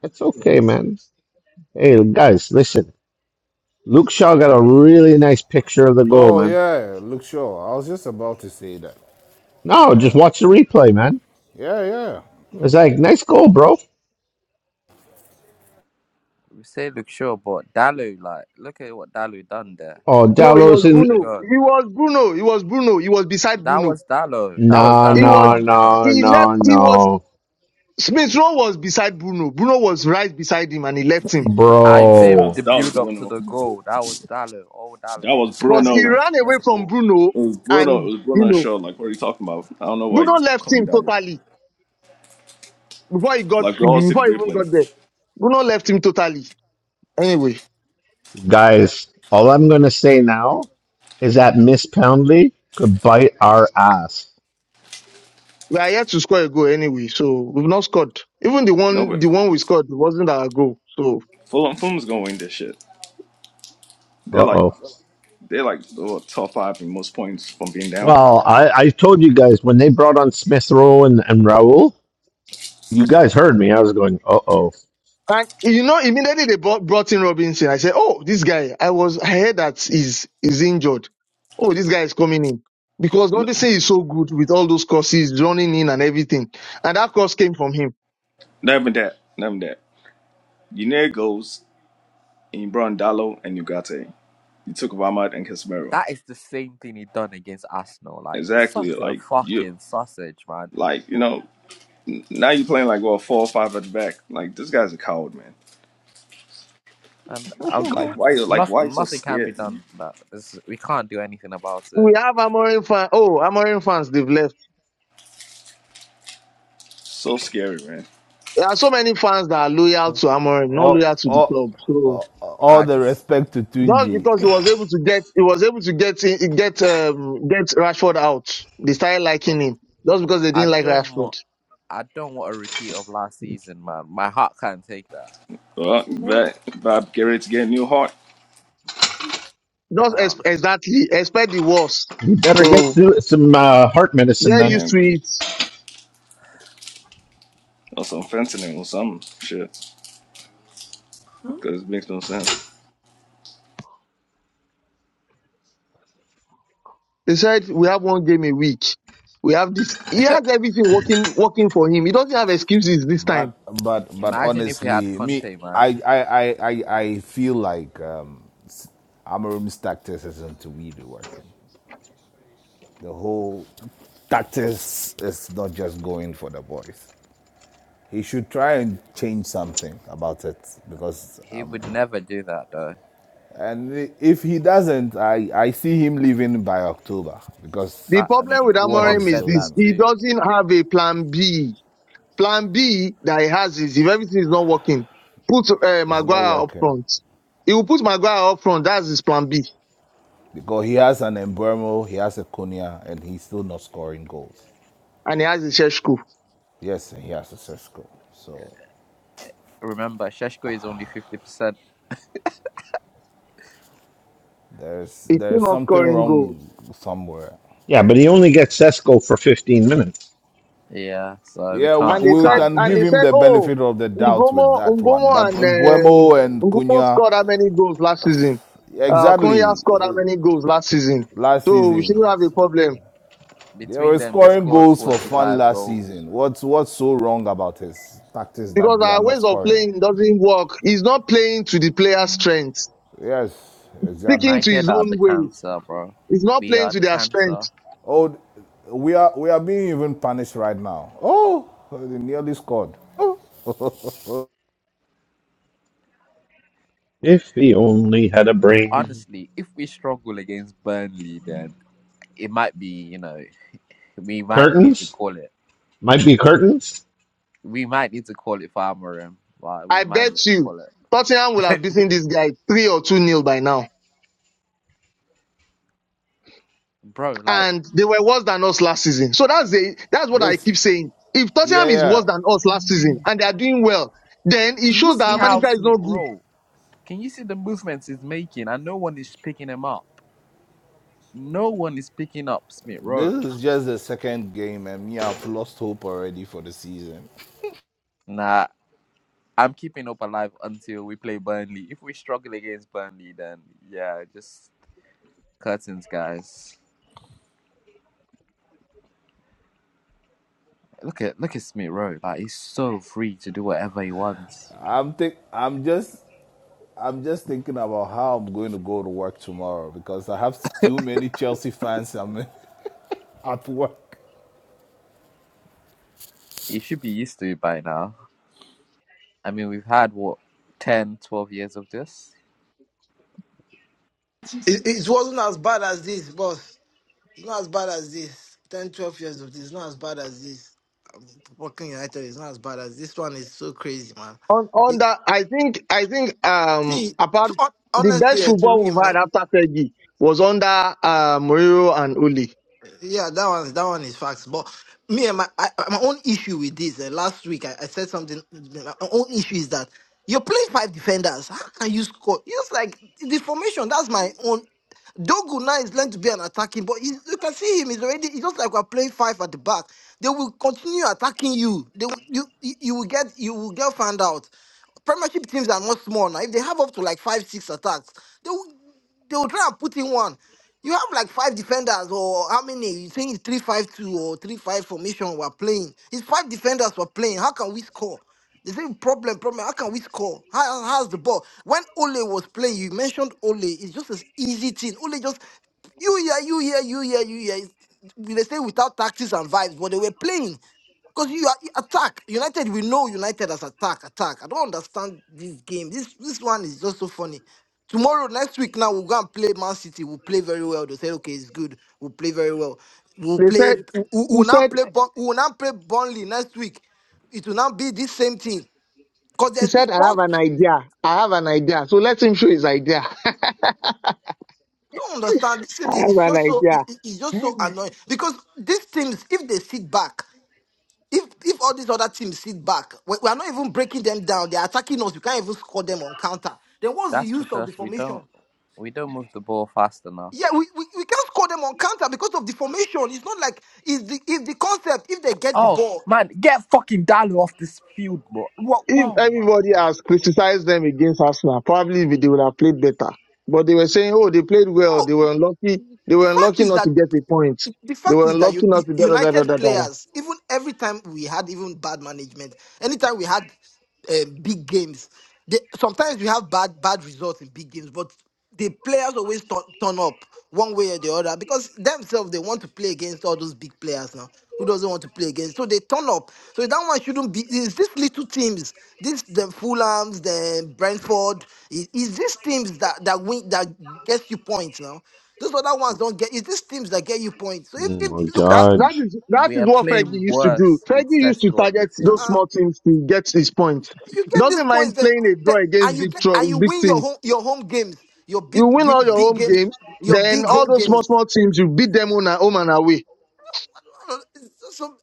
It's okay, man. Hey, guys, listen. Luke Shaw got a really nice picture of the goal,
Oh
man.
yeah, Luke Shaw. I was just about to say that.
No, just
Yeah.
watch the replay, man.
Yeah, yeah.
It's like nice goal, bro.
We say look sure, but Dallo, like, look at what Dallo done there.
Oh,
No, it
Leading
Dallo's
was
up to
in.
the
Bruno.
goal.
It was Bruno. It was Bruno. It was beside
That
Bruno.
was Dallo. That was
No,
He
Dallo,
was.
no,
not Bruno.
no,
He left.
no,
He was.
no,
Smith Rowe was beside Bruno. Bruno was right beside him, and he left him.
I'm
Yeah, that
saying
bro.
was
the
that
build
was
up to
Bruno.
the goal. That was Dallo. Oh, Dallo.
That
He
was
had
because
a
he
Bruno.
chance to
ran
clear
away
the
from
ball.
Bruno
It was Bruno. It
and,
was
you
Bruno's
know,
show. Like what are you talking about? I don't know why you
Bruno left
calling
him
down.
totally before he got,
Like we all see the
before he even
replay.
got there. Bruno left him totally. Anyway,
Guys, all I'm going to say now is that Miss Poundley could bite our ass.
we are yet to score a goal anyway, so we've not scored. Even the
No
one,
but
the one we scored wasn't our goal. So,
Fulham Fulham's gonna win this shit. They're
Uh
like
oh.
they're like oh, top five in most points from being down.
Well, I, I told you guys when they brought on Smith Rowe and, and Raul, you guys heard me. I was going, uh oh.
and you know, immediately they brought, brought in Robinson. I said, oh, this guy, I was, I heard that he's, he's injured. Oh, this guy is coming in. Because
N-
Robinson is so good with all those crosses, running in and everything. And that cross came from him.
Never that. Never that. You near goes in Brown Dallo and Ugarte. You took Vamad and Casemiro.
That is the same thing he done against Arsenal. Like it's such
Exactly.
a
Like you,
fucking sausage, man.
like you know, now you're playing like well four or five at the back. Like this guy's a coward, man.
And um,
Like why you like why you
nothing,
so
nothing can be
scared?
done. That this, we can't do anything about it.
We have Amorim fans. Oh, Amorim fans, they've left.
So scary, man.
There are so many fans that are loyal to Amorim, not
All,
loyal to the
all,
club. So
all, all
I
the
just,
respect to
just
Tunji.
because he was able to get, he was able to get, in- get, um, get Rashford out. They started liking him just because they
I
didn't like
don't
Rashford.
want, I don't want a repeat of last season, man. My heart can't take that.
But Right. Bob Garrett's getting new heart.
Just
Ah,
ex- exactly expect the worst.
You better get
So
some some, uh, heart medicine
they're
then.
used
Yeah,
to
man.
it.
Or some fentanyl or some shit. Huh? Cause it makes no sense.
They said we have one game a week. We have this. He has everything working, working for him. He doesn't have excuses this
But
time.
but but
imagine if we had
honestly, me
Conte, man.
I I I I, I feel like um s- Amarim's tactics isn't really working. The whole tactics is not just going for the boys. He should try and change something about it because
He
um.
would never do that, though.
And if he doesn't, I, I see him leaving by October because
The
That, I
problem with
mean,
what
Rob
Amorim
he's
is
said that
this:
doing
he
too.
doesn't have a plan B. Plan B that he has is if everything is not working, put uh,
is not
Maguire up
working.
front. He will put Maguire up front. That's his plan B,
Because he has an Embuemo, he has a Konya, and he's still not scoring goals.
and he has his church
Yes, and he has a Sesco. So
remember Sheshko is only fifty percent.
there's
He's still
there's
not
something
scoring goals.
wrong somewhere.
Yeah, but he only gets Cesco for 15 minutes.
Yeah, so we
Yeah, w-
And
can't we
they
we
said,
can't
can
and
give
they
blame
him
said,
the
oh,
benefit of the doubt with
Umbomo,
that one.
Umbomo,
But
and um,
Embuemo and
Umbomo
Konya,
scored how many goals last season? Uh, Konya
exactly,
scored how
uh,
many goals last season?
last
So we shouldn't
season.
have a problem
They
between
were
them they
scoring
scored
goals for
forty
fun
five
last
goals.
season. What's what's so wrong about his tactics that
because
they are
our
not
ways of
scoring?
playing doesn't work. He's not playing to the player's strength,
Yes,
sticking
exactly.
to
United
his
are the
own ways.
cancer, bro.
He's not
We
playing
are
to
the
their strength.
cancer.
Oh, we are we are being even punished right now. Oh, they nearly scored.
If he only had a brain.
Honestly, if we struggle against Burnley then it might be, you know, we might need to
Curtains?
call it.
Might be curtains?
We might need to call it Farmerim. Like we
I
might need
bet
to
you
call it.
Tottenham will have beaten this guy three or two nil by now.
Bro, like
And they were worse than us last season. So that's the that's what I
This,
keep saying. If Tottenham
yeah,
is
yeah.
worse than us last season and they are doing well, then it
can you
shows that
see
our
how
manager is
Smith
not good.
roll? Can you see the movements he's making and no one is picking him up? No one is picking up Smith Rowe.
This is just the second game, and me, I've lost hope already for the season.
Nah, I'm keeping hope alive until we play Burnley. If we struggle against Burnley, then yeah, just curtains, guys. Look at look at Smith Rowe. Like he's so free to do whatever he wants.
I'm think I'm just I'm just thinking about how I'm going to go to work tomorrow because I have too many Chelsea fans. I'm at work.
He should be used to it by now. I mean, we've had what 10, 12 years of this.
It, it wasn't as bad as this, boss. It's not as bad as this. 10, 12 years of this. It's not as bad as this. Um, Fucking United is not as bad as this one. Is so crazy, man.
On on
It,
that, I think I think um
see,
apart
to, hon-
the
honestly,
best
eh, to me,
football we've had
man.
after Fergie was under uh, Mourinho and Uli.
Yeah, that one, that one is facts. But me and my I, my own issue with this. Uh, last week, I, I said something. My own issue is that you're playing five defenders. How can you score? It's like the formation. That's my own. Dogu now is learned to be an attacking, but he's, you can see him. He's already. It's just like we're playing five at the back. They will continue attacking you. They will- you you you will get you will get found out. Premiership teams are not small now. If they have up to like five six attacks, they will they will try and put in one. You have like five defenders or how many? You think it's three five two or three five formation we're playing. It's five defenders we're playing. How can we score? The same problem, problem. How can we score? How, how's the ball? When Ole was playing, you mentioned Ole. It's just an easy thing. Ole just you here, you here, you here, you here. It's- They say without tactics and vibes, but they were playing. Because you are attack. United, we know United as attack, attack. I don't understand this game. This this one is just so funny. Tomorrow, next week, now we'll go and play Man City. We'll play very well. They'll say, okay, it's good. We'll play very well. We'll
They
play
said
we-
he
we'll now
said
play Bur- we'll now play Burnley next week. It will now be this same thing. Because
he
there's n-
said I
what
have an idea. I have an idea. So let him show his idea. I
I don't understand. This thing is
have
it's
an
just so
idea.
it- it- it's just so annoying. Because these teams, if they sit back, If if all these other teams sit back, we, we are not even breaking them down. They are attacking us. We can't even score them on counter. Then what's the
That's
use of the
because we don't
formation?
we don't move the ball fast enough.
Yeah, we, we, we can't score them on counter because of the formation. It's not like it's the if the concept if they get the
Oh
ball.
man, get fucking Dalo off this field, bro. Whoa,
if
whoa, oh my
everybody
god.
has criticized them against Arsenal, probably they would have played better. But they were saying, oh, they played well.
No,
They were unlucky. They
the
were
fact
unlucky
is
not to
that
get a point.
the
They
fact
were
is that
unlucky
U- U-
not to da da da da
United
da da. da."
players, even every time we had even bad management, anytime we had um, big games. They, sometimes we have bad bad results in big games, but the players always turn, turn up one way or the other because themselves they want to play against all those big players now. Who doesn't want to play against? So they turn up. So that one shouldn't be. Is these little teams, this the Fulhams, the Brentford, is, is these teams that that win that gets you points now? Those other ones don't get. Is these teams that get you points? So if,
Oh my
if look
That
at.
god.
that is that
We
is
are
what Fergie
playing
used to do.
worse
Fergie
with
used to
Sesko on the
target
uh,
those
field.
uh,
small teams to get his point.
You
He
get these
doesn't
points,
mind
then,
playing a draw
then and
against
you
big
get
tro-
and you
big
win your
teams.
home your home games, your
You
big
win
ga-
all your
big
home
games,
games,
your
then
big
all
home
those small
games.
small teams you beat them on a- home and away.
Uh, So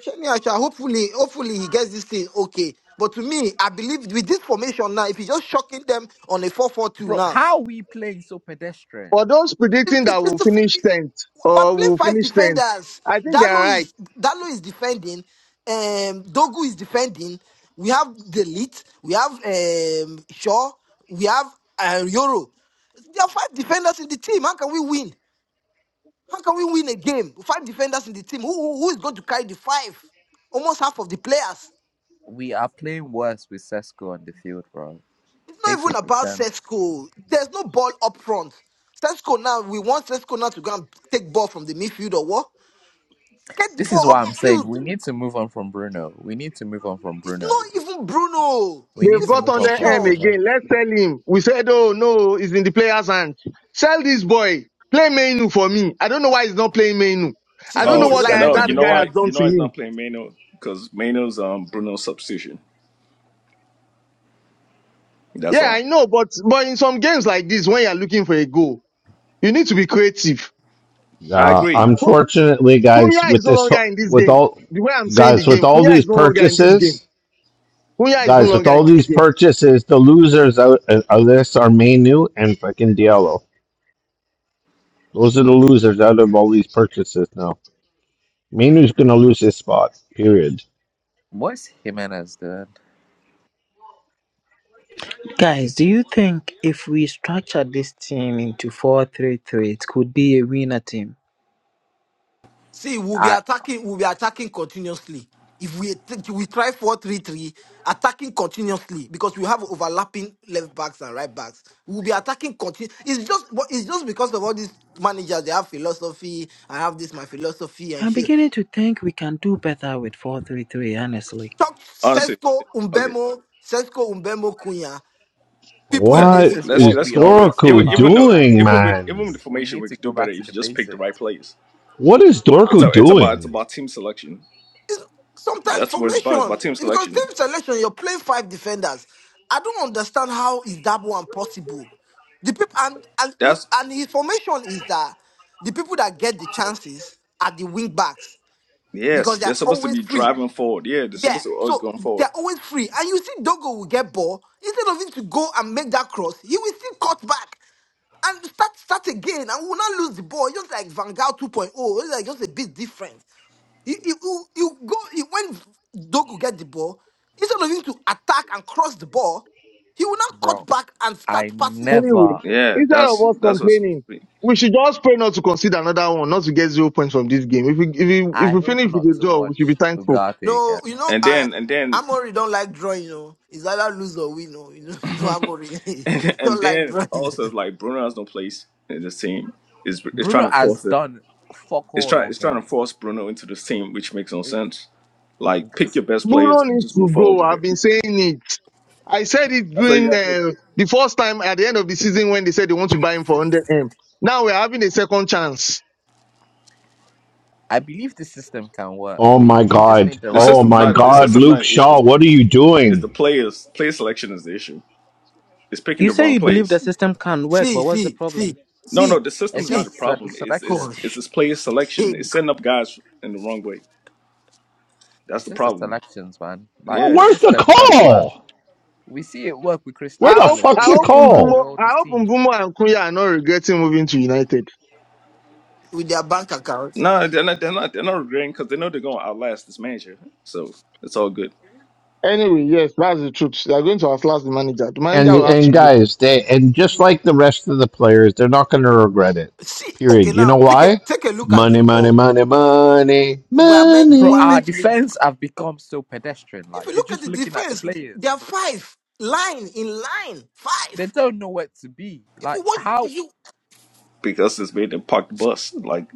Shani Acha, hopefully, hopefully he gets this thing okay. But to me, I believe with this formation now, if he's just shocking them on a four-four-two
Bro,
now,
how we playing so pedestrian?
For those
it-
predicting that
it-
we'll
it's the
finish
f-
tenth
we're
or
playing
we'll
five
finish tenth,
defenders.
I think they are
Dalo
right
is Dalo is defending. Um, Dogu is defending. We have Delete. We have um Shaw. We have uh, Yoro. There are five defenders in the team. How can we win? How can we win a game? with Five defenders in the team. Who, who who is going to carry the five? Almost half of the players.
We are playing worse with Sesko on the field, bro.
It's not
Make him
even about
return.
Sesko. There's no ball up front. Sesko now, we want Sesko now to go and take ball from the midfield or what? Get the
This
ball
is why
up
I'm
the
saying
field.
we need to move on from Bruno. We need to move on from
It's
Bruno.
not even Bruno.
We
They
It's
need
the
to
brought
move
on
on from
their M
formation.
Bruno.
again. Let's sell him. We said, oh no, it's in the player's hand. Sell this boy. Play Mainu for me. I don't know why he's not playing Mainu. I
We
don't
See,
need
know
if
Oh
to
you
what
sell
guy,
like,
him
no,
and
you
that
know
guy
invest.
has
why?
done
You know
to
why he's
him.
not playing Mano? Cause Mano's um Bruno's substitution. That's
Yeah,
why.
I know, but but in some games like this, when you're looking for a goal, you need to be creative.
I
Uh,
agree.
Kun-
unfortunately, guys,
Kunya is
with
no
this,
longer
ho-
in this
with
game.
all,
The way I'm saying the
guys, with
game,
all
Kunya
these
is no longer in this game.
purchases,
Kunya is no
guys, with
longer
all
in this
these
game.
purchases, the losers out of of this are Mainu and fucking Diallo. Those are the losers out of all these purchases now. Mainu's gonna lose his spot. Period.
What's Jimenez doing?
Guys, do you think if we structure this team into 4 3 3, it could be a winner team?
See, we'll be
I.
attacking, we'll be attacking continuously. If we think we try four-three-three, attacking continuously because we have overlapping left backs and right backs. We'll be attacking continu It's just but it's just because of all these managers. They have philosophy. I have this my philosophy and
I'm
shit.
beginning to think we can do better with 4 3 3. honestly.
Talk
Honestly.
Sesko
Okay.
Umbemo, Sesko Umbemo Kunya. People in
Let
This
What
the
is
let's get-
is
what
let's
we
keep it real.
always say
Even
Dorku
about
even though
doing,
United.
even with
man?
even with the
We
formation,
need
we
to
could
go
do better
back to
if
the
you just pick the right
basics,
players.
What is
It's a,
Dorku
it's about it's
doing?
about team selection.
It's sometimes
That's what it's about. It's
formation
about team
because team
selection.
selection you're playing five defenders. I don't understand how is that one possible. The people and and
That's
and his formation is that the people that get the chances are the wing backs
yes.
because
They're
they're
supposed to
always
be
free.
driving forward. Yeah, they're
Yeah,
supposed to always
so
going forward.
they're always free, and you see Dogo will get ball instead of him to go and make that cross, he will still cut back and start start again, and we will not lose the ball. Just like Van Gaal 2.0, it's like just a bit different. You, you, you, you go you, when Dogu get the ball, instead of him to attack and cross the ball, he will now cut
bro.
back and
I
start passing from the.
Anyway,
never.
Yeah,
instead of
that's
us
that's what it's supposed
complaining,
to be.
we should just pray not to concede another one, not to get zero points from this game. If we if we, if
I
we
hope
finish with
not
the
to
draw,
watch
we should be thankful.
Ugarte
No,
again.
you know,
And
I
then and then
Amory don't like drawing. You know, it's either lose or win. oh, You know, you know Amory, he
and,
don't
and
like
then
drawing.
also it's like Bruno has no place in this team. Is is
Bruno
trying to
has
force it.
done fuck
It's
all
trying
all
it's trying
game
to force Bruno into this team, which makes no sense. Like pick your best players
Bruno
and
needs
just
to
move forward
go.
with
I've
it.
been saying it. I said it
That's all you
during
gotta do.
uh, the first time at the end of the season when they said they want to buy him for 100 m. Now we're having a second chance.
I believe this system can work.
Oh
We,
my
we just
god.
need the
The
right
Oh
system's
my
profile
not
of
the
god,
system's
players.
not
Luke
an issue.
Shaw, what are you
It's the
doing?
players. Player selection is the issue. It's picking
You
the
say
wrong
you believe the
players.
system can work,
see,
but what's the
see, see,
problem?
No, no,
see,
the
It's
system's not
see,
a
just se-
problem. It's
selection.
it's it's
gosh,
this player selection. It's setting up guys in the wrong way. That's
It's
the
just the
problem.
selections, man. Like
Oh,
this
Yeah.
where's the
system can work.
call?
We see it work with Crystal
Where
I
the
hope
Palace.
I
We
fuck's the
hope
see it work
call?
with
Mbumo
all
I
these
hope
teams.
Mbumo and Kuya are not regretting moving to United.
with their bank accounts.
No, they're not. They're not. They're not regretting because they know they're gonna outlast this manager. So it's all good
Anyway, yes, that's the truth. They are going to outlast the manager. The manager
And
will have to
and
go.
guys, they and just like the rest of the players, they're not going to regret it.
See, okay,
Period. You know
now take a
why?
take a look at the
Money, money,
ball.
money, money,
We are meant we
Bro,
are
our
meant
money.
to be.
defense have become so pedestrian.
If
Like
you
they're
look at
just
the
looking at the
defense, they
players.
are five line in line five.
They don't know where to be.
If you
Like
want,
how?
you
because it's made them park the bus. Like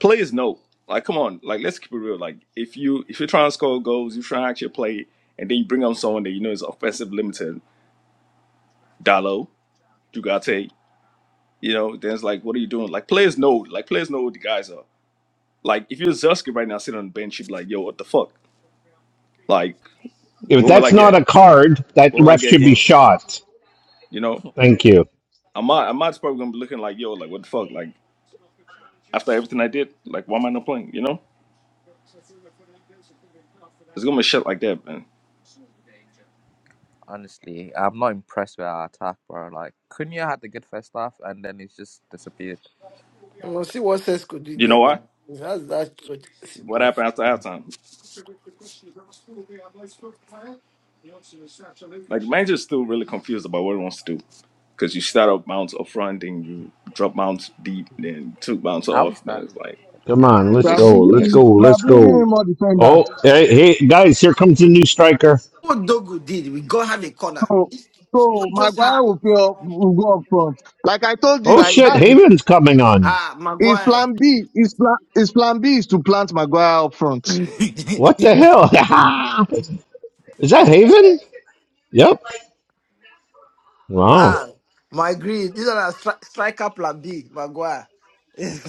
players know. Like come on. Like let's keep it real. Like if you if you're trying to score goals, you're trying to actually play, and then you bring on someone that you know is offensive limited. Dalo. Dugate, you know, then it's like, what are you doing? Like players know, like players know what the guys are. Like if you're Zuski right now sitting on the bench, you'd be like, yo, what the fuck? Like
If
when will I
that's not
get
a card, that
when will I
ref
get a
should be
game?
shot.
You know?
Thank you.
Ahmad Ahmad's probably gonna be looking like, yo, like what the fuck? Like after everything I did, like why am I not playing? You know? It's gonna be shit like that, man.
Honestly, I'm not impressed with our attack, bro. Like Cunha had the good first half, and then it's just disappeared.
I am must see what sex could do
You
there,
know why?
man. That's that church.
What happened after halftime? Like the manager's still really confused about what he wants to do. Cause you start up mounts up front, then you drop mounts deep, then two mounts
How is
off, then
that?
it's like
Come
Yeah.
on,
it
We
let's
are
makes
go.
bringing
it
Let's
makes
go.
in,
no
we are
Let's
sense.
bringing in
go.
more
Oh,
defenders.
hey, hey guys, here comes the new striker.
what Dogo did, we go have a corner.
So,
It's, it's
so
not just her.
Maguire will play up, will go up front. Like I told you,
Oh
I,
shit,
that's
Haven's coming on.
Ah,
his
Maguire.
plan B. His plan, his plan B is to plant Maguire up front.
What the hell? Is that Haven? Yep. Wow.
ah, my green. These are stri- striker plan B, Maguire. we,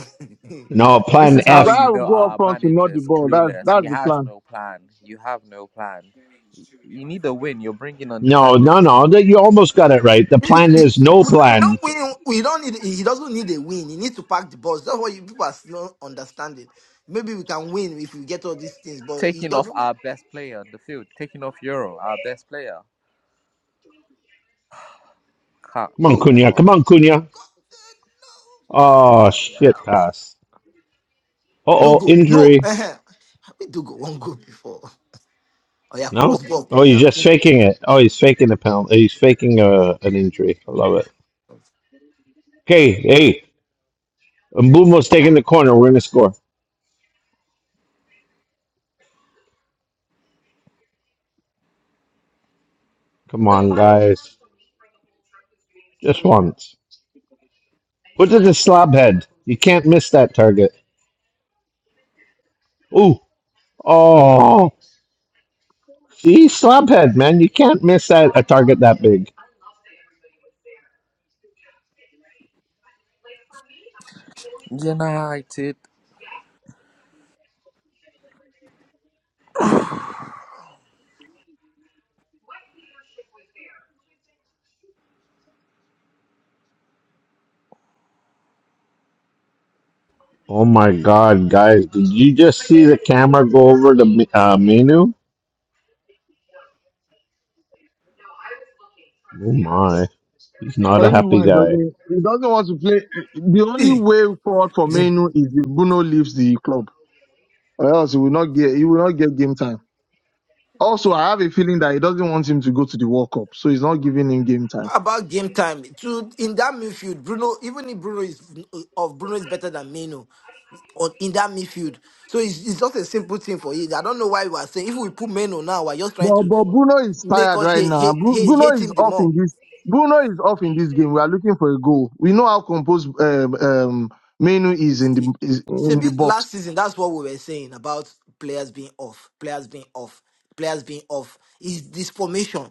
No,
This
plan
is how
F.
you
Maguire will
know
go up
our
front to knock the
manager's
ball. That's
clueless. He
that's the
has
plan.
no plan. You have no plan. Y- You need a win. You're bringing on
No, no,
defenders,
no. That you almost got it right. The
we
plan is no plan.
don't win. We don't need. He doesn't need a win. He needs to pack the balls. That's what you people are not understanding. Maybe we can win if we get all these things, but he
taking off
doesn't
our best player on the field, taking off Euro, our best player. Can't,
Come on,
go
you know
Cunha.
go
what?
Come on, Cunha. Oh shit, pass. Uh oh,
Dogo.
injury.
No, We do go one goal before. Or your
No.
cross ball,
Oh, he's
Kunya.
just faking it. Oh, he's faking a penalty. Oh, He's faking a, an injury. I love it. Okay, hey, Mbumo's taking the corner. We're gonna score. Come on, guys. Just once. Put it to slab head. You can't miss that target. Ooh. Oh. See, slab head, man. You can't miss that a target that big.
United.
Oh my God, guys! Did you just see the camera go over to Mi- uh, Minu? Oh my, he's not
I
a
don't know
happy
why he
guy.
doesn't. He doesn't want to play. The only way forward for Menu is if Bruno leaves the club, or else he will not get. He will not get game time. Also, I have a feeling that he doesn't want him to go to the World Cup, so he's not giving him game time.
about game time? To in that midfield, Bruno. Even if Bruno is of Bruno is better than Meno on in that midfield, so it's, it's just a simple thing for you. I don't know why we are saying if we put Meno now, we're just trying
But,
to
but Bruno is
make
tired
us
right
hate
now.
hate
Bru-
hate,
Bruno
hate
is
him the
off
more.
in this. Bruno is off in this game. We are looking for a goal. We know how composed um, um, Menu is in the
See,
is
it's a
in the
bit
box.
last season. That's what we were saying about players being off, players being off, players being off. Is this formation?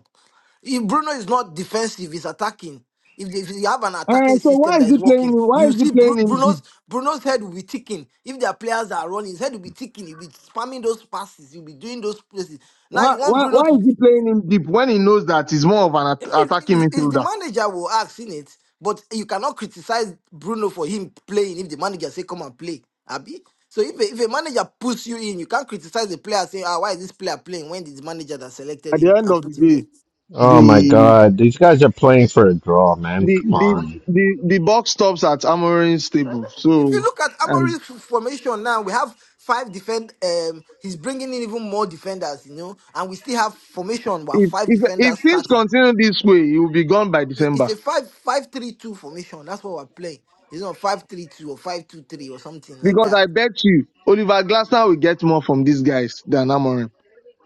If Bruno is not defensive, he's attacking. If, they, if you have an
Uh,
attacking
so
system
why
that
is
is
he playing?
working,
him- Why
you
is he
see Bru-
playing him deep?
Bruno's Bruno's head will be ticking. If their players are running, his head will be ticking. He'll be spamming those passes. He'll be doing those places. Now
Why,
you want
why
Bruno
why
to.
is he playing him deep when he knows that he's more of an at-
It's,
attacking
it's it's the
midfielder?
manager will ask in it, but you cannot criticize Bruno for him playing if the manager say come and play. Abi. So if a, if a manager puts you in, you can't criticize the player saying, ah, why is this player playing when it's the manager that selected
At
him
the end
and
of the
put him
day,
there?
Oh my
the
God, these guys are playing for a draw, man.
the
Come
the
on,
the, the box stops at Amorim's table.
If you
So
look at
and
Amory's formation now, we have five defend. Um, he's bringing in even more defenders, you know, and we still have formation where
if
five
if if
defenders
things
starting.
continue this way, he will be gone by
I- It's
December.
a five five three two formation. That's what we're playing. It's not five three two or five two three or something like
Because
that.
I bet you Oliver Glasner will get more from these guys than Amorim.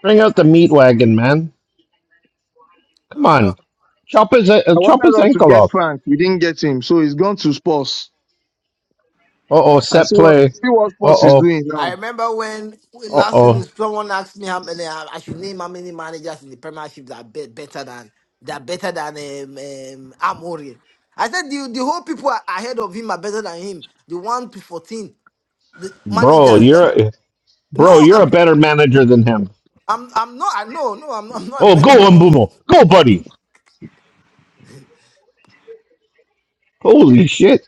bring out the meat wagon, man. Come
No, I
on,
don't.
chop his
I
uh, chop his
wanted us to
ankle
get
off.
Frank. We didn't get him. So he's gone to Spurs.
Uh oh,
And
set
see what
play.
see what
Uh
Spurs is
oh,
doing
I
now.
remember when
uh
last
oh,
season someone asked me how many I I should name how many managers in the Premiership that are be- better than that are better than um, um, Amorim. I said the, the whole people are ahead of him are better than him. The one to fourteen the
bro,
managers that
you're
no
bro, you're a
i'm
better manager than him.
i'm i'm not i no, no i'm, I'm not a
Oh, go
better manager
Mbumo, go, buddy. Holy shit,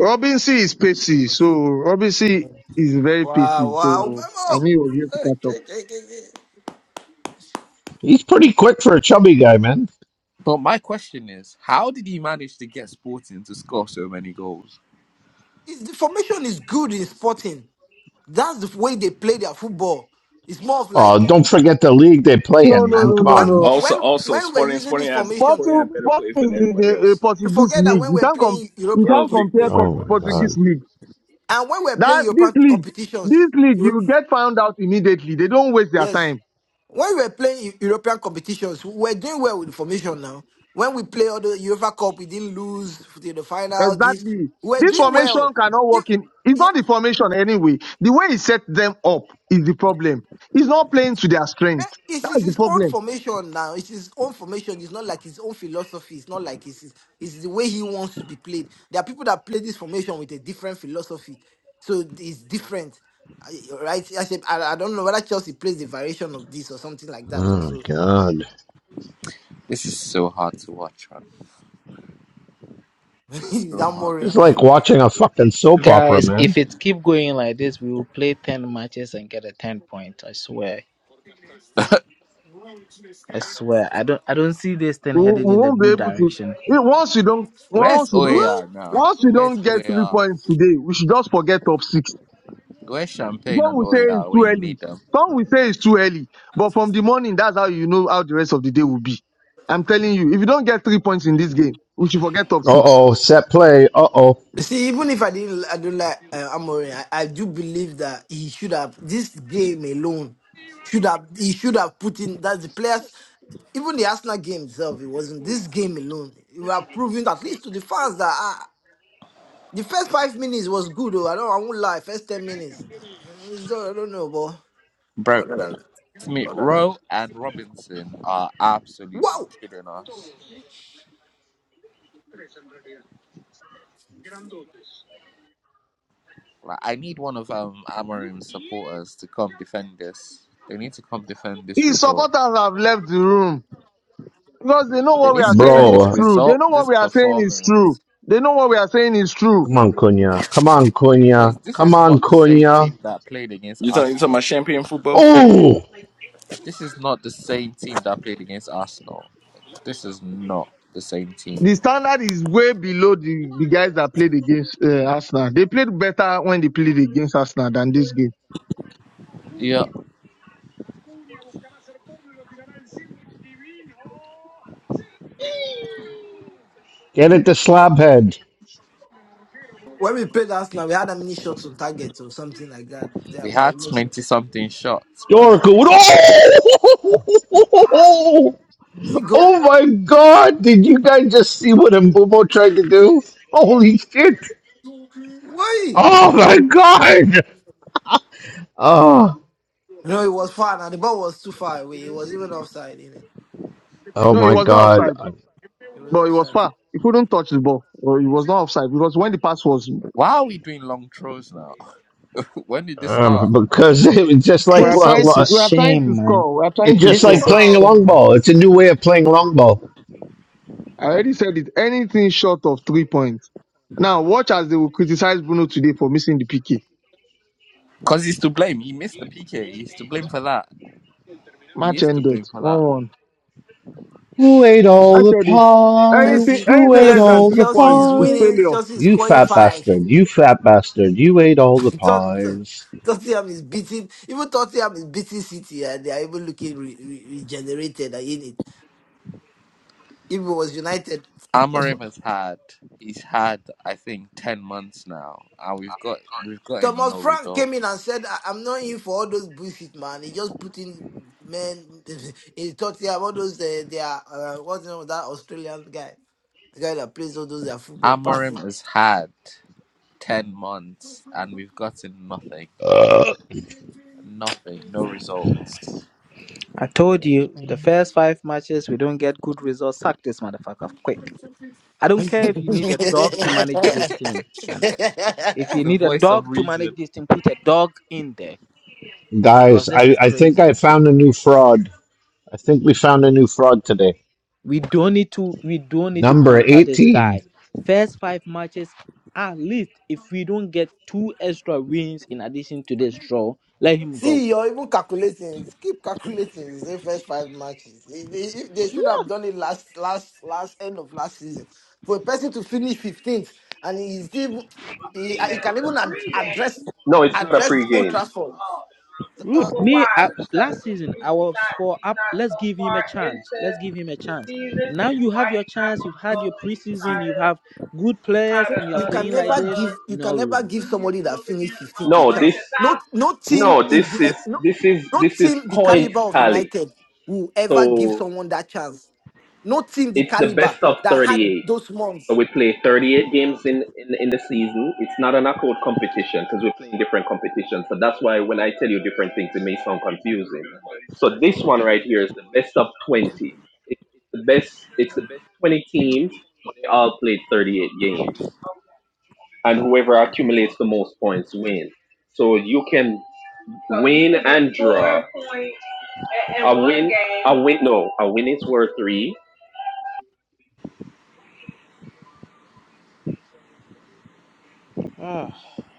Robinson is pacey. So Robinson is very
wow
pacey.
wow
So
Memo,
I knew he was going to catch up.
he's pretty quick for a chubby guy, man.
but my question is, how did he manage to get Sporting to score so many goals?
it's, the formation is good in sporting that's the way they play their football it's more of like
Oh, don't forget the league they play
No,
in,
no,
man.
now
no,
Come
no,
when
on.
no.
we-
Also,
when
also
when we're
Sporting,
using
Sporting
this
had
formation
Sporting had
Sporting,
better players than
Sporting is in
everybody
a, a
else.
you
Portuguese
forget that
league.
when
You
we're
can't com-
playing europe
you
We're on
can't
the
you
league
compare
above
Oh
com-
everybody
my
else.
god.
Portuguese league.
and when we're playing
That this
european
league,
competitions
this league,
Europe,
you get found out immediately. They don't waste their
yes
time.
When we were playing Eu- European competitions, we we're doing well with formation now. When we play all the UEFA Cup, we didn't lose to the final. This
Exactly.
we we're
This
doing
formation
well.
cannot work
If-
in. It's
yeah,
not the formation anyway. The way he set them up is the problem. He's not playing to their
eh,
strength.
It's it's
That's the
his own
problem.
formation now. It's his own formation. It's not like his own philosophy. It's not like it's, it's it's the way he wants to be played. There are people that play this formation with a different philosophy, so it's different, I- right? I said I, I don't know whether Chelsea plays the variation of this or something like that, or
Oh my
so.
god.
This is so hard to watch, man.
Is
So
that
hard
more?
It's
to watch.
like watching a fucking soap opera,
Guys,
man.
if it keep going like this, we will play ten matches and get a ten point. I swear. I swear. I don't I don't see this thing
We,
headed
we
in the
won't be
good
able to.
direction.
eh, Once you don't,
Where's
once you don't,
OAR now?
once you
Where's
don't get three
OAR?
points today, we should just forget top six.
Where's Champagne
Some
and
will say it's
OAR
too
when you
early.
need them?
Some will say it's too early. But from the morning, that's how you know how the rest of the day will be. I'm telling you, if you don't get three points in this game, we should forget top
Uh
six.
oh, set play. Uh oh,
See, even if I didn't, I don't like uh, Amorim. I, I do believe that he should have this game alone. Should have he should have put in that the players, even the Arsenal game itself. It wasn't this game alone. You are proving at least to the fans that ah, the first five minutes was good. Though I don't, I won't lie. First ten minutes, Uh, it's not- I don't know, but
Bro, Smith Rowe and Robinson are absolutely
wow.
killing us. Like I need one of um Amarim's supporters to come defend this. They need to come defend this
His
result.
supporters have left the room. Because they know
They
what we
need to
are saying
defend
is
this
bro.
true. They
result,
know what
this
we are saying is true.
performance.
They know what we are saying is true.
Come on, Cunha. Come on,
Because
Cunha.
this
Come
is
on,
not the same
Cunha.
team that played against
You talking you talking
Arsenal.
about champagne football?
Oh,
This is not the same team that played against Arsenal. This is not the same team.
The standard is way below the, the guys that played against uh, Arsenal. They played better when they played against Arsenal than this game.
Yeah,
get it to slabhead.
When we played Arsenal, we had how many shots on target or something like that? Yeah,
we
but
had 20 something shots, man.
is
York. Oh!
it goal?
oh my god. Did you guys just see what Mbumo tried to do? Holy shit.
Why?
Oh my god. Oh.
No, it was far. And the ball was too far away. It was even offside.
Oh
No, it
my
was not
God!
offside,
It was
but it was
offside.
far. He couldn't touch the ball. Or it was not offside because when the pass was,
Why are we doing long throws now? when did this start?
Um, because it was just
we
like
are
This
lo-
trying
is
to,
a
lo-
we are trying to
shame, man.
score. We are trying
it's
to
just
This
score.
like
is a
playing long
shame.
ball. It's a new way of playing long ball.
I already said it. Anything short of three points. Now watch as they will criticize Bruno today for missing the PK.
Because he's to blame. He missed the PK. He's to blame for that. He
Match
is to
ended.
blame for that.
1-1.
Who ate all
I
the
said it.
pies?
Anything,
Chelsea,
Who
anything
ate
less than
Chelsea,
all
three
the
Chelsea
points
is
is
pies?
winning.
failure.
Chelsea is
You
scoring
fat
five.
bastard! You fat bastard! You ate all the
Tot- Tot-
pies.
Tottenham is beating. Even Tottenham is beating City, and they are even looking re- re- regenerated and in it. If it was United, that's what,
Amorim has had he's had I think ten months now, and we've got we've gotten
Thomas
no
Frank came in and
results.
said, I- "I'm not in for all those bullshit, man. He just put in men in Tottenham. All those uh, they are uh, what's the name of that Australian guy, the guy that plays all those their football
Amorim
passing."
has had ten months, and we've gotten nothing,
Uh,
nothing, no results.
I told you, if the first five matches we don't get good results, sack this motherfucker quick. I don't care if you need a dog to manage this team, man. If you
The
need a
voice of
dog to manage
reason.
this team, put a dog in there because
guys,
this
I,
is
I think
crazy,
I
man.
found a new fraud. I think we found a new fraud today.
We don't need to. We don't need to
Number
pamper this
eighteen.
guy. First five matches, at least, if we don't get two extra wins in addition to this draw, let him go
See, you're even calculating. Keep calculating. It's the first five matches. If they, if they should have done it last, last, last end of last season, for a person to finish fifteenth and he's still, he, he can even ad- address
No, it's not a
address Old
pregame.
Trafford.
Rude. Me I, last season I was for up. Let's give him a chance. Let's give him a chance. Now you have your chance. You've had your
See,
preseason. You have good players, and you are
you can
playing like
never
this.
give you
No
can never
room.
give somebody that finished fifteenth a
No, this
chance. No, no team
no,
in
this is
the no,
this is
no
this is
team the
points
caliber of
tally.
United will ever give
So
someone that chance. No team the
it's the
caliber
best of
that had
thirty-eight.
those
So
months.
we play 38 games in, in, in the season. It's not an accord competition because we're playing different competitions. So that's why when I tell you different things, it may sound confusing. So this one right here is the best of 20. It's the best. It's the best 20 teams, but they all played 38 games, and whoever accumulates the most points wins. So you can win and draw. A win, a win. No, a win is worth three.
Ah,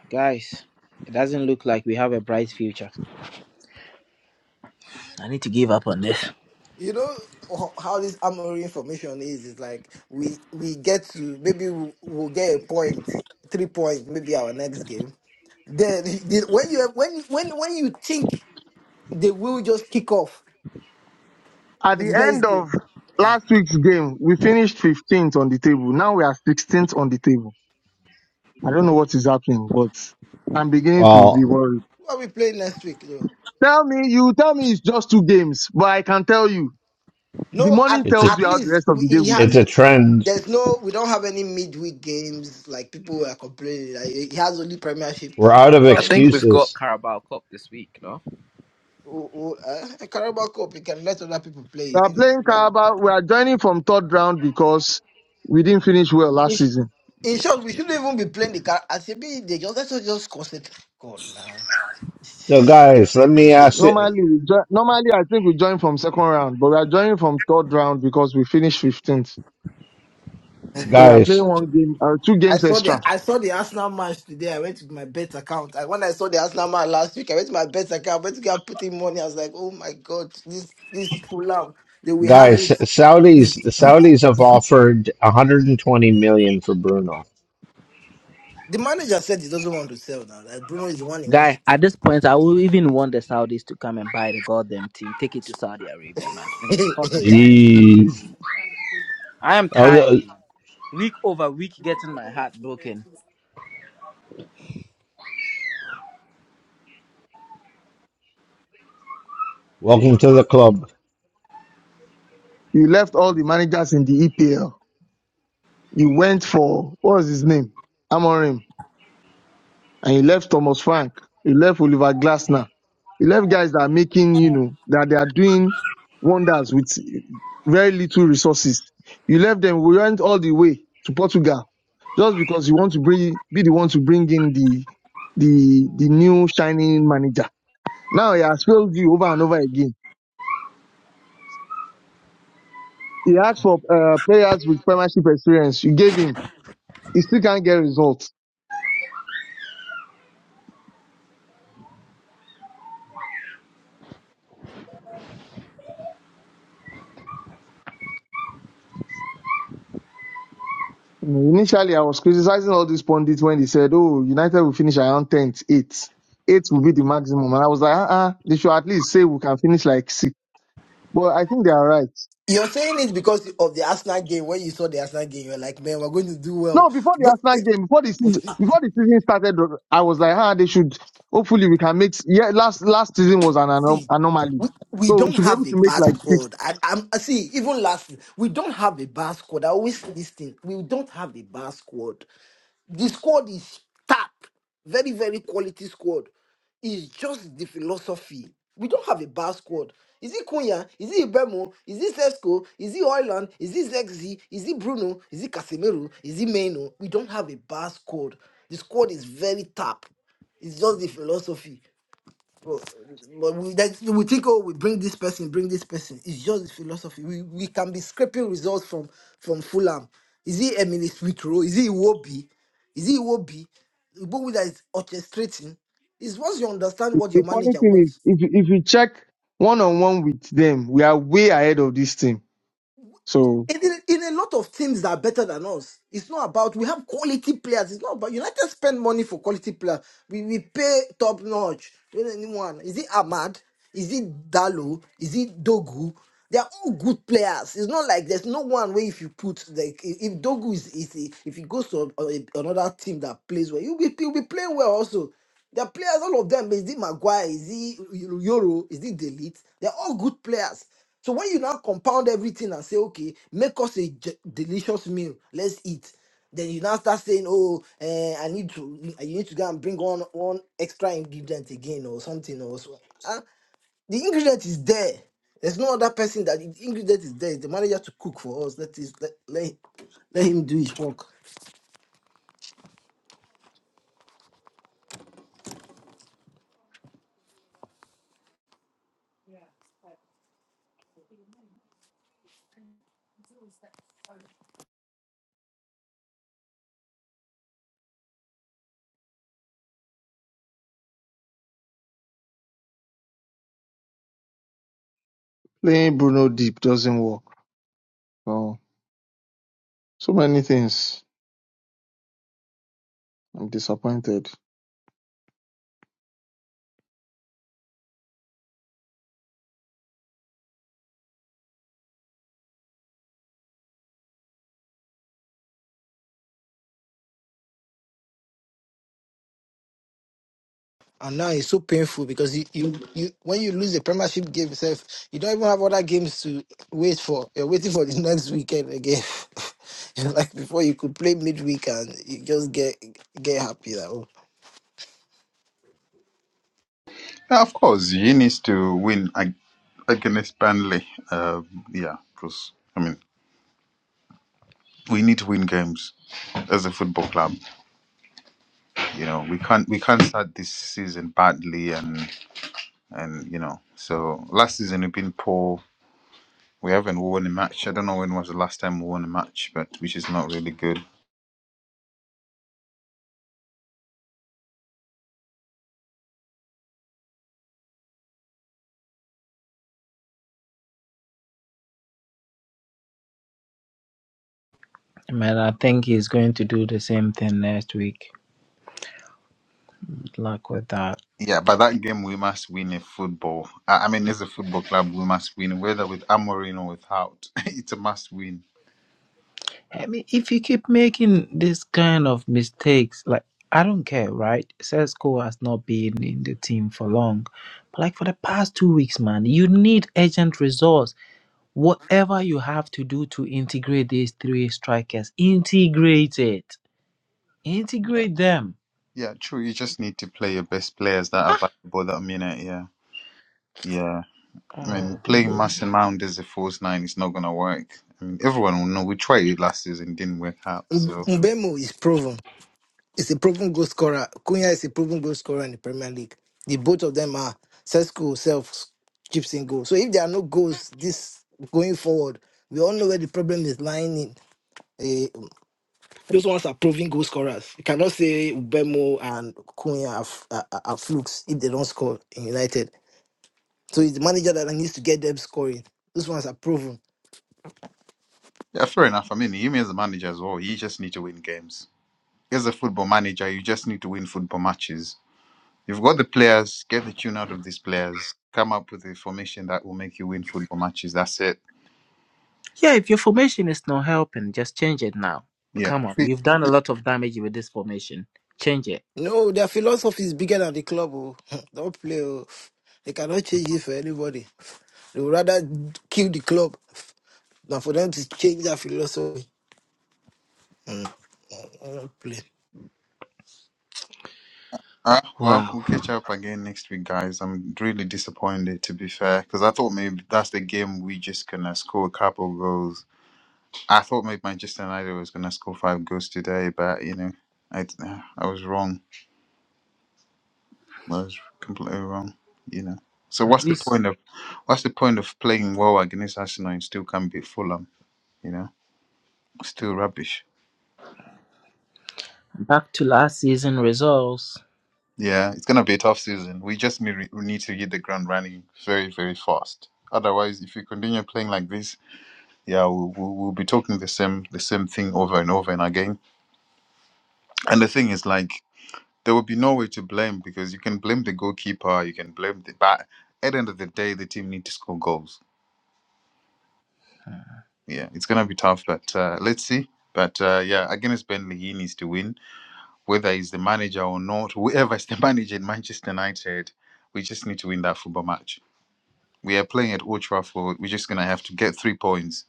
guys, it doesn't look like we have a bright future. I need to give up on this.
you know ho- how this armory information is it's like we we get to maybe we- we'll get a point three points maybe our next game then the- when you when when when you think they will just kick off
At the
the next
end of
game
last week's game, we finished 15th on the table. Now we are 16th on the table. I don't know what is happening, but I'm beginning to be
Well,
worried.
who are we playing next week though
Tell me, you tell me it's just two games, but I can tell you, the
no
morning
at,
it's a
tells
at
you how the
least
rest of
we,
the day
he
will be.
it's
has
a trend.
there's no we don't have any midweek games like people were complaining like he has only premiership
We're
so
out
we
of
I
probably
think
give
we've got
excuses.
Carabao Cup this week, no.
we- uh, Carabao Cup, you can let other people play
We
it,
are
innit?
playing
Like
Carabao. We are joining from third round because we didn't finish well last season.
In short, we shouldn't even be playing the car. I say, be they just let's just concentrate. God, man.
So,
Shit,
guys, let me
man.
ask you.
Normally, we jo- normally I think we join from second round, but we are joining from third round because we finished 15th. So we are
Guys,
playing one game, uh, two
I
games
saw the
extra.
I saw the Arsenal match today. I went to my bet account. And when I saw the Arsenal match last week, I went to my bet account. I went to get putting money. I was like, oh my god, this this Fulham, they will have
guys,
it.
Saudis, the Saudis have offered 120 million for Bruno.
The manager said he doesn't want to sell now. That Bruno is the one he wants.
Guy, at
To...
this point, I will even want the Saudis to come and buy the goddamn team. Take it to Saudi Arabia, man. I'm fucking
keep.
tired.
Jeez.
I am
Oh,
tired,
the-
man. Week over week, getting my heart broken.
welcome to the club.
You left all the managers in the EPL. You went for what was his name, Amorim, and you left Thomas Frank. You left Oliver Glasner. You left guys that are making, you know, that they are doing wonders with very little resources. You left them. We went all the way to Portugal just because you want to bring, be the one to bring in the the the new shining manager. Now he has failed you over and over again He asked for uh, players with premiership experience. You gave him. He still can't get results. You know, initially, I was criticizing all these pundits when they said, "Oh, United will finish around 10th, 8th. 8th will be the maximum." And I was like, "Uh-uh, they should at least say we can finish like 6." But I think they are right.
You're saying it because of the Arsenal game. When you saw the Arsenal game, you're like, man, we're going to do
No,
well.
before the Arsenal game, before the season, before the season started, I was like, "Ah, they should. Hopefully, we can make. Yeah, last last season was an anom-
See,
anomaly,
we, we
so we
don't
should be
have
able
a
to make
bad
like 6."
squad. I, I'm I see. Even last, we don't have a bad squad. I always say this thing. We don't have a bad squad. The squad is sharp, very very quality squad. It's just the philosophy. We don't have a bad squad. Is it Kunya? Is it Ibemo? Is it Sesco? Is it Oyland? Is it Zexi? Is it Bruno? Is it Casemiro? Is it Meno? We don't have a bad squad. The squad is very tap. It's just the philosophy. Well, but we, that, we think, oh, we bring this person, bring this person. It's just the philosophy. We, we can be scraping results from from Fulham. Is he Emily Smith Rowe? Is he Iwobi? Is he Iwobi? Iwobi that is orchestrating. Is once you understand what
The
your
funny
manager
thing is,
wants.
if you, if you check one on one with them, we are way ahead of this team. So
And in, in a lot of teams that are better than us, it's not about we have quality players. It's not about United spend money for quality players. We we pay top notch. When Anyone is it Ahmad? Is it Dalo? Is it Dogu? They are all good players. It's not like there's no one where if you put like i- if Dogu is, is if he goes to a- a- another team that plays well, you'll be he'll be playing well also. The players, all of them, is it Maguire, is it Euro, is it Delete? They're all good players. So when you now compound everything and say, okay, make us a j- delicious meal, let's eat. Then you now start saying, oh, eh, I need to, you need to go and bring on one extra ingredient again or something or so. Ah, the ingredient is there. There's no other person that the ingredient is there. It's the manager to cook for us. Let is let let, let him do his work.
playing Bruno deep doesn't work. So so many things. I'm disappointed.
And now it's so painful because you, you, you when you lose the Premiership game itself, you don't even have other games to wait for. You're waiting for the next weekend again. It's like before you could play midweek and you just get get happy that oh.
Yeah, of course, he needs to win ag- against Burnley. Uh, yeah, because I mean, we need to win games as a football club. You know, we can't we can't start this season badly and. and you know, so last season we've been poor. We haven't won a match. I don't know when was the last time we won a match, but which is not really good.
Man, I think he's going to do the same thing next week. Good luck with that.
Yeah, but that game we must win in football. I, I mean, as a football club, we must win, whether with Amorim or without. it's a must win.
I mean, if you keep making this kind of mistakes, like I don't care, right? Cesco has not been in the team for long, but like for the past two weeks, man, you need urgent resource. Whatever you have to do to integrate these three strikers, integrate it,
Yeah.
integrate them.
yeah, true. You just need to play your best players that are available that minute. Yeah, yeah. I
Ah,
mean,
oh,
playing
goodness.
Mason Mount as a false nine is not gonna work. I mean, everyone will know we tried it last season, didn't work out. So
Mbemu is proven. It's a proven goal scorer. Cunha is a proven goal scorer in the Premier League. The both of them are Sesko self chips in goal. So if there are no goals this going forward, we all know where the problem is lying in. eh, Those ones are proven goal scorers. You cannot say Ubemo and Cunha are, f- are, are are flukes if they don't score in United. So it's the manager that needs to get them scoring. Those ones are proven.
yeah, fair enough. I mean, you mean as a manager as well, you just need to win games. As a football manager, you just need to win football matches. You've got the players, get the tune out of these players, come up with a formation that will make you win football matches. That's it.
Yeah, if your formation is not helping, just change it now.
Yeah.
Come on,
Sweet.
you've done a lot of damage with this formation. Change it.
No, their philosophy is bigger than the club. Oh. don't play. Oh. They cannot change it for anybody. They would rather kill the club than for them to change their philosophy. Mm, don't play.
Ah, well,
Wow.
we'll catch up again next week, guys. I'm really disappointed, to be fair, because I thought maybe that's the game we just gonna score a couple goals. I thought maybe Manchester United was gonna score five goals today, but you know, I I was wrong. was completely wrong. You know. So
At
what's the
least
point of what's the point of playing well against Arsenal and still can't beat Fulham? You know, still rubbish.
back to last season results.
Yeah, it's gonna be a tough season. We just need, we need to hit the ground running very very fast. Otherwise, if we continue playing like this, yeah, we'll, we'll, we'll be talking the same the same thing over and over and again. And the thing is, like, there will be no way to blame because you can blame the goalkeeper, you can blame the but at the end of the day, the team need to score goals yeah, it's gonna be tough, but uh, let's see. But uh, yeah, against Burnley, he needs to win, whether he's the manager or not. Whoever is the manager in Manchester United, we just need to win that football match. We are playing at Old Trafford. We're just gonna have to get three points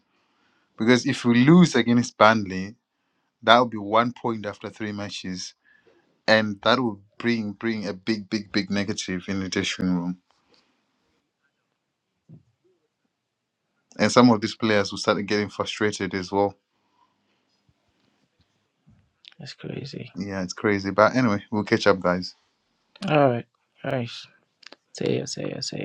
because if we lose against Burnley, that'll be one point after three matches, and that will bring bring a big, big, big negative in the dressing room. And some of these players will start getting frustrated as well.
That's crazy.
Yeah, it's crazy. But anyway, we'll catch up, guys.
All right. All right. Say it, say it, say it.